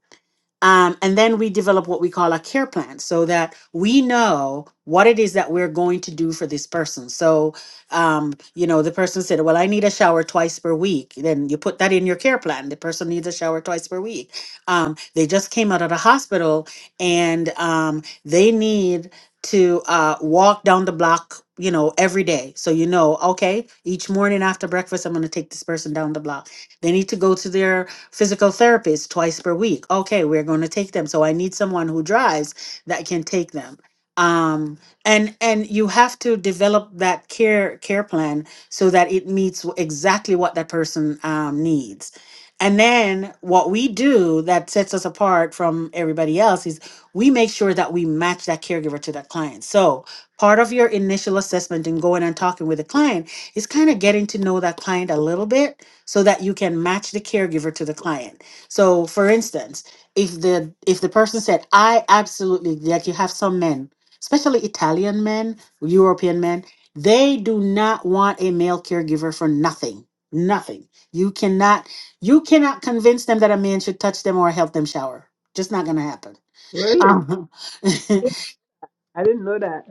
S4: um, and then we develop what we call a care plan so that we know what it is that we're going to do for this person. So, um, you know, the person said, Well, I need a shower twice per week. Then you put that in your care plan. The person needs a shower twice per week. Um, they just came out of the hospital and um, they need to uh, walk down the block, you know, every day. So, you know, okay, each morning after breakfast, I'm going to take this person down the block. They need to go to their physical therapist twice per week. Okay, we're going to take them. So I need someone who drives that can take them. Um, and and you have to develop that care care plan so that it meets wh- exactly what that person um, needs. And then what we do that sets us apart from everybody else is we make sure that we match that caregiver to that client. So part of your initial assessment and going and talking with the client is kind of getting to know that client a little bit so that you can match the caregiver to the client. So for instance, if the if the person said, I absolutely like you have some men, especially Italian men, European men, they do not want a male caregiver for nothing. Nothing. You cannot you cannot convince them that a man should touch them or help them shower. Just not gonna happen.
S1: Really?
S4: Uh-huh. <laughs>
S1: I didn't know that.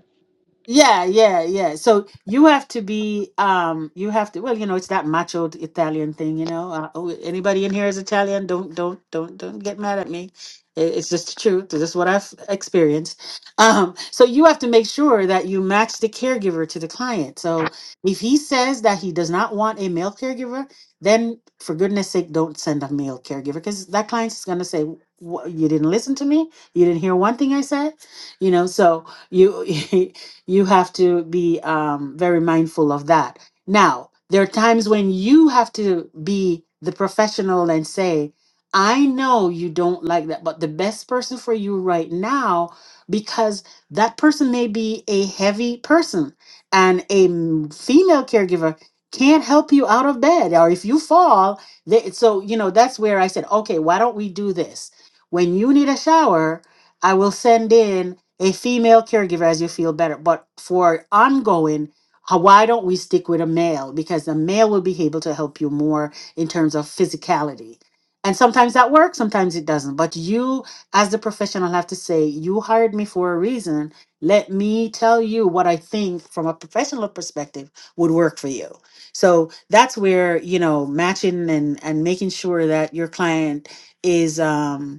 S4: Yeah, yeah, yeah. So you have to be, um, you have to, well, you know, it's that macho Italian thing, you know. Uh, oh, anybody in here is Italian? Don't, don't, don't, don't get mad at me. It- It's just the truth. This is what I've experienced. Um, so you have to make sure that you match the caregiver to the client. So if he says that he does not want a male caregiver, then for goodness sake, don't send a male caregiver because that client's going to say, "Wha- you didn't listen to me. You didn't hear one thing I said, you know, so you <laughs> You have to be um, very mindful of that. Now, there are times when you have to be the professional and say, I know you don't like that, but the best person for you right now, because that person may be a heavy person and a m- female caregiver can't help you out of bed or if you fall they, so you know that's where i said okay why don't we do this when you need a shower I will send in a female caregiver as you feel better. But for ongoing, h- why don't we stick with a male? Because the male will be able to help you more in terms of physicality. And sometimes that works, sometimes it doesn't. But you, as the professional, have to say, you hired me for a reason. Let me tell you what I think from a professional perspective would work for you. So that's where, you know, matching and, and making sure that your client is. Um,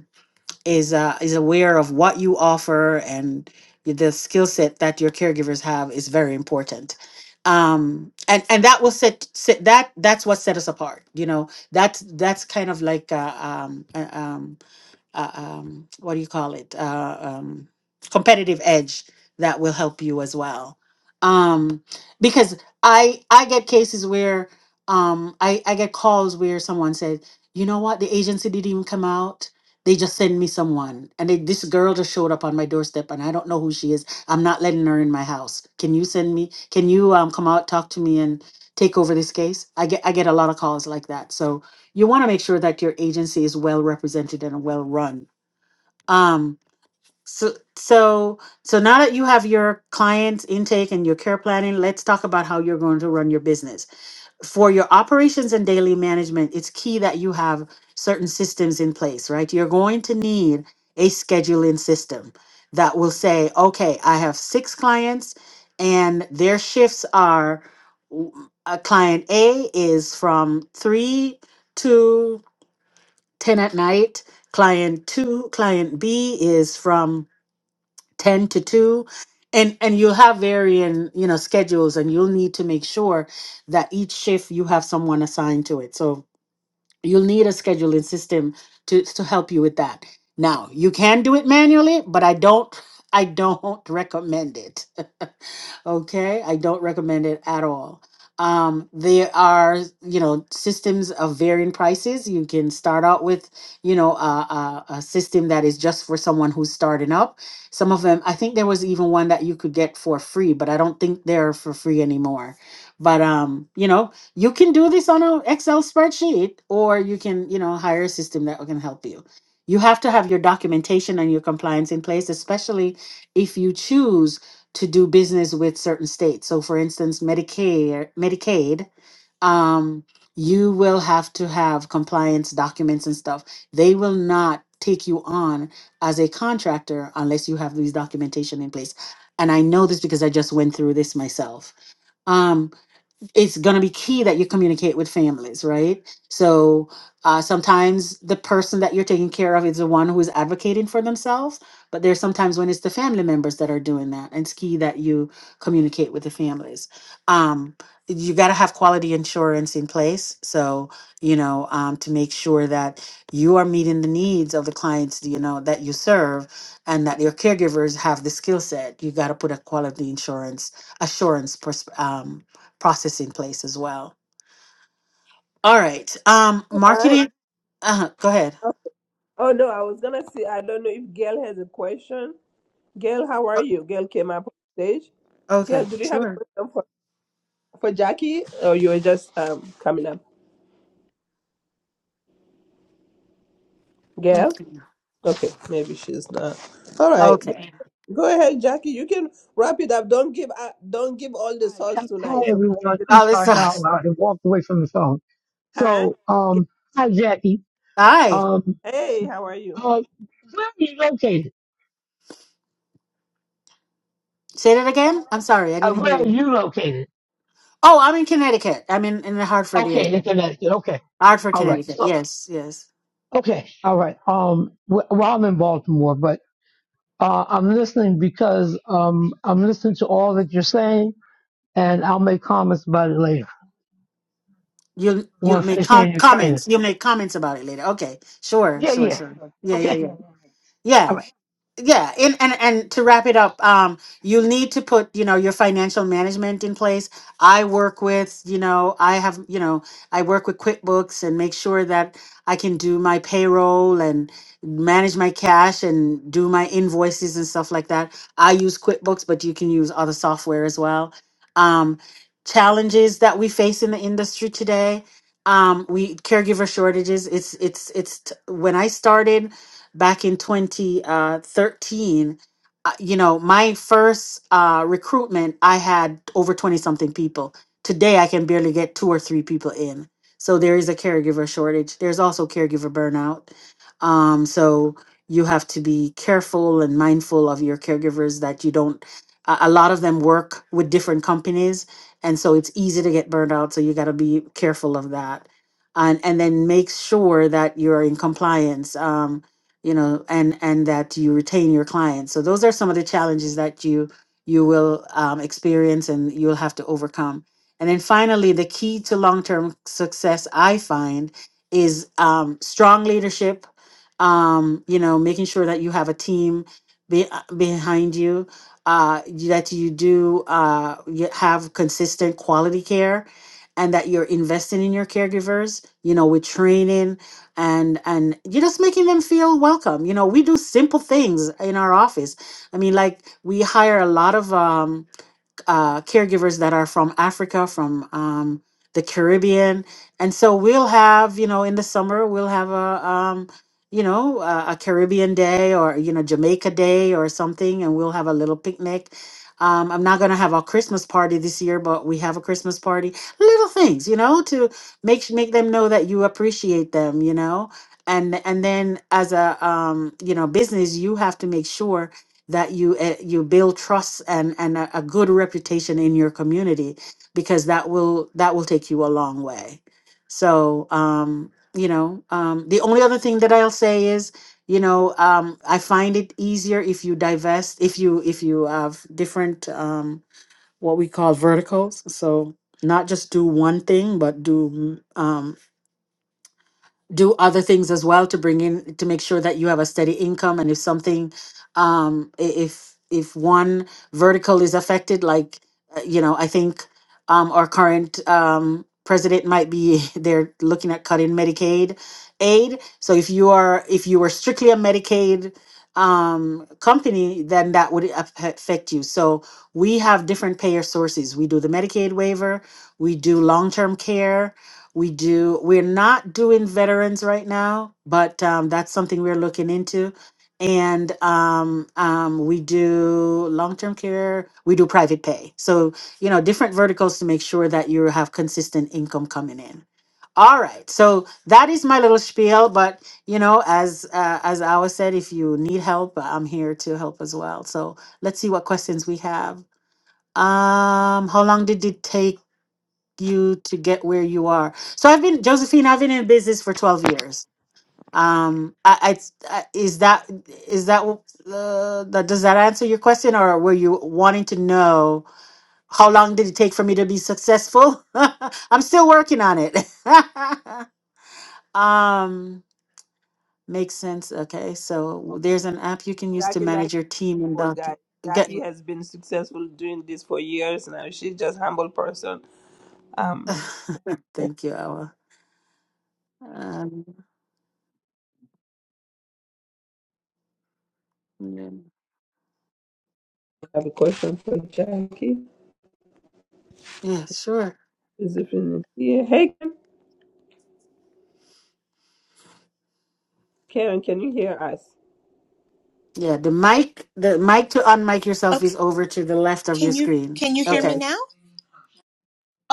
S4: is uh, is aware of what you offer and the skill set that your caregivers have is very important um and and that will set, set that that's what set us apart you know that's that's kind of like uh, um uh, um uh, um, what do you call it? Uh, um, competitive edge that will help you as well. Um, because I I get cases where um, I I get calls where someone said, you know what, the agency didn't even come out. They just send me someone, and they, this girl just showed up on my doorstep, and I don't know who she is. I'm not letting her in my house. Can you send me? Can you um, come out, talk to me, and take over this case? I get I get a lot of calls like that. So you want to make sure that your agency is well represented and well run. Um, so so so now that you have your clients intake and your care planning, let's talk about how you're going to run your business. For your operations and daily management, it's key that you have certain systems in place, right? You're going to need a scheduling system that will say, okay, I have six clients and their shifts are w- uh, client A is from 3 to." 10 at night. Client two, client B is from 10 to 2. And and you'll have varying, you know, schedules and you'll need to make sure that each shift you have someone assigned to it. So you'll need a scheduling system to to help you with that now you can do it manually but i don't i don't <laughs> recommend it <laughs> okay i don't recommend it at all um there are you know systems of varying prices you can start out with you know a, a, a system that is just for someone who's starting up some of them i think there was even one that you could get for free but i don't think they're for free anymore but um you know you can do this on an excel spreadsheet or you can you know hire a system that can help you you have to have your documentation and your compliance in place especially if you choose to do business with certain states so for instance medicare medicaid um, you will have to have compliance documents and stuff they will not take you on as a contractor unless you have these documentation in place and i know this because i just went through this myself Um it's going to be key that you communicate with families, right? So uh, sometimes the person that you're taking care of is the one who is advocating for themselves, but there's sometimes when it's the family members that are doing that, and it's key that you communicate with the families. Um, you got to have quality insurance in place, so you know um, to make sure that you are meeting the needs of the clients you know that you serve, and that your caregivers have the skill set. You got to put a quality insurance assurance pers- um, process in place as well. All right. Um,
S1: All right.
S4: marketing. Uh huh. Go ahead.
S1: Oh no, I was gonna say I don't know if Gail has a question. Gail, how are
S4: Uh,
S1: you? Gail came up on stage. Gail,
S4: okay.
S1: do you have a
S4: Sure.
S1: question for, for Jackie? Or you were just um coming up? Gail?
S4: Okay.
S1: Okay, maybe she's not. All right. Go
S4: Okay.
S1: go ahead, Jackie. You can wrap it up. Don't give uh, don't give all the
S18: Hi,
S1: sauce
S18: hi
S1: tonight. So
S18: everyone. I'm
S4: Oh, this
S18: sorry how
S4: sucks.
S18: loud I walked away from the phone.
S1: huh?
S18: So,
S1: Gail,
S18: um, hi Jackie.
S4: Hi.
S18: Um,
S1: Hey, how are you?
S18: uh, where are you located?
S4: Say that again. I'm sorry. I
S18: Uh,
S4: didn't
S18: where
S4: hear
S18: are
S4: you.
S18: you located?
S4: Oh, I'm in Connecticut. I'm in, in the Hartford
S18: Okay, in
S4: area.
S18: Connecticut. Okay,
S4: Hartford,
S18: all right.
S4: Connecticut.
S18: So,
S4: Yes. Yes.
S18: okay, all right. Um, w- well, I'm in Baltimore, but uh, I'm listening because um, I'm listening to all that you're saying, and I'll make comments about it later.
S4: You'll
S18: I
S4: you'll
S18: Want to
S4: make
S18: finish
S4: com-
S18: hearing your training?
S4: comments. You'll make comments about it later. Okay. Sure.
S18: Yeah,
S4: Sure.
S18: yeah.
S4: Sure. Yeah. Yeah.
S18: Okay.
S4: Yeah. Yeah. yeah and, and and to wrap it up um you'll need to put you know your financial management in place i work with you know i have you know i work with quickbooks and make sure that i can do my payroll and manage my cash and do my invoices and stuff like that i use quickbooks but you can use other software as well um challenges that we face in the industry today um we caregiver shortages it's it's it's t- when i started back in 2013 uh, you know my first uh, recruitment i had over 20 something people today i can barely get two or three people in so there is a caregiver shortage there's also caregiver burnout um, so you have to be careful and mindful of your caregivers that you don't a a lot of them work with different companies and so it's easy to get burned out so you got to be careful of that and and then make sure that you're in compliance Um you know and and that you retain your clients so those are some of the challenges that you you will um, experience and you'll have to overcome and then finally the key to long-term success i find is um, strong leadership um, you know making sure that you have a team be, uh, behind you uh, you- that you do uh, you have consistent quality care and that you're investing in your caregivers you know with training and and you're just making them feel welcome you know we do simple things in our office i mean like we hire a lot of um uh, caregivers that are from Africa, from um, the Caribbean, and so we'll have you know in the summer we'll have a um, you know a, a Caribbean day or you know Jamaica day or something, and we'll have a little picnic. Um, I'm not gonna have a Christmas party this year, but we have a Christmas party. Little things, you know, to make s- make them know that you appreciate them, you know, and and then as a um, you know business, you have to make sure that you uh, you build trust and and a, a good reputation in your community because that will that will take you a long way so um you know um the only other thing that i'll say is you know um i find it easier if you divest if you if you have different um what we call verticals so not just do one thing but do mm, um do other things as well to bring in to make sure that you have a steady income and if something um i- if if one vertical is affected like uh, you know i think um our current um president might be <laughs> they're looking at cutting medicaid aid so if you are if you were strictly a medicaid um company then that would af- affect you so we have different payer sources we do the medicaid waiver we do long-term care we do. We're not doing veterans right now, but um, that's something we're looking into. And um, um, we do long term care, we do private pay. So, you know, different verticals to make sure that you have consistent income coming in. All right, so that is my little spiel. But you know, as uh, as Awa said, if you need help, I'm here to help as well. So let's see what questions we have. Um, how long did it take you to get where you are. So I've been Josephine. I've been in business for twelve years. Um, I, I, I is that is that uh, that does that answer your question, or were you wanting to know how long did it take for me to be successful? <laughs> I'm still working on it. <laughs> um, makes sense. Okay, so
S1: Oh,
S4: there's an app you can use to
S1: Jackie like
S4: manage your team and
S1: all
S4: doc.
S1: guys.
S4: Get,
S1: Jackie has been successful doing this for years now. She's just humble person. Um
S4: <sighs>
S1: I
S4: thank you, Awa. Um, yeah,
S1: have a question for Jackie.
S4: yeah, sure.
S1: Is it in here? Hey Karen, can you hear us?
S4: Yeah, the mic, the mic to unmic yourself
S19: Okay,
S4: is over to the left of your
S19: can you
S4: screen.
S19: can you hear me
S1: Yes,
S4: Okay.
S19: now?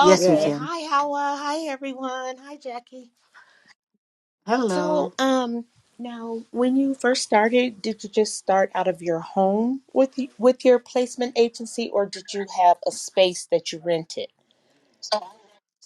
S4: Yes, we
S1: yes.
S4: can.
S19: Hi, Hawa. Hi, everyone. Hi, Jackie.
S4: Hello.
S19: So, um, now when you first started, did you just start out of your home with y- with your placement agency, or did you have a space that you rented?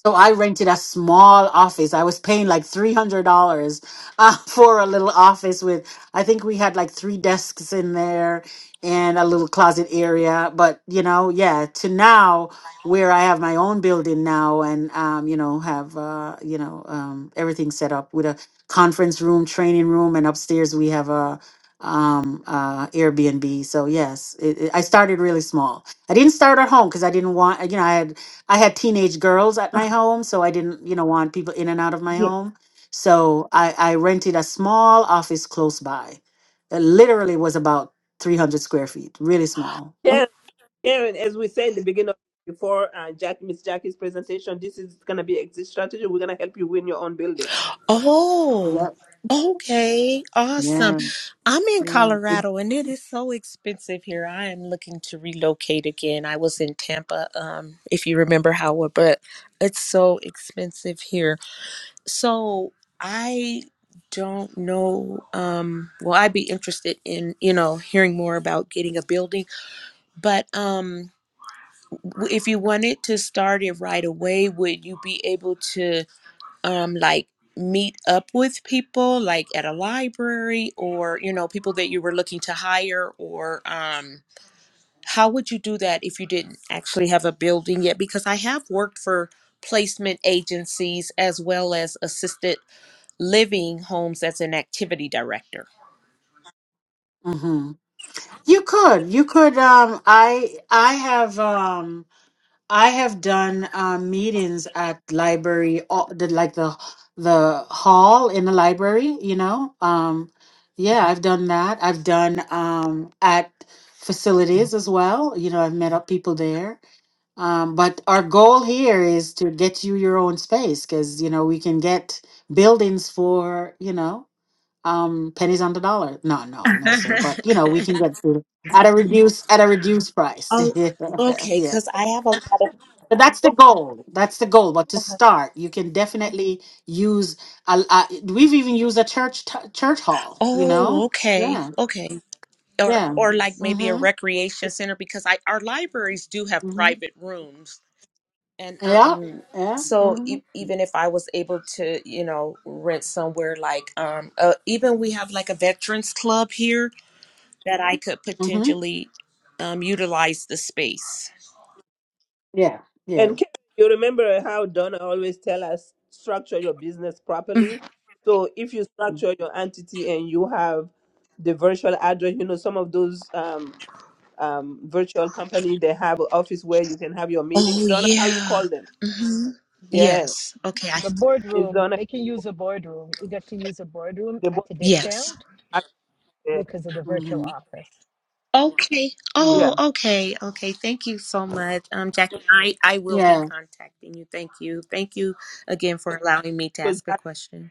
S4: So I rented a small office. I was paying like three hundred dollars uh, <laughs> for a little office with. I think we had like three desks in there and a little closet area. But you know, yeah. To now, where I have my own building now, and um, you know, have uh, you know um, everything set up with a conference room, training room, and upstairs we have a um uh airbnb so yes it, it- i started really small i didn't start at home because i didn't want you know I had. I had teenage girls at my home, so I didn't, you know, want people in and out of my
S19: Yeah.
S4: home. So I, I rented a small office close by. It literally was about 300 square feet, really small.
S19: Oh,
S1: Karen, Karen as we said in the beginning, of, before uh, Jack, Miss Jackie's presentation, this is going to be exit strategy. We're going to help you win your own building.
S19: oh,
S4: Yep.
S19: okay. Awesome.
S4: Yeah.
S19: I'm in
S4: Yeah.
S1: It's-
S19: Colorado, and it is so expensive here. I am looking to relocate again. I was in Tampa, um, if you remember, Howard, but it's so expensive here. So I don't know. Um, well, I'd be interested in you know hearing more about getting a building. But um, w- if you wanted to start it right away, would you be able to um like meet up with people like at a library or you know people that you were looking to hire or um how would you do that if you didn't actually have a building yet because i have worked for placement agencies as well as assisted living homes as an activity director.
S4: hmm You could, you could. Um, I, I have. Um, I have done um, meetings at library, all, the, like the the hall in the library. You know, um, yeah, I've done that. I've done um, at facilities as well. You know, I've met up people there. Um, but our goal here is to get you your own space because you know we can get buildings for you know um, pennies on the dollar. No, no, no, sir. But you know we can get to- at a reduced at a reduced price.
S19: Oh,
S4: <laughs>
S19: okay.
S4: yeah.
S19: Because I have a lot
S4: But that's the
S19: of.
S4: goal. That's the goal. But to start, you can definitely use. A, a, we've even used a church t- church hall. You
S19: Oh,
S4: know.
S19: okay,
S4: Yeah.
S19: okay. Or
S4: Yeah.
S19: or like maybe a
S4: Mhm.
S19: recreation center because I our libraries do have
S4: Mhm.
S19: private rooms and
S4: Yeah.
S19: um
S4: Yeah.
S19: so
S4: Mhm.
S19: e- even if I was able to you know rent somewhere like um uh, even we have like a veterans club here that I could
S4: Mhm.
S19: potentially um utilize the space.
S4: Yeah. Yeah.
S1: and Karen, you remember how Donna always tell us structure your business
S19: Mhm.
S1: properly. So if you structure your entity and you have the virtual address, you know some of those um, um, virtual company they have an office where you can have your meeting.
S19: Oh
S1: Donna, how you
S19: yeah.
S1: call them?
S19: hmm
S1: Yeah,
S19: Yes. Okay. I
S2: The
S1: it's
S2: boardroom,
S1: Donna.
S2: they can use a boardroom. You get to use a boardroom
S1: The
S2: at
S1: board,
S2: a
S19: Yes.
S2: discount because of the virtual
S4: Mhm.
S2: office.
S19: Okay.
S1: yeah,
S19: Oh,
S4: Yeah.
S19: okay. Okay. Thank you so much. Um, Jackie, I, I will be
S4: Yeah.
S19: contacting you. Thank you. Thank you again for allowing me to
S1: So
S19: ask a
S1: that,
S19: question.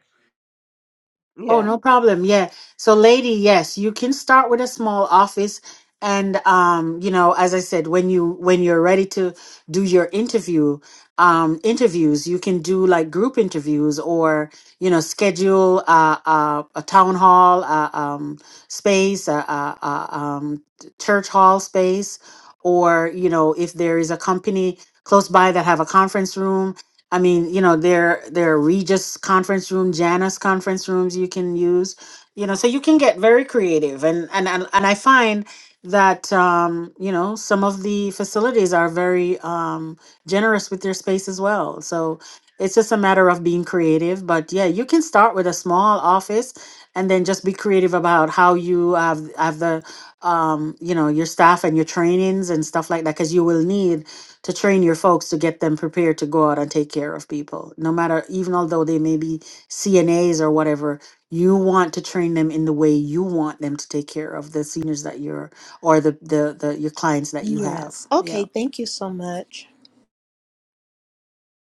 S4: Oh,
S1: yeah,
S4: no problem. Yeah. So, lady, yes, you can start with a small office. And, um, you know, as I said, when you, when you're ready to do your interview, um, interviews, you can do like group interviews or, you know, schedule, uh, uh, a town hall, uh, um, space, a a uh, um, church hall space, or, you know, if there is a company close by that have a conference room, I mean, you know, there there are Regis conference room, Janus conference rooms you can use, you know, so you can get very creative and and and, and I find that um, you know, some of the facilities are very um generous with their space as well. So it's just a matter of being creative, but yeah, you can start with a small office and then just be creative about how you have have the um, you know, your staff and your trainings and stuff like that cuz you will need to train your folks to get them prepared to go out and take care of people no matter even although they may be cnas or whatever you want to train them in the way you want them to take care of the seniors that you're or the the, the your clients that you have
S19: Yes.
S4: yeah
S19: Okay. Thank you so much.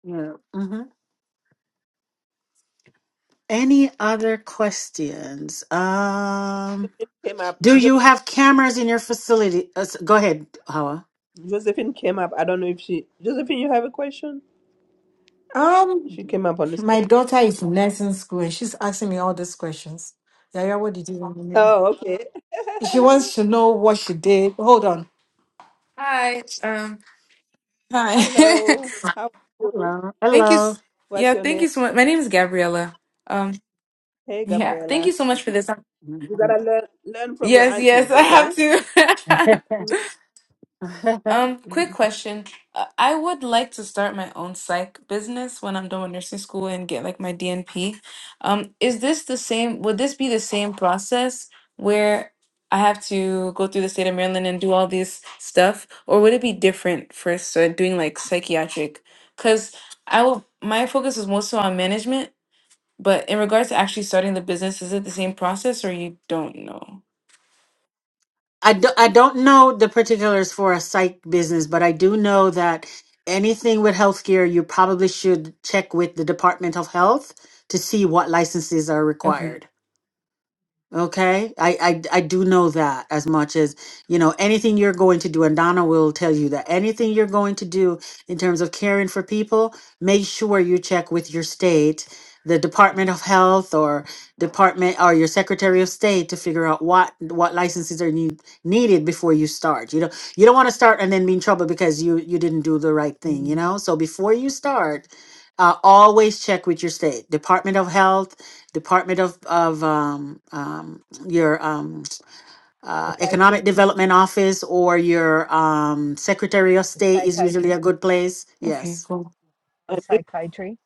S4: yeah hmm any other questions um
S1: it came up.
S4: do
S1: Jo-
S4: you have cameras in your facility uh, s- go ahead hawa
S1: Josephine came up. I don't know if she. Josephine, you have a question?
S20: Um,
S1: She came up on the stage.
S20: my daughter is in nursing school and she's asking me all these questions. Yaya, what did you want me to do?
S1: Oh, okay.
S20: She wants
S1: <laughs>
S20: to know what she did. Hold on. Hi. Um, hi.
S1: Hello.
S20: <laughs>
S1: How are you?
S20: thank you.
S4: hello
S20: s-
S1: What's
S20: Yeah,
S1: your
S20: thank
S1: name?
S20: you so much. My name is Gabriella. Um,
S1: Hey,
S20: yeah, thank you
S1: Gabriella.
S20: so much for this.
S1: You
S4: hello
S1: gotta learn learn from your
S20: Yes, yes, <laughs>
S1: aunties,
S20: I
S1: okay?
S20: have to. <laughs>
S4: <laughs>
S20: Um, quick
S1: Mhm.
S20: question. Uh, I would like to start my own psych business when I'm done with nursing school and get like my DNP. Um, is this the same? Would this be the same process where I have to go through the state of Maryland and do all this stuff, or would it be different for so doing like psychiatric? Because I will. My focus is mostly on management, but in regards to actually starting the business, is it the same process, or you don't know?
S4: I, do, I don't know the particulars for a psych business, but I do know that anything with healthcare, you probably should check with the Department of Health to see what licenses are
S20: Okay.
S4: required. Okay, I, I I do know that as much as you know anything you're going to do, and Donna will tell you that anything you're going to do in terms of caring for people, make sure you check with your state, the Department of Health or Department or your Secretary of State to figure out what what licenses are need, needed before you start. You know, you don't want to start and then be in trouble because you you didn't do the right thing. You
S20: Mm,
S4: know, so before you start, uh, always check with your state, Department of Health Department of of um, um, your um, uh, Economic
S2: Psychiatry,
S4: Development Office or your um, Secretary of State is usually
S2: psychiatry,
S4: a good place.
S20: Okay.
S4: Yes.
S20: Cool.
S2: or
S1: And this
S2: psychiatry,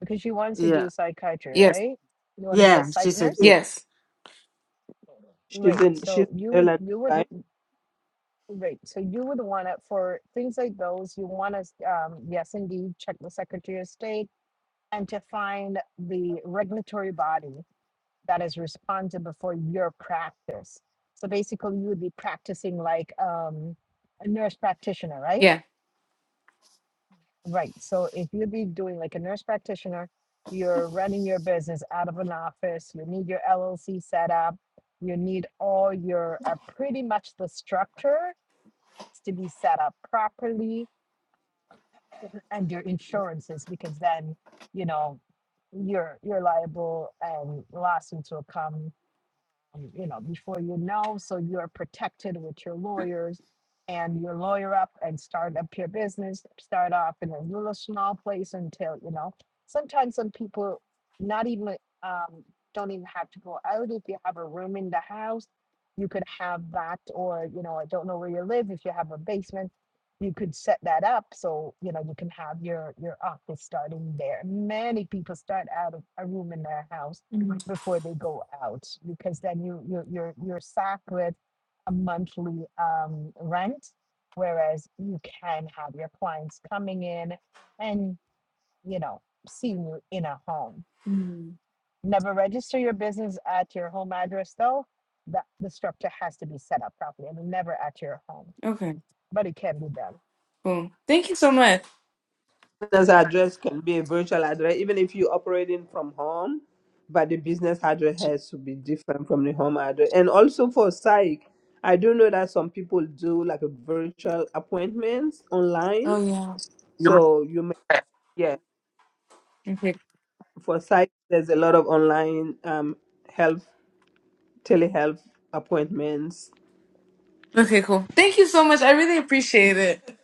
S2: because she wants to do
S4: Yeah.
S2: psychiatry,
S20: Yes.
S2: right? You want to be a
S4: Yeah.
S2: psych
S4: She said.
S2: nurse,
S1: is,
S4: Yeah.
S20: Yes.
S1: she's
S2: right?
S1: in
S2: So
S1: she's
S2: you
S1: in
S2: would,
S1: Ireland,
S2: you would,
S1: right?
S2: right? So you would want to for things like those. You want to, um, yes, indeed, check the Secretary of State and to find the regulatory body that is responsible for your practice. So basically, you would be practicing like um, a nurse practitioner, right?
S20: Yeah.
S2: Right. So if you'd be doing like a nurse practitioner, you're running your business out of an office, you need your LLC set up, you need all your uh, pretty much the structure to be set up properly and your insurances because then you know you're you're liable and lawsuits will come um, you know, before you know, so you're protected with your lawyers and your lawyer up and start up your business, start off in a little small place until, you know, sometimes some people not even um, don't even have to go out. If you have a room in the house, you could have that, or, you know, I don't know where you live. If you have a basement, you could set that up so you know you can have your your office starting there. Many people start out of a room in their house before they go out because then you you're you're, you're sacked with a monthly um, rent, whereas you can have your clients coming in and you know seeing you in a home. Never register your business at your home address though. That the structure has to be set up properly. I mean, never at your home
S20: Okay,
S2: but it can be done.
S20: cool. Thank you so much.
S1: business address can be a virtual address, even if you're operating from home, but the business address has to be different from the home address. And also for psych, I do know that some people do like a virtual appointments online.
S20: Oh yeah.
S1: So you may, yeah,
S20: Okay.
S1: for psych, there's a lot of online um, health, telehealth appointments.
S20: Okay, cool. Thank you so much. I really appreciate it.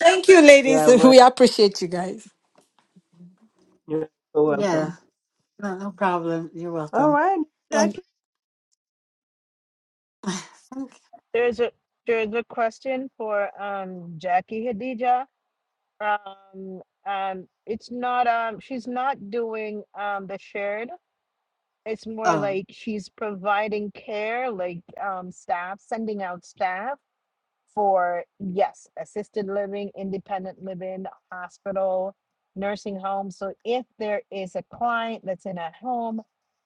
S20: Thank you, ladies.
S1: Yeah,
S20: <laughs>
S1: well,
S20: We appreciate you guys.
S1: you're so
S4: Yeah.
S1: welcome.
S4: No, no problem. You're
S1: All
S4: welcome.
S1: right,
S4: And
S1: Jackie.
S4: <sighs>
S2: There's a there's a question for um Jackie Hadija. Um um it's not um she's not doing um the shared. It's more
S4: um,
S2: like she's providing care, like um staff, sending out staff. for yes, assisted living, independent living, hospital, nursing home. So if there is a client that's in a home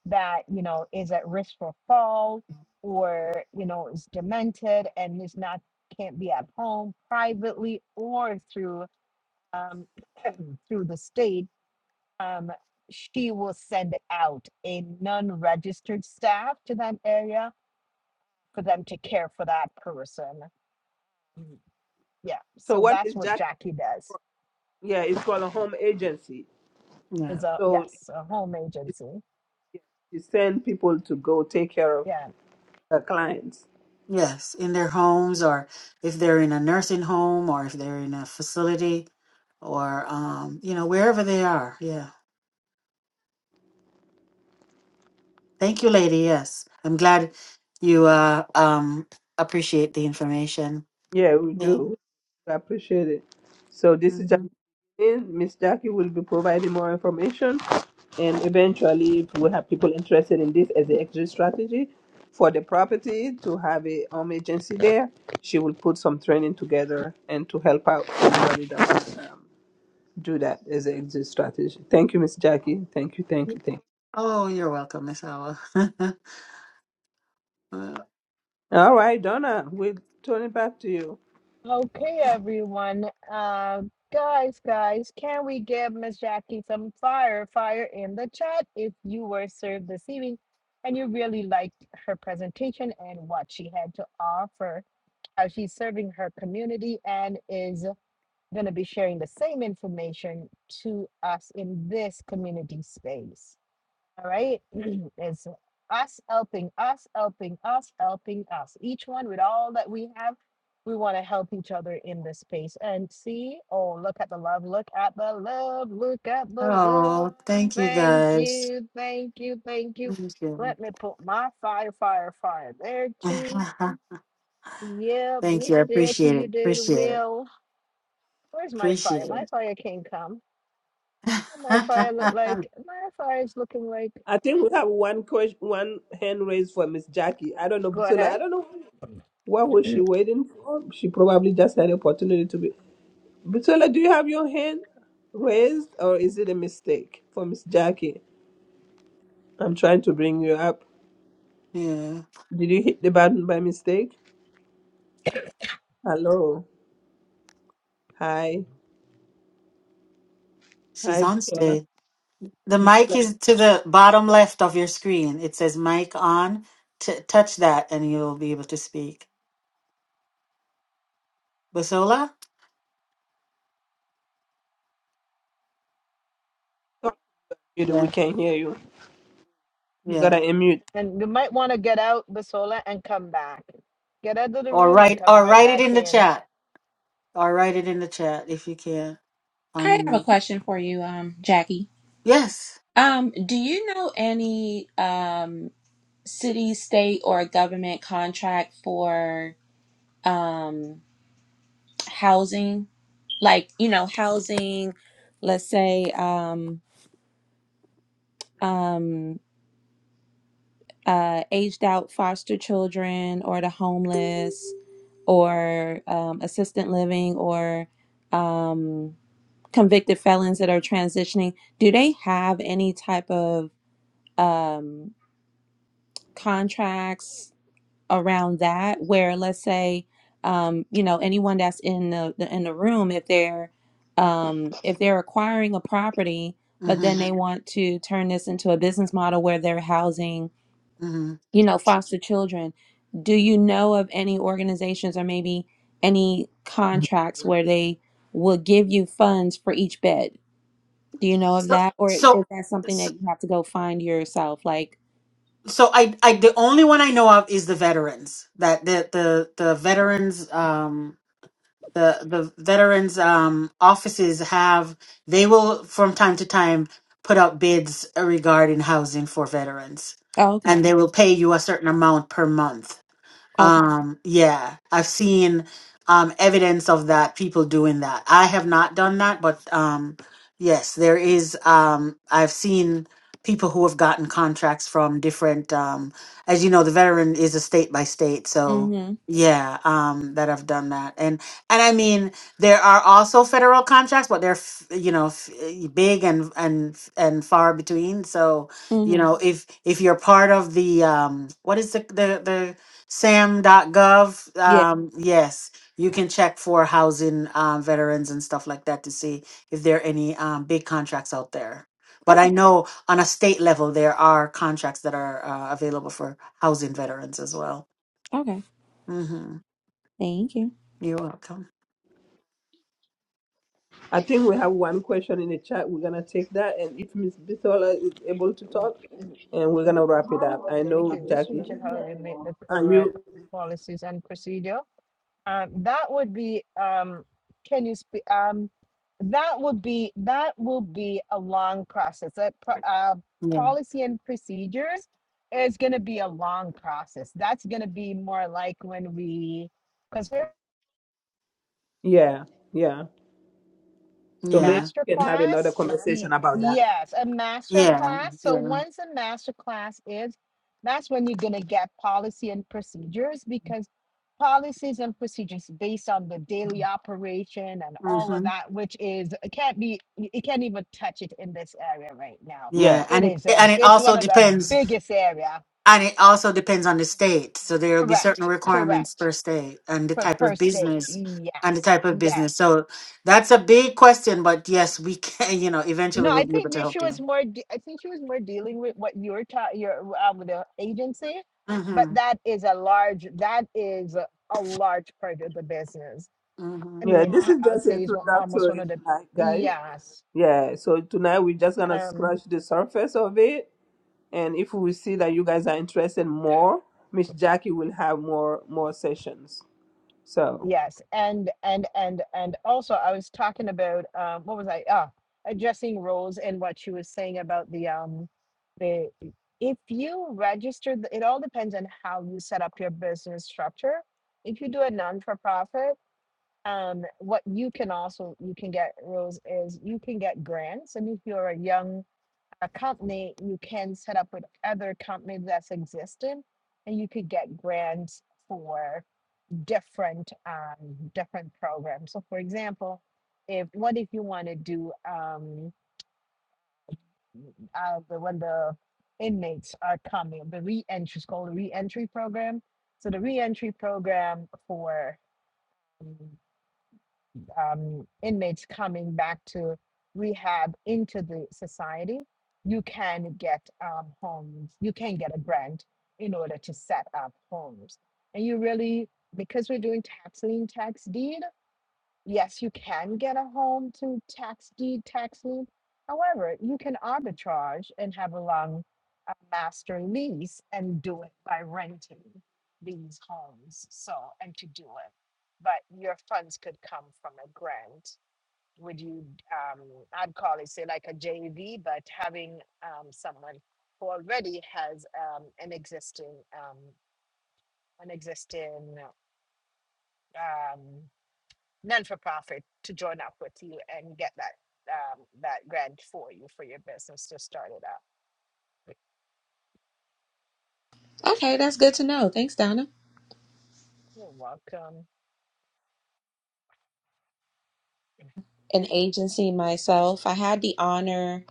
S2: that, you know, is at risk for fall or, you know, is demented and is not can't be at home privately or through um <clears throat> through the state, um, she will send out a non-registered staff to that area for them to care for that person. Yeah,
S1: So
S2: so
S1: what is
S2: that's what
S1: Jackie?
S2: Jackie does.
S1: Yeah, it's called a home agency.
S4: yeah.
S2: Is a
S1: So
S2: yes, a home agency.
S1: You send people to go take care of
S2: Yeah.
S1: the clients.
S4: Yes, in their homes, or if they're in a nursing home, or if they're in a facility, or um, you know, wherever they are. Yeah. Thank you, lady. Yes. I'm glad you uh um appreciate the information.
S1: Yeah, we
S4: Yeah.
S1: do. We appreciate it. So this is
S4: hmm
S1: Jacqueline. Miss Jackie will be providing more information, and eventually, if we have people interested in this as an exit strategy for the property to have a home agency there, she will put some training together and to help out somebody that um, do that as an exit strategy. Thank you, Miss Jackie. Thank you. Thank you. Thank.
S4: Oh, you're welcome, Miss Owl. <laughs> Uh,
S1: You. All right, Donna. We'll turn it back to you.
S2: Okay, everyone. Uh, guys, guys, can we give Miss Jackie some fire, fire in the chat if you were served this evening and you really liked her presentation and what she had to offer, how she's serving her community and is going to be sharing the same information to us in this community space. All right. <clears throat> It's us helping us, helping us, helping us. Each one with all that we have, we want to help each other in this space. And see, oh, look at the love, look at the love, look at the love.
S4: oh, thank you
S2: Thank
S4: guys.
S2: you, thank you, thank you.
S4: Thank you.
S2: Let me put my fire, fire, fire there too.
S4: <laughs>
S2: Yep,
S4: thank you.
S2: Miss
S4: I
S2: Jackie,
S4: appreciate
S2: you
S4: it.
S2: did
S4: Appreciate it.
S2: well. Where's my fire?
S4: Appreciate
S2: My
S4: it.
S2: fire can't come. Oh, My fire look like
S4: <laughs>
S2: my fire is looking like.
S1: I think we have one question, one hand raised for Miss Jackie. I don't know,
S2: Go
S1: Bitola.
S2: ahead.
S1: I don't know what was she waiting for. She probably just had opportunity to be. Bitola, do you have your hand raised, or is it a mistake for Miss Jackie? I'm trying to bring you up.
S4: yeah.
S1: Did you hit the button by mistake? Hello. Hi.
S4: She's
S1: Hi,
S4: on
S1: Bitola.
S4: stage. The mic
S1: Bitola,
S4: is to the bottom left of your screen. It says mic on. T- touch that and you'll be able to speak. Basola?
S1: talk to you. We
S4: Yeah.
S1: can hear you. You
S4: Yeah.
S1: gotta unmute.
S2: And you might want to get out, Basola, and come back. Get out of the
S4: Or
S2: room and
S4: write
S2: come
S4: or
S2: right
S4: write it
S2: back
S4: in the
S2: in.
S4: chat. Or write it in the chat if you can. On yes.
S5: Um, do you know any um city, state, or government contract for um housing? Like, you know, housing, let's say um um uh, aged out foster children or the homeless or um, assistant living or um, convicted felons that are transitioning, do they have any type of um, contracts around that where let's say um, you know anyone that's in the, the in the room if they're um, if they're acquiring a property but then
S4: Mm-hmm.
S5: they want to turn this into a business model where they're housing
S4: Mm-hmm.
S5: you know, foster children. Do you know of any organizations or maybe any contracts where they will give you funds for each bed? Do you know of
S4: So
S5: that? Or is
S4: so
S5: that something
S4: so
S5: that you have to go find yourself? Like,
S4: so I I the only one I know of is the veterans that the the the veterans um the the veterans um offices have they will from time to time put out bids regarding housing for veterans
S5: oh,
S4: and
S5: okay,
S4: they will pay you a certain amount per month
S5: okay.
S4: Um, yeah, I've seen um evidence of that, people doing that. I have not done that, but um yes, there is um I've seen people who have gotten contracts from different um as you know, the veteran is a state by state, so
S5: Mm-hmm.
S4: yeah, um that I've done that. And and I mean, there are also federal contracts, but they're f- you know, f- eh, big and and and far between. So, you
S5: Mm-hmm.
S4: know, if if you're part of the um what is the the the sam.gov
S5: Yeah.
S4: um, yes you can check for housing um, veterans and stuff like that to see if there are any um, big contracts out there but i
S5: Okay.
S4: know on a state level there are contracts that are uh, available for housing veterans as well
S5: Okay.
S4: hmm
S5: Thank you.
S4: you're welcome
S1: I think we have one question in the chat. We're gonna take that, and if Miss Bisola is able to
S2: Mm,
S1: talk, and we're gonna wrap it
S21: Mine
S1: up.
S21: was
S1: I
S21: a
S2: Lady
S1: know
S21: mistake.
S2: Cruz,
S1: Jackie.
S2: which is
S21: Believe me,
S2: how you make
S21: everyone.
S2: the
S1: Are
S2: correct
S1: you?
S2: policies and procedure. Um, that would be, um, can you speak, um, that would be, that will be a long process. That, pro- uh,
S4: yeah
S2: policy and procedures is gonna be a long process. That's gonna be more like when we, because
S1: Yeah, yeah. So maybe
S4: yeah
S2: Master
S1: we can have another
S2: class? Y-
S1: conversation about that.
S2: yes, a master
S4: yeah
S2: class. So
S4: yeah
S2: once a master class is, that's when you're going to get policy and procedures because policies and procedures based on the daily operation and all of
S4: hmm
S2: that, which is it can't be y- you can't even touch it in this area right now.
S1: Yeah,
S4: yeah
S2: It
S4: and it
S2: is a
S4: and it
S2: it's one
S4: also
S2: of the
S4: depends
S2: biggest area.
S4: And it also depends on the state. So there will be certain
S2: Correct,
S4: requirements
S2: correct.
S4: per state and the
S2: For
S4: type
S2: per
S4: of
S2: state.
S4: business and the
S2: Yes,
S4: type of business.
S2: yes.
S4: So that's a big question, but yes, we <laughs> can, you know,
S2: No,
S4: eventually
S2: I
S4: we'll be able
S2: think
S4: to
S2: that she
S4: help
S2: was
S4: you.
S2: more. de- I think she was more dealing with what you are ta- your uh, with the agency, but
S4: Mm-hmm.
S2: that is a large. That is a, a large part of the business.
S4: Mm-hmm.
S2: I
S1: yeah.
S2: mean,
S1: This
S2: I-
S1: is
S2: I'll
S1: just
S2: say it's one- almost one
S1: introductory
S2: of the
S1: tonight, guys.
S2: yes.
S1: Yeah. So tonight we're just gonna
S2: Um,
S1: scratch the surface of it, and if we see that you guys are interested more, Miss Jackie will have more more sessions. So
S2: Yes, and and and and also I was talking about um what was I ah addressing roles and what she was saying about the um the if you register the- it all depends on how you set up your business structure. If you do a non for profit, um what you can also you can get roles is you can get grants and if you're a young a company you can set up with other companies that's existing and you could get grants for different um, different programs. So, for example, if what if you want to do um, uh, the, when the inmates are coming, the re-entry is called a re-entry program. So the re-entry program for um, inmates coming back to rehab into the society, you can get um, homes. You can get a grant in order to set up homes, and you really because we're doing tax lien tax deed yes, you can get a home to tax deed tax lien. However, you can arbitrage and have a long uh, master lease and do it by renting these homes. So, and to do it, but your funds could come from a grant. Would you, um, I'd call it say like a J V, but having um, someone who already has um, an existing um, an existing um, non for profit to join up with you and get that um, that grant for you for your business to start it up.
S5: Okay, that's good to know. Thanks, Donna.
S2: You're welcome.
S5: An agency myself. I had the honor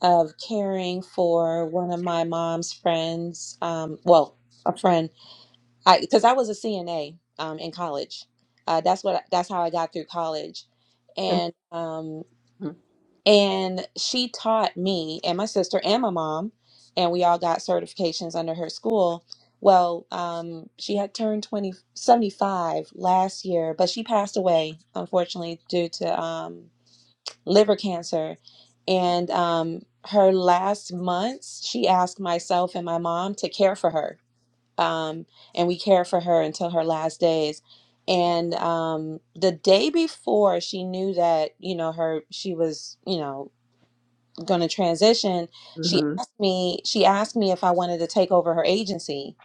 S5: of caring for one of my mom's friends. Um, well, a friend I because I was a CNA um, in college. Uh, that's what that's how I got through college,
S1: and.
S5: and um, and she taught me and my sister and my mom, and we all got certifications under her school. Well, um, she had turned 20 75 last year, but she passed away unfortunately due to um, liver cancer. And um, her last months, she asked myself and my mom to care for her um, and we care for her until her last days. And um, the day before she knew that you know her she was you know going to transition, she
S1: hmm
S5: asked me she asked me if I wanted to take over her agency,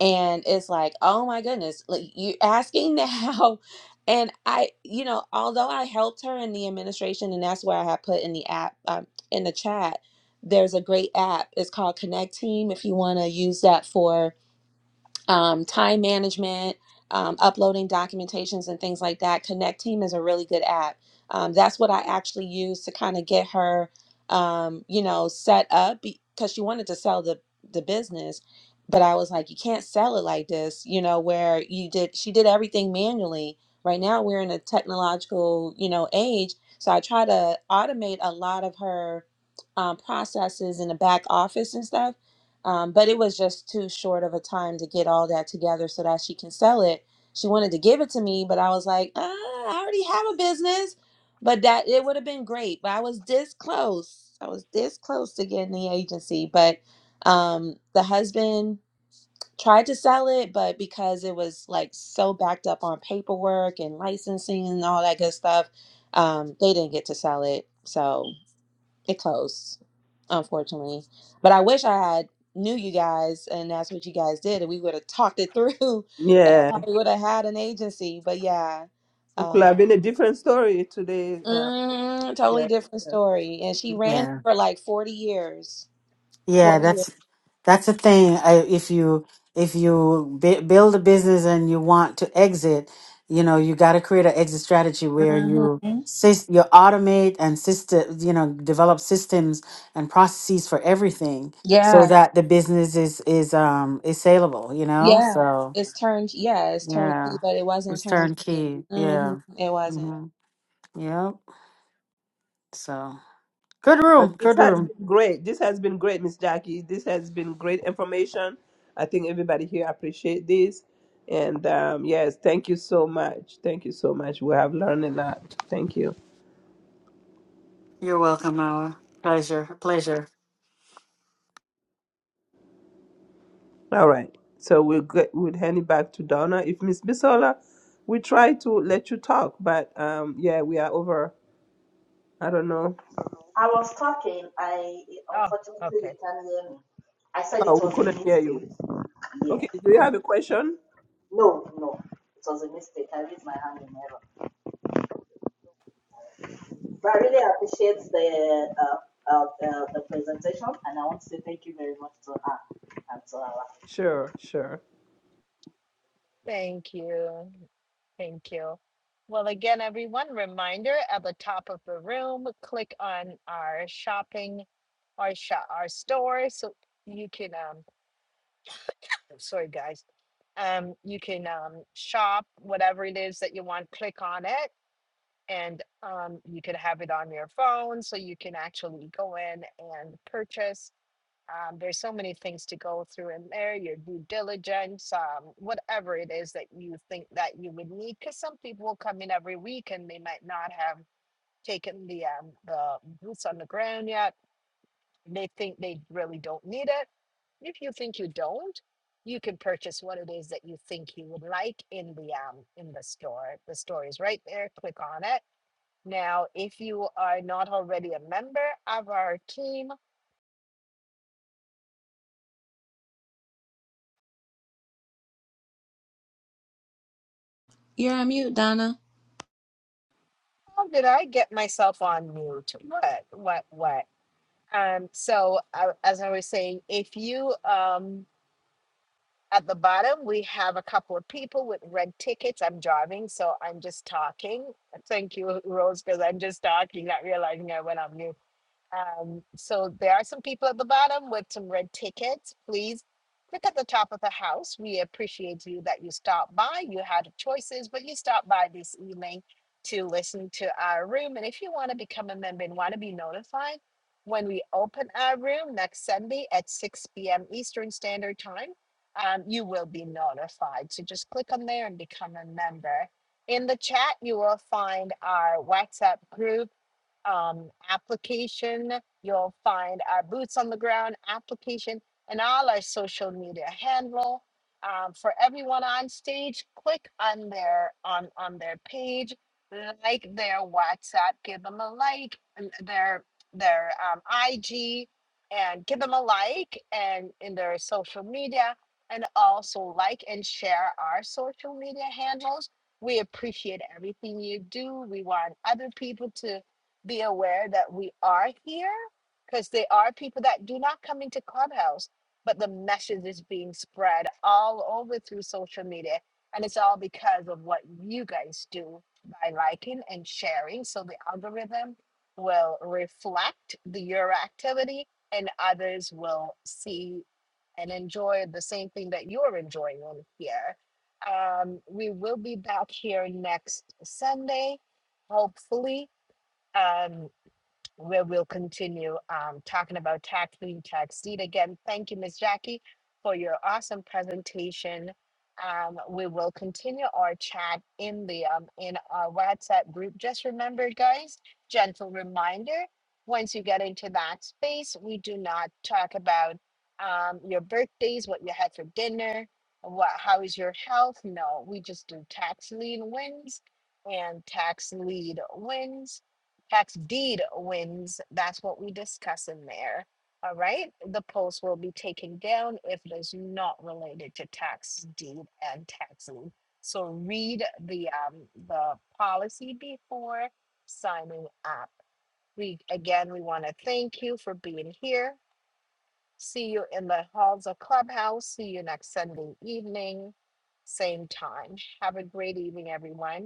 S5: and it's like oh my goodness, like you asking now. <laughs> And I, you know, although I helped her in the administration, and that's where I have put in the app, um, in the chat, there's a great app. It's called Connect Team. If you want to use that for um, time management, um, uploading documentations and things like that. Connect Team is a really good app. Um, that's what I actually used to kind of get her, um, you know, set up because she wanted to sell the the business, but I was like, you can't sell it like this, you know, where you did she did everything manually. Right now we're in a technological, you know, age, so I try to automate a lot of her um, processes in the back office and stuff um, but it was just too short of a time to get all that together so that she can sell it. She wanted to give it to me, but I was like, uh, I already have a business, but that it would have been great. But I was this close. I was this close to getting the agency, but um, the husband tried to sell it, but because it was like so backed up on paperwork and licensing and all that good stuff, um, they didn't get to sell it. So it closed, unfortunately. But I wish I had knew you guys, and that's what you guys did, and we would have talked it through, <laughs> and I probably would have had an agency. But yeah,
S1: It could
S5: um,
S1: have been a different story today. Um,
S5: mm, totally
S1: yeah.
S5: different
S1: yeah.
S5: story. And she
S1: Mhm.
S5: ran
S4: Yeah.
S5: for like forty years. Forty
S4: Yeah.
S5: years.
S4: That's the thing. I, if you if you b- build a business and you want to exit, you know you got to create an exit strategy where you
S5: hmm
S4: sys- you automate and system you know develop systems and processes for everything so
S5: Yeah,
S4: that the business is is um is saleable. You know,
S5: yeah.
S4: so
S5: It's turned. Yeah, it's turnkey,
S4: yeah,
S5: but it wasn't
S4: it's
S5: turnkey.
S4: turnkey.
S5: hmm
S4: Yeah,
S5: It wasn't.
S4: hmm yep. So good
S1: But
S4: room,
S1: this
S4: good
S1: has
S4: room.
S1: been great. This has been great, Miss Jackie. This has been great information. I think everybody here appreciate this. And um, yes, thank you so much. Thank you so much. We have learned a lot. Thank you.
S4: You're welcome, Noah. Pleasure, pleasure.
S1: All right. So we'll get, we'll hand it back to Donna. If Miss Bisola, we try to let you talk, but um, yeah, we are over. I don't know.
S21: I was talking. I
S2: Oh,
S21: unfortunately
S2: okay.
S21: they can't hear me. I said
S1: Oh,
S21: it
S1: we
S21: was a
S1: couldn't hear you.
S21: mistake. Yeah.
S1: Okay. Do you have a question?
S21: No, no, it was a mistake. I raised my hand in error. But I really appreciate the uh, uh, uh, the presentation, and I want to say thank you very much to her and to her.
S1: Sure. Sure.
S2: Thank you. Thank you. Well, again, everyone, reminder at the top of the room, click on our shopping, our shop, our store, so you can. Um, sorry, guys. Um, you can um, shop whatever it is that you want. Click on it, and um, you can have it on your phone so you can actually go in and purchase um, there's so many things to go through in there your due diligence um, whatever it is that you think that you would need because some people will come in every week and they might not have taken the um, the boots on the ground yet they think they really don't need it if you think you don't you can purchase what it is that you think you would like in the um in the store the store is right there click on it now, if you are not already a member of our team,
S5: You're on mute, Donna.
S2: how did I get myself on mute? What, what, what? Um, so, uh, as I was saying, if you, um, at the bottom, we have a couple of people with red tickets. I'm driving, so I'm just talking. Thank you, Rose, because I'm just talking, not realizing I went on mute. Um, so there are some people at the bottom with some red tickets. Please click at the top of the house. We appreciate you that you stopped by. You had choices, but you stopped by this evening to listen to our room. And if you want to become a member and want to be notified when we open our room next Sunday at 6 p.m. Eastern Standard Time, um, you will be notified. So just click on there and become a member. In the chat, you will find our WhatsApp group um, application. You'll find our Boots on the Ground application and all our social media handle. Um, for everyone on stage, click on their on on their page, like their WhatsApp, give them a like, and their their um, IG, and give them a like, and in their social media, and also like and share our social media handles. We appreciate everything you do. We want other people to be aware that we are here because there are people that do not come into Clubhouse, but the message is being spread all over through social media. And it's all because of what you guys do by liking and sharing. So the algorithm will reflect the your activity and others will see and enjoy the same thing that you're enjoying on here. Um, we will be back here next Sunday, hopefully. Um, where we'll continue um, talking about tax lien, tax deed. Again, thank you, Miss Jackie, for your awesome presentation. Um, we will continue our chat in the um, in our WhatsApp group. Just remember, guys, gentle reminder: once you get into that space, we do not talk about um, your birthdays, what you had for dinner, what how is your health. No, we just do tax lien wins and tax lead wins tax deed wins. That's what we discuss in there. All right, the post will be taken down if it is not related to tax deed and tax lien. So read the um the policy before signing up. We again we want to thank you for being here. See you in the halls of Clubhouse. See you next Sunday evening, same time. Have a great evening, everyone.